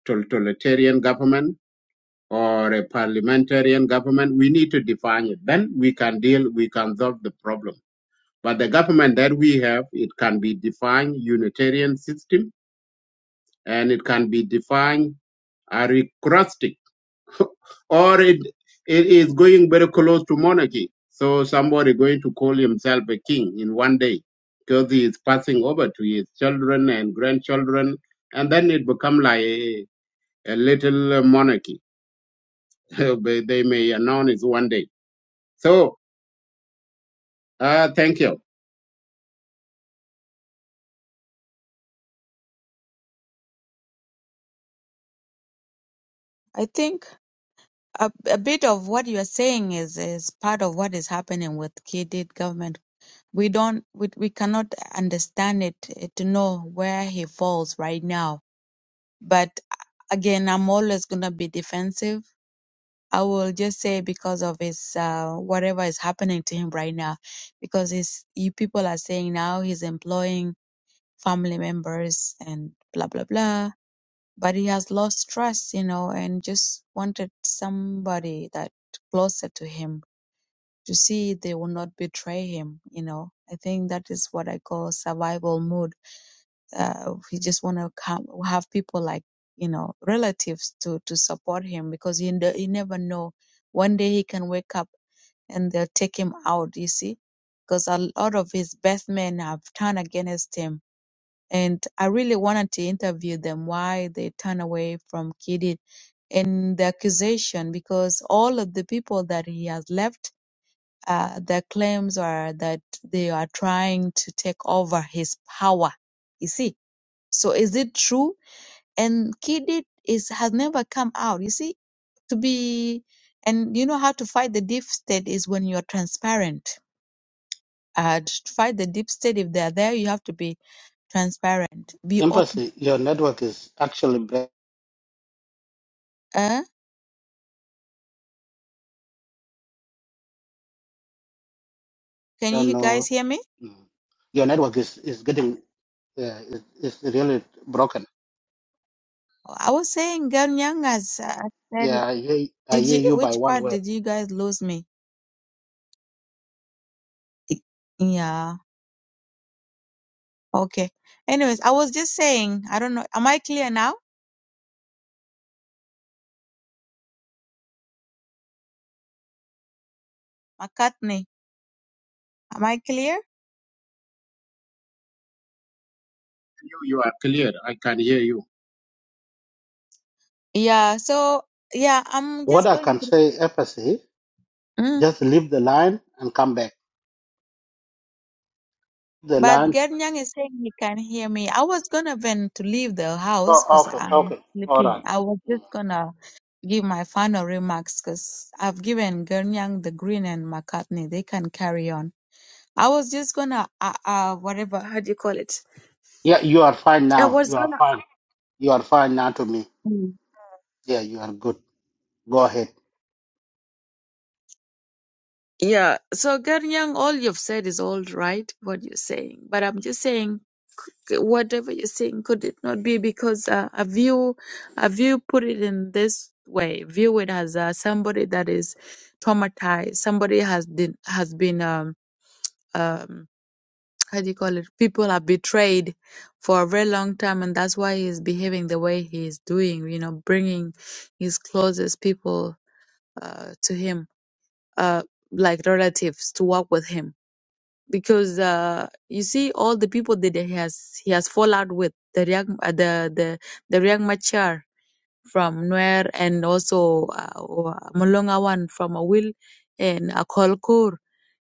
totalitarian government, or a parliamentarian government? We need to define it. Then we can deal, we can solve the problem. But the government that we have, it can be defined unitarian system and it can be defined as recrustic, or it, it is going very close to monarchy. So somebody going to call himself a king in one day because he is passing over to his children and grandchildren, and then it become like a, a little monarchy. But they may announce it one day. So uh, thank you. I think a, a bit of what you are saying is is part of what is happening with K. D. government. We don't we, we cannot understand it eh, to know where he falls right now. But again, I'm always gonna be defensive. I will just say because of his uh, whatever is happening to him right now, because his you people are saying now he's employing family members and blah blah blah but he has lost trust you know and just wanted somebody that closer to him to see they will not betray him you know i think that is what i call survival mood uh, he just want to come have people like you know relatives to to support him because he, ne- he never know one day he can wake up and they'll take him out you see because a lot of his best men have turned against him and I really wanted to interview them why they turn away from Kidid and the accusation because all of the people that he has left, uh, their claims are that they are trying to take over his power. You see, so is it true? And Kidid is has never come out. You see, to be and you know how to fight the deep state is when you're transparent. Uh, to fight the deep state, if they're there, you have to be transparent, be open. Empathy, your network is actually, bad. eh? Can I don't you guys know. hear me? Mm. Your network is, is getting, uh, is, is really broken. I was saying Ganyang as I said. it. Yeah, I hear, I Did hear you? you by Which one part word. did you guys lose me? I- Yeah. Okay. Anyways, I was just saying. I don't know. Am I clear now, McCartney? Am I clear? you. You are clear. I can hear you. Yeah. So yeah, I'm What just I going can to. say, empathy. Mm. Just leave the line and come back. The But line. Ganyang is saying he can hear me. I was gonna then to leave the house Oh, because okay, I'm okay, all sleepy. right. I was just gonna give my final remarks because I've given Ganyang the green and McCartney. They can carry on. I was just gonna uh, uh whatever how do you call it? Yeah, you are fine I now. was You are gonna fine. You are fine now to me. Mm. Yeah, you are good. Go ahead. yeah. So Ganyang, all you've said is all right what you're saying, but I'm just saying c- whatever you're saying could it not be because uh, a view a view put it in this way view it as uh, somebody that is traumatized somebody has been has been um, um how do you call it? People are betrayed for a very long time, and that's why he's behaving the way he is doing. You know, bringing his closest people uh, to him, uh, like relatives, to work with him. Because uh, you see, all the people that he has he has fallout with the Riek, uh, the the the Riek Machar from Nuer and also uh, Mulonga one from Awil and Akolkur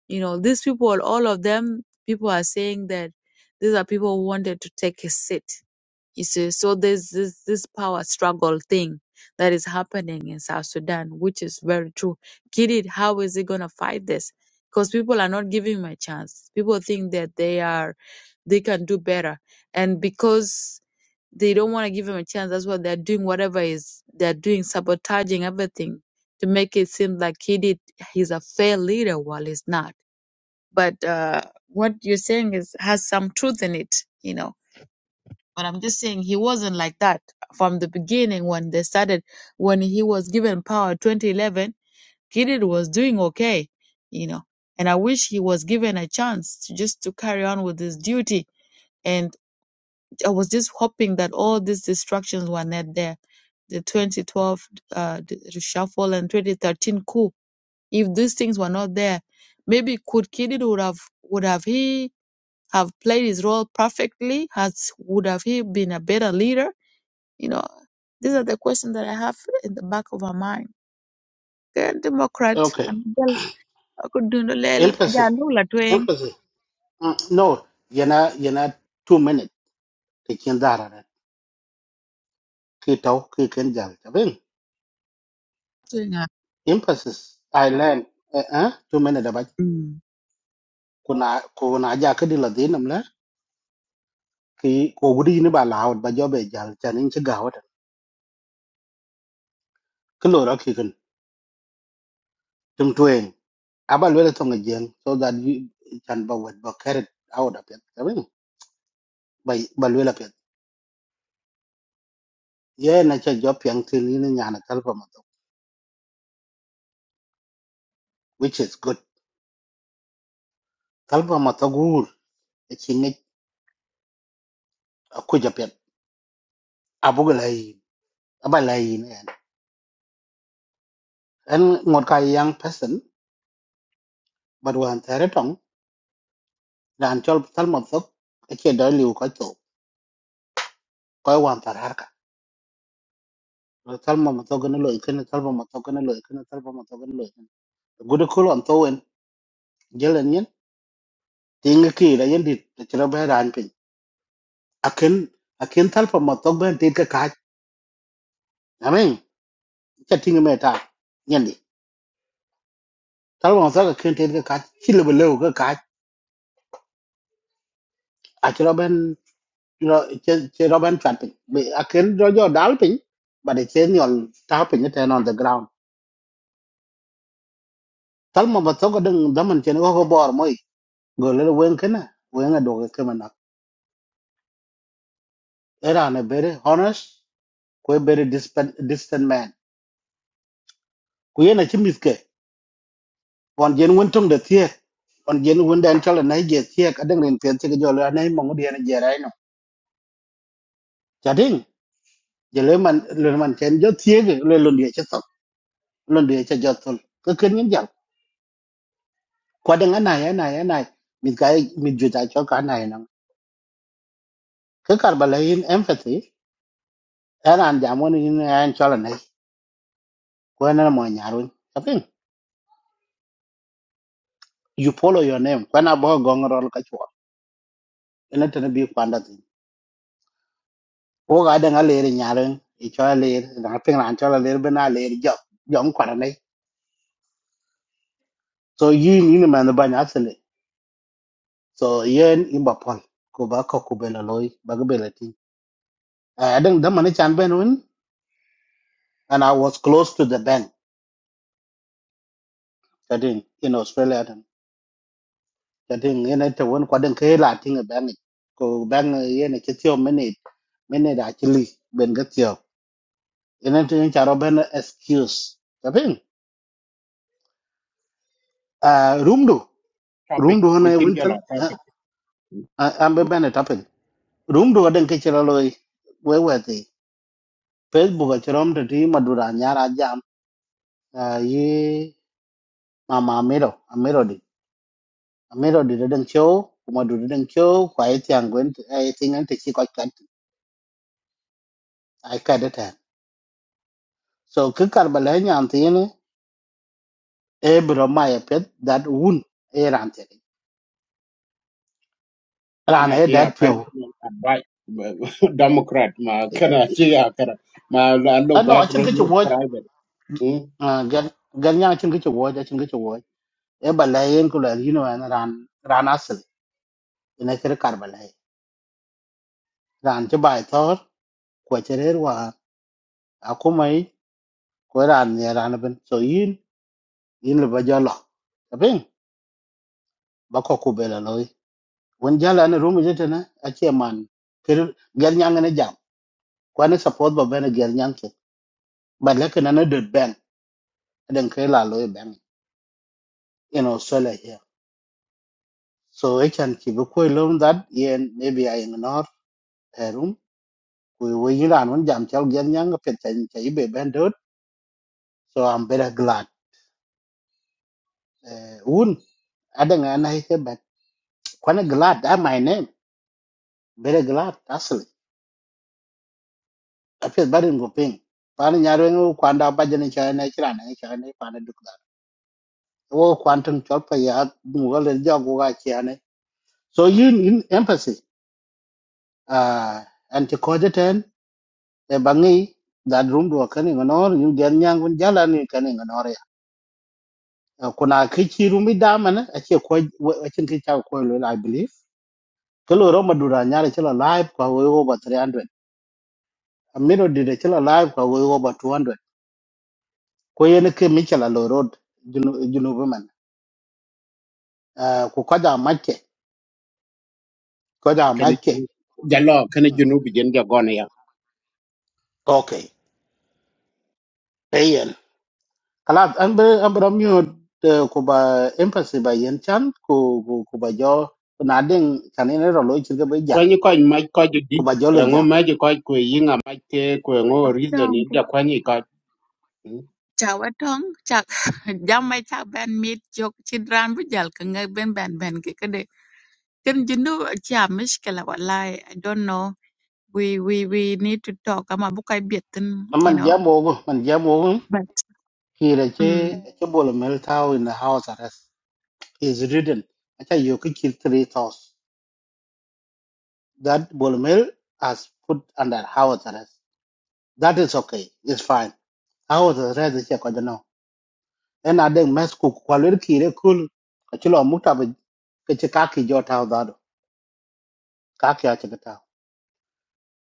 you know, these people, all of them, people are saying that these are people who wanted to take a seat. You see, so there's this, this power struggle thing that is happening in South Sudan, which is very true. Kidid, how is he gonna fight this? Because people are not giving him a chance. People think that they are, they can do better, and because they don't want to give him a chance, that's why they're doing whatever is they're doing, sabotaging everything to make it seem like Kidid he's a fair leader while he's not but uh, what you're saying is has some truth in it, you know. But I'm just saying he wasn't like that from the beginning when they started. When he was given power, 2011, Gideon was doing okay, you know. And I wish he was given a chance to just to carry on with his duty. And I was just hoping that all these distractions were not there. The 2012 uh, d- reshuffle and 2013 coup. If these things were not there, maybe could Gideon would have would have he have played his role perfectly? Has would have he been a better leader? You know, these are the questions that I have in the back of my mind. The Democrat Okay. and Bill Okudunulel Empathy. Jalu Latwing. Empathy. Mm, no, you're not. You're not two minutes. Taking that. Kito, kikenjal. Tabing. Twinga. Emphasis. I learn. Eh, eh, two minutes. Abaj. Mm. Kuna, kuna aja kadi ladin namla. Ki kogudi ni ba lahat ba jobe jal. Chanin chigawat. Kilo ra kiken. Tum tueng. aba luela tonga jeng so that you can ba wet ba carrot out of it sabin ba ba luela pet ye na cha job yang tin ni na nyana talpa mato which is good talpa mato gur e chinge ku ja pet abu lai aba lai ne en ngot ka young person but wan tare tong ran chol talma mato e che do liu ko to ko wan tar har ka talma mato gna lo ikene talpa mato gna lo ikene talpa mato gna lo good cool on to en jelen yen tinga ki da yen dit chira ba ran akin akin talpa ma tokbe tit ka kaj amen cha tinga me ta nyandi talpa ma tokbe akin tit ka kaj chile be lew ka kaj achiro ben ro che che ro ben chat pin be akin ro jo dal pin ba de chen yol ta pin ne ten on the ground talpa ma tokbe ding daman chen ko ko bor moy go le wen kana wen a do ke kema nak era ne bere honest ko bere distant distant man ku yena chimis còn dân quân trong được thiệt còn dân quân đen cho là nấy giờ thiệt ở đằng liền tiền thì cái giờ là nấy mong đi là giờ đấy nó chả đinh giờ lấy mình lấy mình chém gió thiệt rồi lấy luôn địa cho tóc luôn địa cho gió thôi cứ cứ những dạng qua đằng cái này cái này cái này mình cái mình juta cho cái này nó cứ cả bà lấy empathy ở anh giảm quân in anh cho là nấy qua nó là mọi nhà rồi chả đinh you follow your name qua nó bao gong rồi cái chuột nên nó bị quan đặt ô cái đằng cái lấy nhà rồi cho lấy là phiên làm cho là lấy bên này lấy giọt giọt quả này so yin yin man ban asle so yen in ba pon ko ba ko ku bela loy ba ga bela ti i don't da man chan ben win and i was close to the bank that in in australia then that in yen ta won ko den ke la tin ba bank ko ban yen ke ti o minute minute actually ben ga ti o yen ta yen charo ben excuse that in uh room do Topic. room do na We can win get tal on topic. am be ben tapin room do den ke chira loy we we ti facebook chirom ti madura nyara à yi mama amero amero di amero di da show kuma du da show kwa yi tiang gwen ai tingan te chi ko kat ai ka da ta so ke kar bala nyam te ne e bro ma ya pet that wun e ran te ran kana e ce ya that pio personal advice democrat ma kana ce ya kara ma lalo ano a chin background ke chu no wo private mm gan gan nyang chin ke chu wo ja chin ke chu wo e bala yen ku la yi no an ran ran asli ina ke kar bala ran che bai thor ko che re wa akumai ko ran ne ran ben so yin yin le ba jalo abin ba ko ku bela loy won jala ne rumu jete ne a che man kir gel nyang ne jam kwa ne support ba bene gel nyang ke ba le ke na ne de ben den ke la loy ben in australia here so e chan ki bu ko lom that yen maybe i ignore a room we we yiran won jam chal gel nyang ke chen che be ben dot so i'm better glad uh, un adanga na he ke ben kwa ne glad that my name better glad that's apiet barin go ping pan nyar wen wo kwan da baje ni cha ne chira ne cha ne pan duk da wo kwan tun chol pa ya mu ga le jog ga cha ne so you in empathy uh and to code ten e bangi that room do kan ni no you gen nyang wen jala ni kan ni no ya Uh, kuna ki chi room da man a che ko a chin ki cha ko lo i believe ke lo ro madura nyar chila live kwa wo over 300 a miro de chila live kwa wo over 200 ko yen ke mi chala lo road junu junu uh, ku kada makke kada kana makke jinu- jalo kana junu bijen ja gone ya okay ayen kala an be an be mute uh, ku ba empathy ba yen chan ku ku ku ba jo na den chan ne ro lo chir ga ba ko jal ni ko ma ko ju di ku ba jo e lo ngo jam ma ji ko ko yinga ma te ko ngo reason Wetong in ja ko ni ko mm. cha wetong chak jam mai chak ben mit jok chidran bu jal ka ngai ben ben ben ke kade ken jindu cha mishkela wallahi i don't know we we we need to talk I'm a book I bietin An you man jam know wo gu- man jam wo but ki re mm. che che bol mel tau in the house arrest is ridden acha yo ki kill three thoughts that bol mel has put under house arrest that is okay it's fine house arrest che ko ena deng mes ku kwalwer kire kul achilo muta be keche kaki jota odado kaki ache kata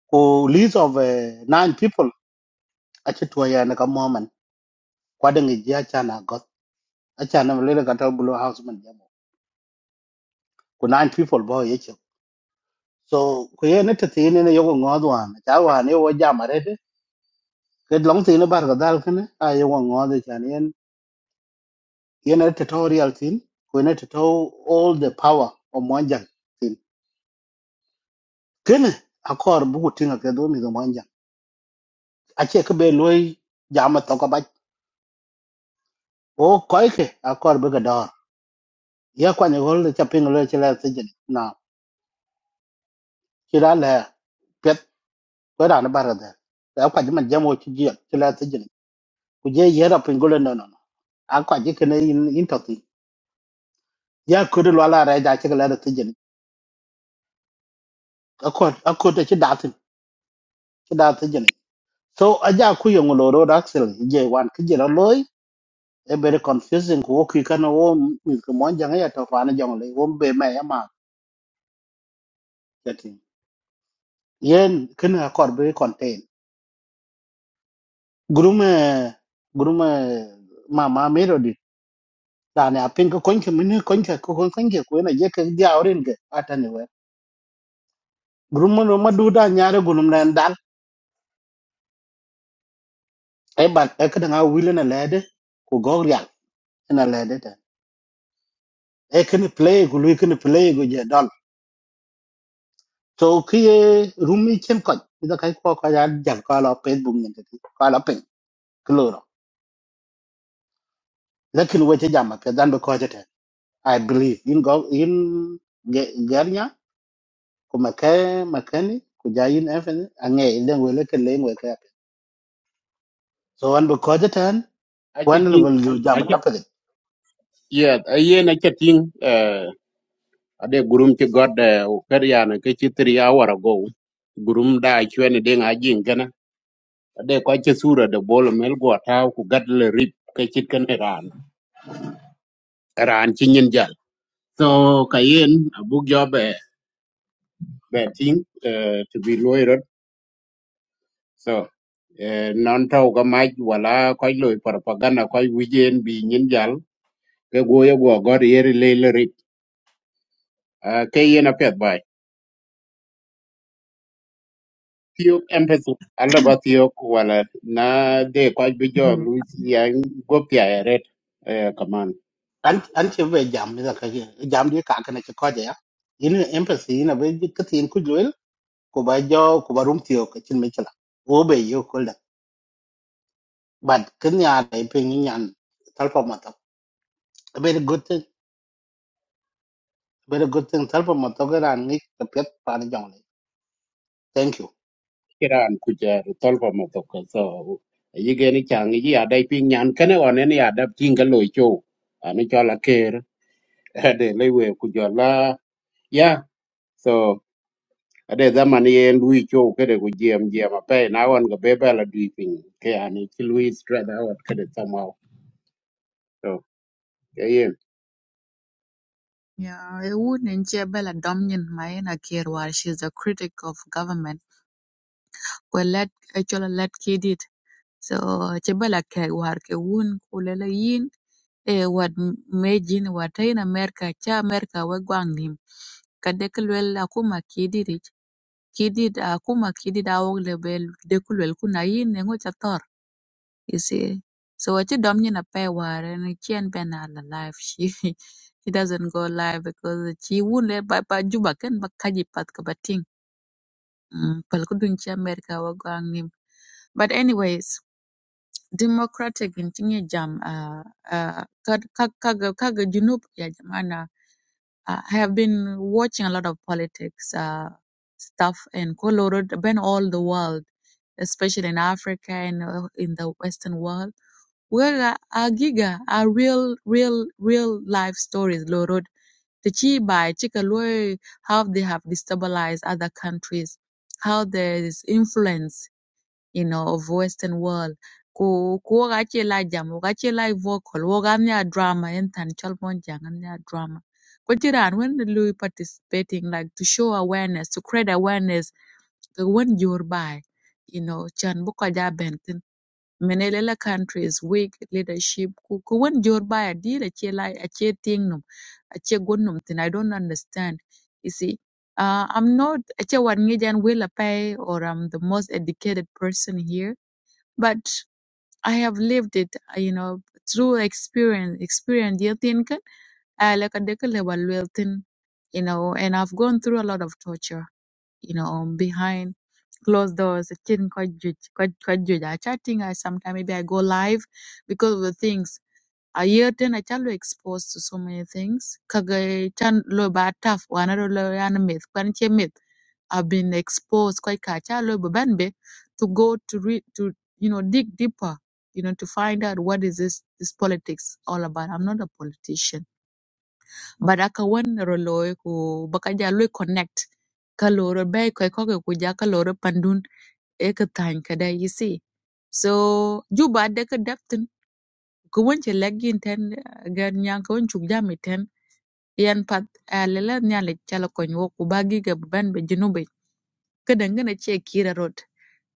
ku list of uh, nine people ache tuwa ya na kamoman kwa deng iji acha na got acha na mlele kata bulo house man jamo ku nine people bo yeche so ku ye ne tete ne ne yogo ngodwa wan cha wan yo jama rede ke long tine bar ga dal kene a yogo ngodwa chan yen yen ne tutorial tin ku ne tuto all the power of monjang tin kene akor buku tinga ke do mi do ache ke be loy jama to ko ba o koy ke a kor be ga dor ye kwa ni hol cha ping lo chela se jin na chira le pet ko ra na bara da da kwa ji man jamo chi ji chela se jin ku je ye ra ping lo no no no. a kwa ji ke ne in in to ti ya ku ru la ra da che ke la da se jin a ko a ko te chi da tin chi da se jin so a ja ku yong lo ro da sel je wan ki je ra loy e be confusing ko ki ka no wo mi ko mon jang ya to fa na jong le wo be ma ya ma yen kena akor be contain gurume gurume mama mero dit dane apin ko konke min konke ko kon konke ko na je ke dia orin ke atani we gurume no madu da nyaare gunum nan dal e ban e kada nga wile na lede ko gogrial na lede ta e kene play go lui kene play go je dal to ki rumi chen ko ida kai ko ka ya jam ka la facebook ni ti ka la pin kloro lakin we je jam ka dan be ko je te i believe in go in gernya ku maka makani ku jayin efen ange ilen wele ke len we ka so an bu ko tan a ce kwan le tin bal yo a jam ce ta pe yeah a ye na ce tin eh ade gurum ci god eh, o kar ya na ke ci tri hour ago gurum da ci wani den ajin de ko ci sura de bolo mel go taw ku gadle rip ke ci kan iran iran ci ñin jal so kayen abu jobe be ting eh, to be lawyer so eh, non taw ga maj wala koy loy propaganda koy wijen bi ñin jal ke go ye go god yeri leyle rip Ah, ke yena pet bay tiyo empathy alla ba tiyo wala na de ko bi jo lu yang go pya ret eh, kaman an an che be jam ni ka ye jam di ka ka ne ko ja yin empathy yin be ji ka tin ku jwel ku ba jo ku ba rum ti o ka chin me chala o be yo ko da but kin ya dai pe ni yan tal pa ma ta a very good thing a very good thing tal pa ma ta ga ran ni ka pet pa ni jong le thank you Iran kuja tolpa matoka so yigeni chang yi adai ping nyan kene one ni adap tinga loy cho ani chola ker ade lewe kujola ya so ade zaman yen lui cho kede ku jiem jiem ape na wan ga bebela dui ping ke ani chi lui stress out kede somehow so Yeah, it wouldn't yeah, Bella Dominion Maina Kir while she's a critic of government. Well let actually let kid it. So Chebella Keg war ke wun kulela yin eh what mejin what in America cha America we gwang nim. Kadekulwel akuma kidit it. Kidit akuma kidit awog lebel dekulwel kuna yin nengo chator. You see, so what you dom you pay war and she and Ben are alive. She she doesn't go live because she won't let by by Juba can but kaji pat kabating. Palkudunchi America wa gwang nim. But anyways, democratic in Tingy Jam uh uh Kag- Kag- Kaga Kaga Junub ya jamana. Uh, I have been watching a lot of politics uh stuff and Colorado been all the world, especially in Africa and uh, in the Western world where Wega giga, are real, real, real life stories, Lord. The Chibai, Chikaloi, how they have destabilized other countries, how there is influence, you know, of Western world. Ko ko gachi la jam, gachi la vocal, woganya drama, entan tan chalmon janganya drama. But Iran, when the Louis participating, like to show awareness, to create awareness the one your by you know chan bu ko ja ben tin mene countries weak leadership ku ku one your by a deal a che lai a che ting num a che gun num i don't understand you see uh, i'm not a che wan ngi jan will pay or i'm the most educated person here but i have lived it uh, you know through experience experience you think I like a decade level you know, and I've gone through a lot of torture you know, um, behind closed doors, chatting quite ju- quite quite ju- I chatting. I sometimes maybe I go live because of the things. I hear then I tell you exposed to so many things. Kaga chan lo ba tough one lo yan myth, kwan che myth. I've been exposed quite kacha lo ba ban be to go to read to you know dig deeper, you know, to find out what is this this politics all about. I'm not a politician but aka wen ro loy ku baka ja loy connect ka loro be ko ko ku ja ka loro pandun e ka tan ka da you see so juba de ka daftin ku won che legin ten eh, gan nyan ko won chuk jami ten yan pat a lele nyale chala ko nyu ku bagi ga ban be jinu ka dangana che kira road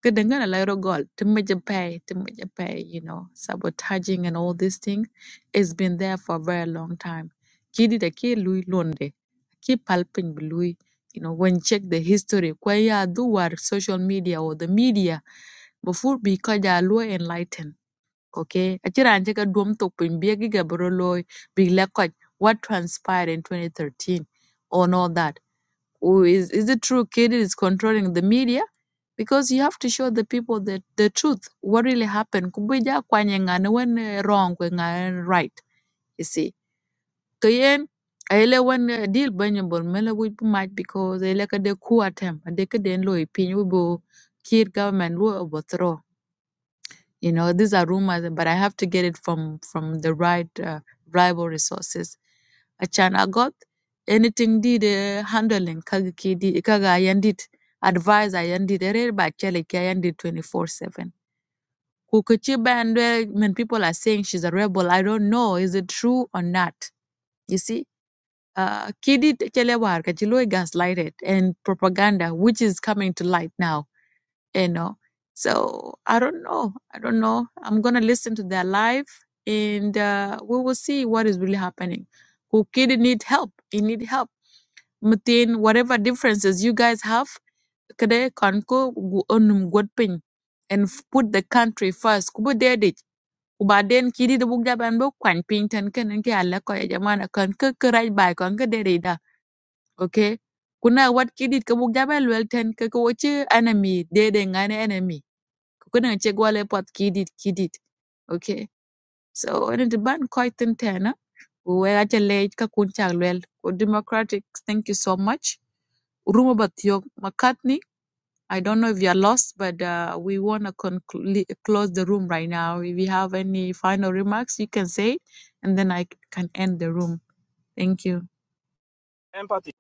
ka dangana lairo gol to pay to pay you know sabotaging and all these things it's been there for a very long time kidi da ke lui londe ki palpin bi you know when check the history kwa ya do war social media or the media before because they are low enlightened okay achira anje ka duom tok pin bi gi gabro loy bi la what transpired in 2013 on all that who is is it true kid is controlling the media because you have to show the people the, the truth what really happened kubuja kwanye ngane when eh, wrong when ngane right you see kayen aile when eh, deal banyo bol mele we might because aile kade de coup attempt de den lo ipin we bo kid government will overthrow you know these are rumors but i have to get it from from the right uh, reliable resources achan i got anything did uh, handling kaga kidi kaga yandit advise i yandit ere ba chele ki yandit 24/7 kukuchi bandwe when people are saying she's a rebel i don't know is it true or not you see uh, kidi chele war gaslighted and propaganda which is coming to light now you know. So I don't know. I don't know. I'm gonna listen to their live, and uh, we will see what is really happening. Who kid need help? He need help. Mutin, whatever differences you guys have, kada kanko gu onum godpin, and f- put the country first. Kubu dedit. Ubaden kidi the bugja banbo kwan pinten ken nke ala ko ya jamana kan ke ke raj bai kan ke Okay. Kuna what kidi ke bugja ban ten ke enemy dede ngane enemy kuna che gwale pot kidit kidit okay so when the ban quite tena we are lej ka kun chak lwel Ku democratic thank you so much rumo batio mccartney i don't know if you are lost but uh, we want to conclu- close the room right now if you have any final remarks you can say it, and then i can end the room thank you Empathy.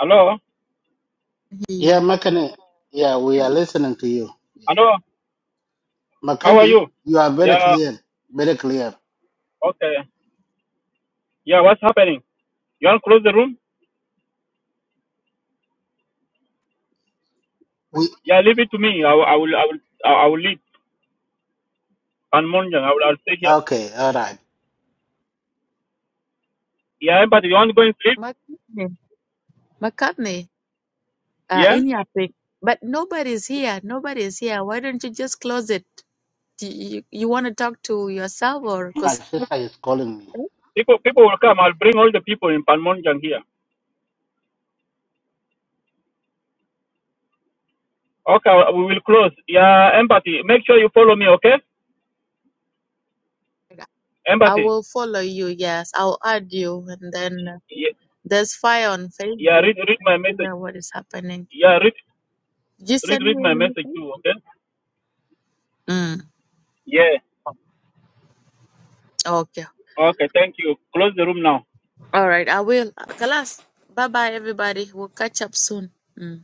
Hello? hear yeah you makani yeah we are listening to you Yeah. Hello? Makani, You? you are very Yeah, clear, very clear. okay. Yeah, what's happening? You want to close the room? We Yeah, leave it to me. I will, I will, I will, I will leave. And Monjang, I will, I will stay here. okay, all right. Yeah, empathy. You want to go and sleep? McCartney. mccartney uh, Yeah? in your thing. But nobody's here. Nobody's here. Why don't you just close it? Do you, you want to talk to yourself or My because sister is calling me. People, people will come. I'll bring all the people in Panmonjang here. Okay, we will close. Yeah, empathy. Make sure you follow me, okay? I Empathy. will follow you. Yes, I'll add you, and then uh, Yeah, there's fire on yeah Facebook. read, read my and Figure message. out what is happening. Yeah, read, You read, send read me my an message message? too, okay? Mm. Yeah. Okay. Okay, thank you. Close the room now. All right. I will. Kalas. Bye bye, everybody. We'll catch up soon. Mm.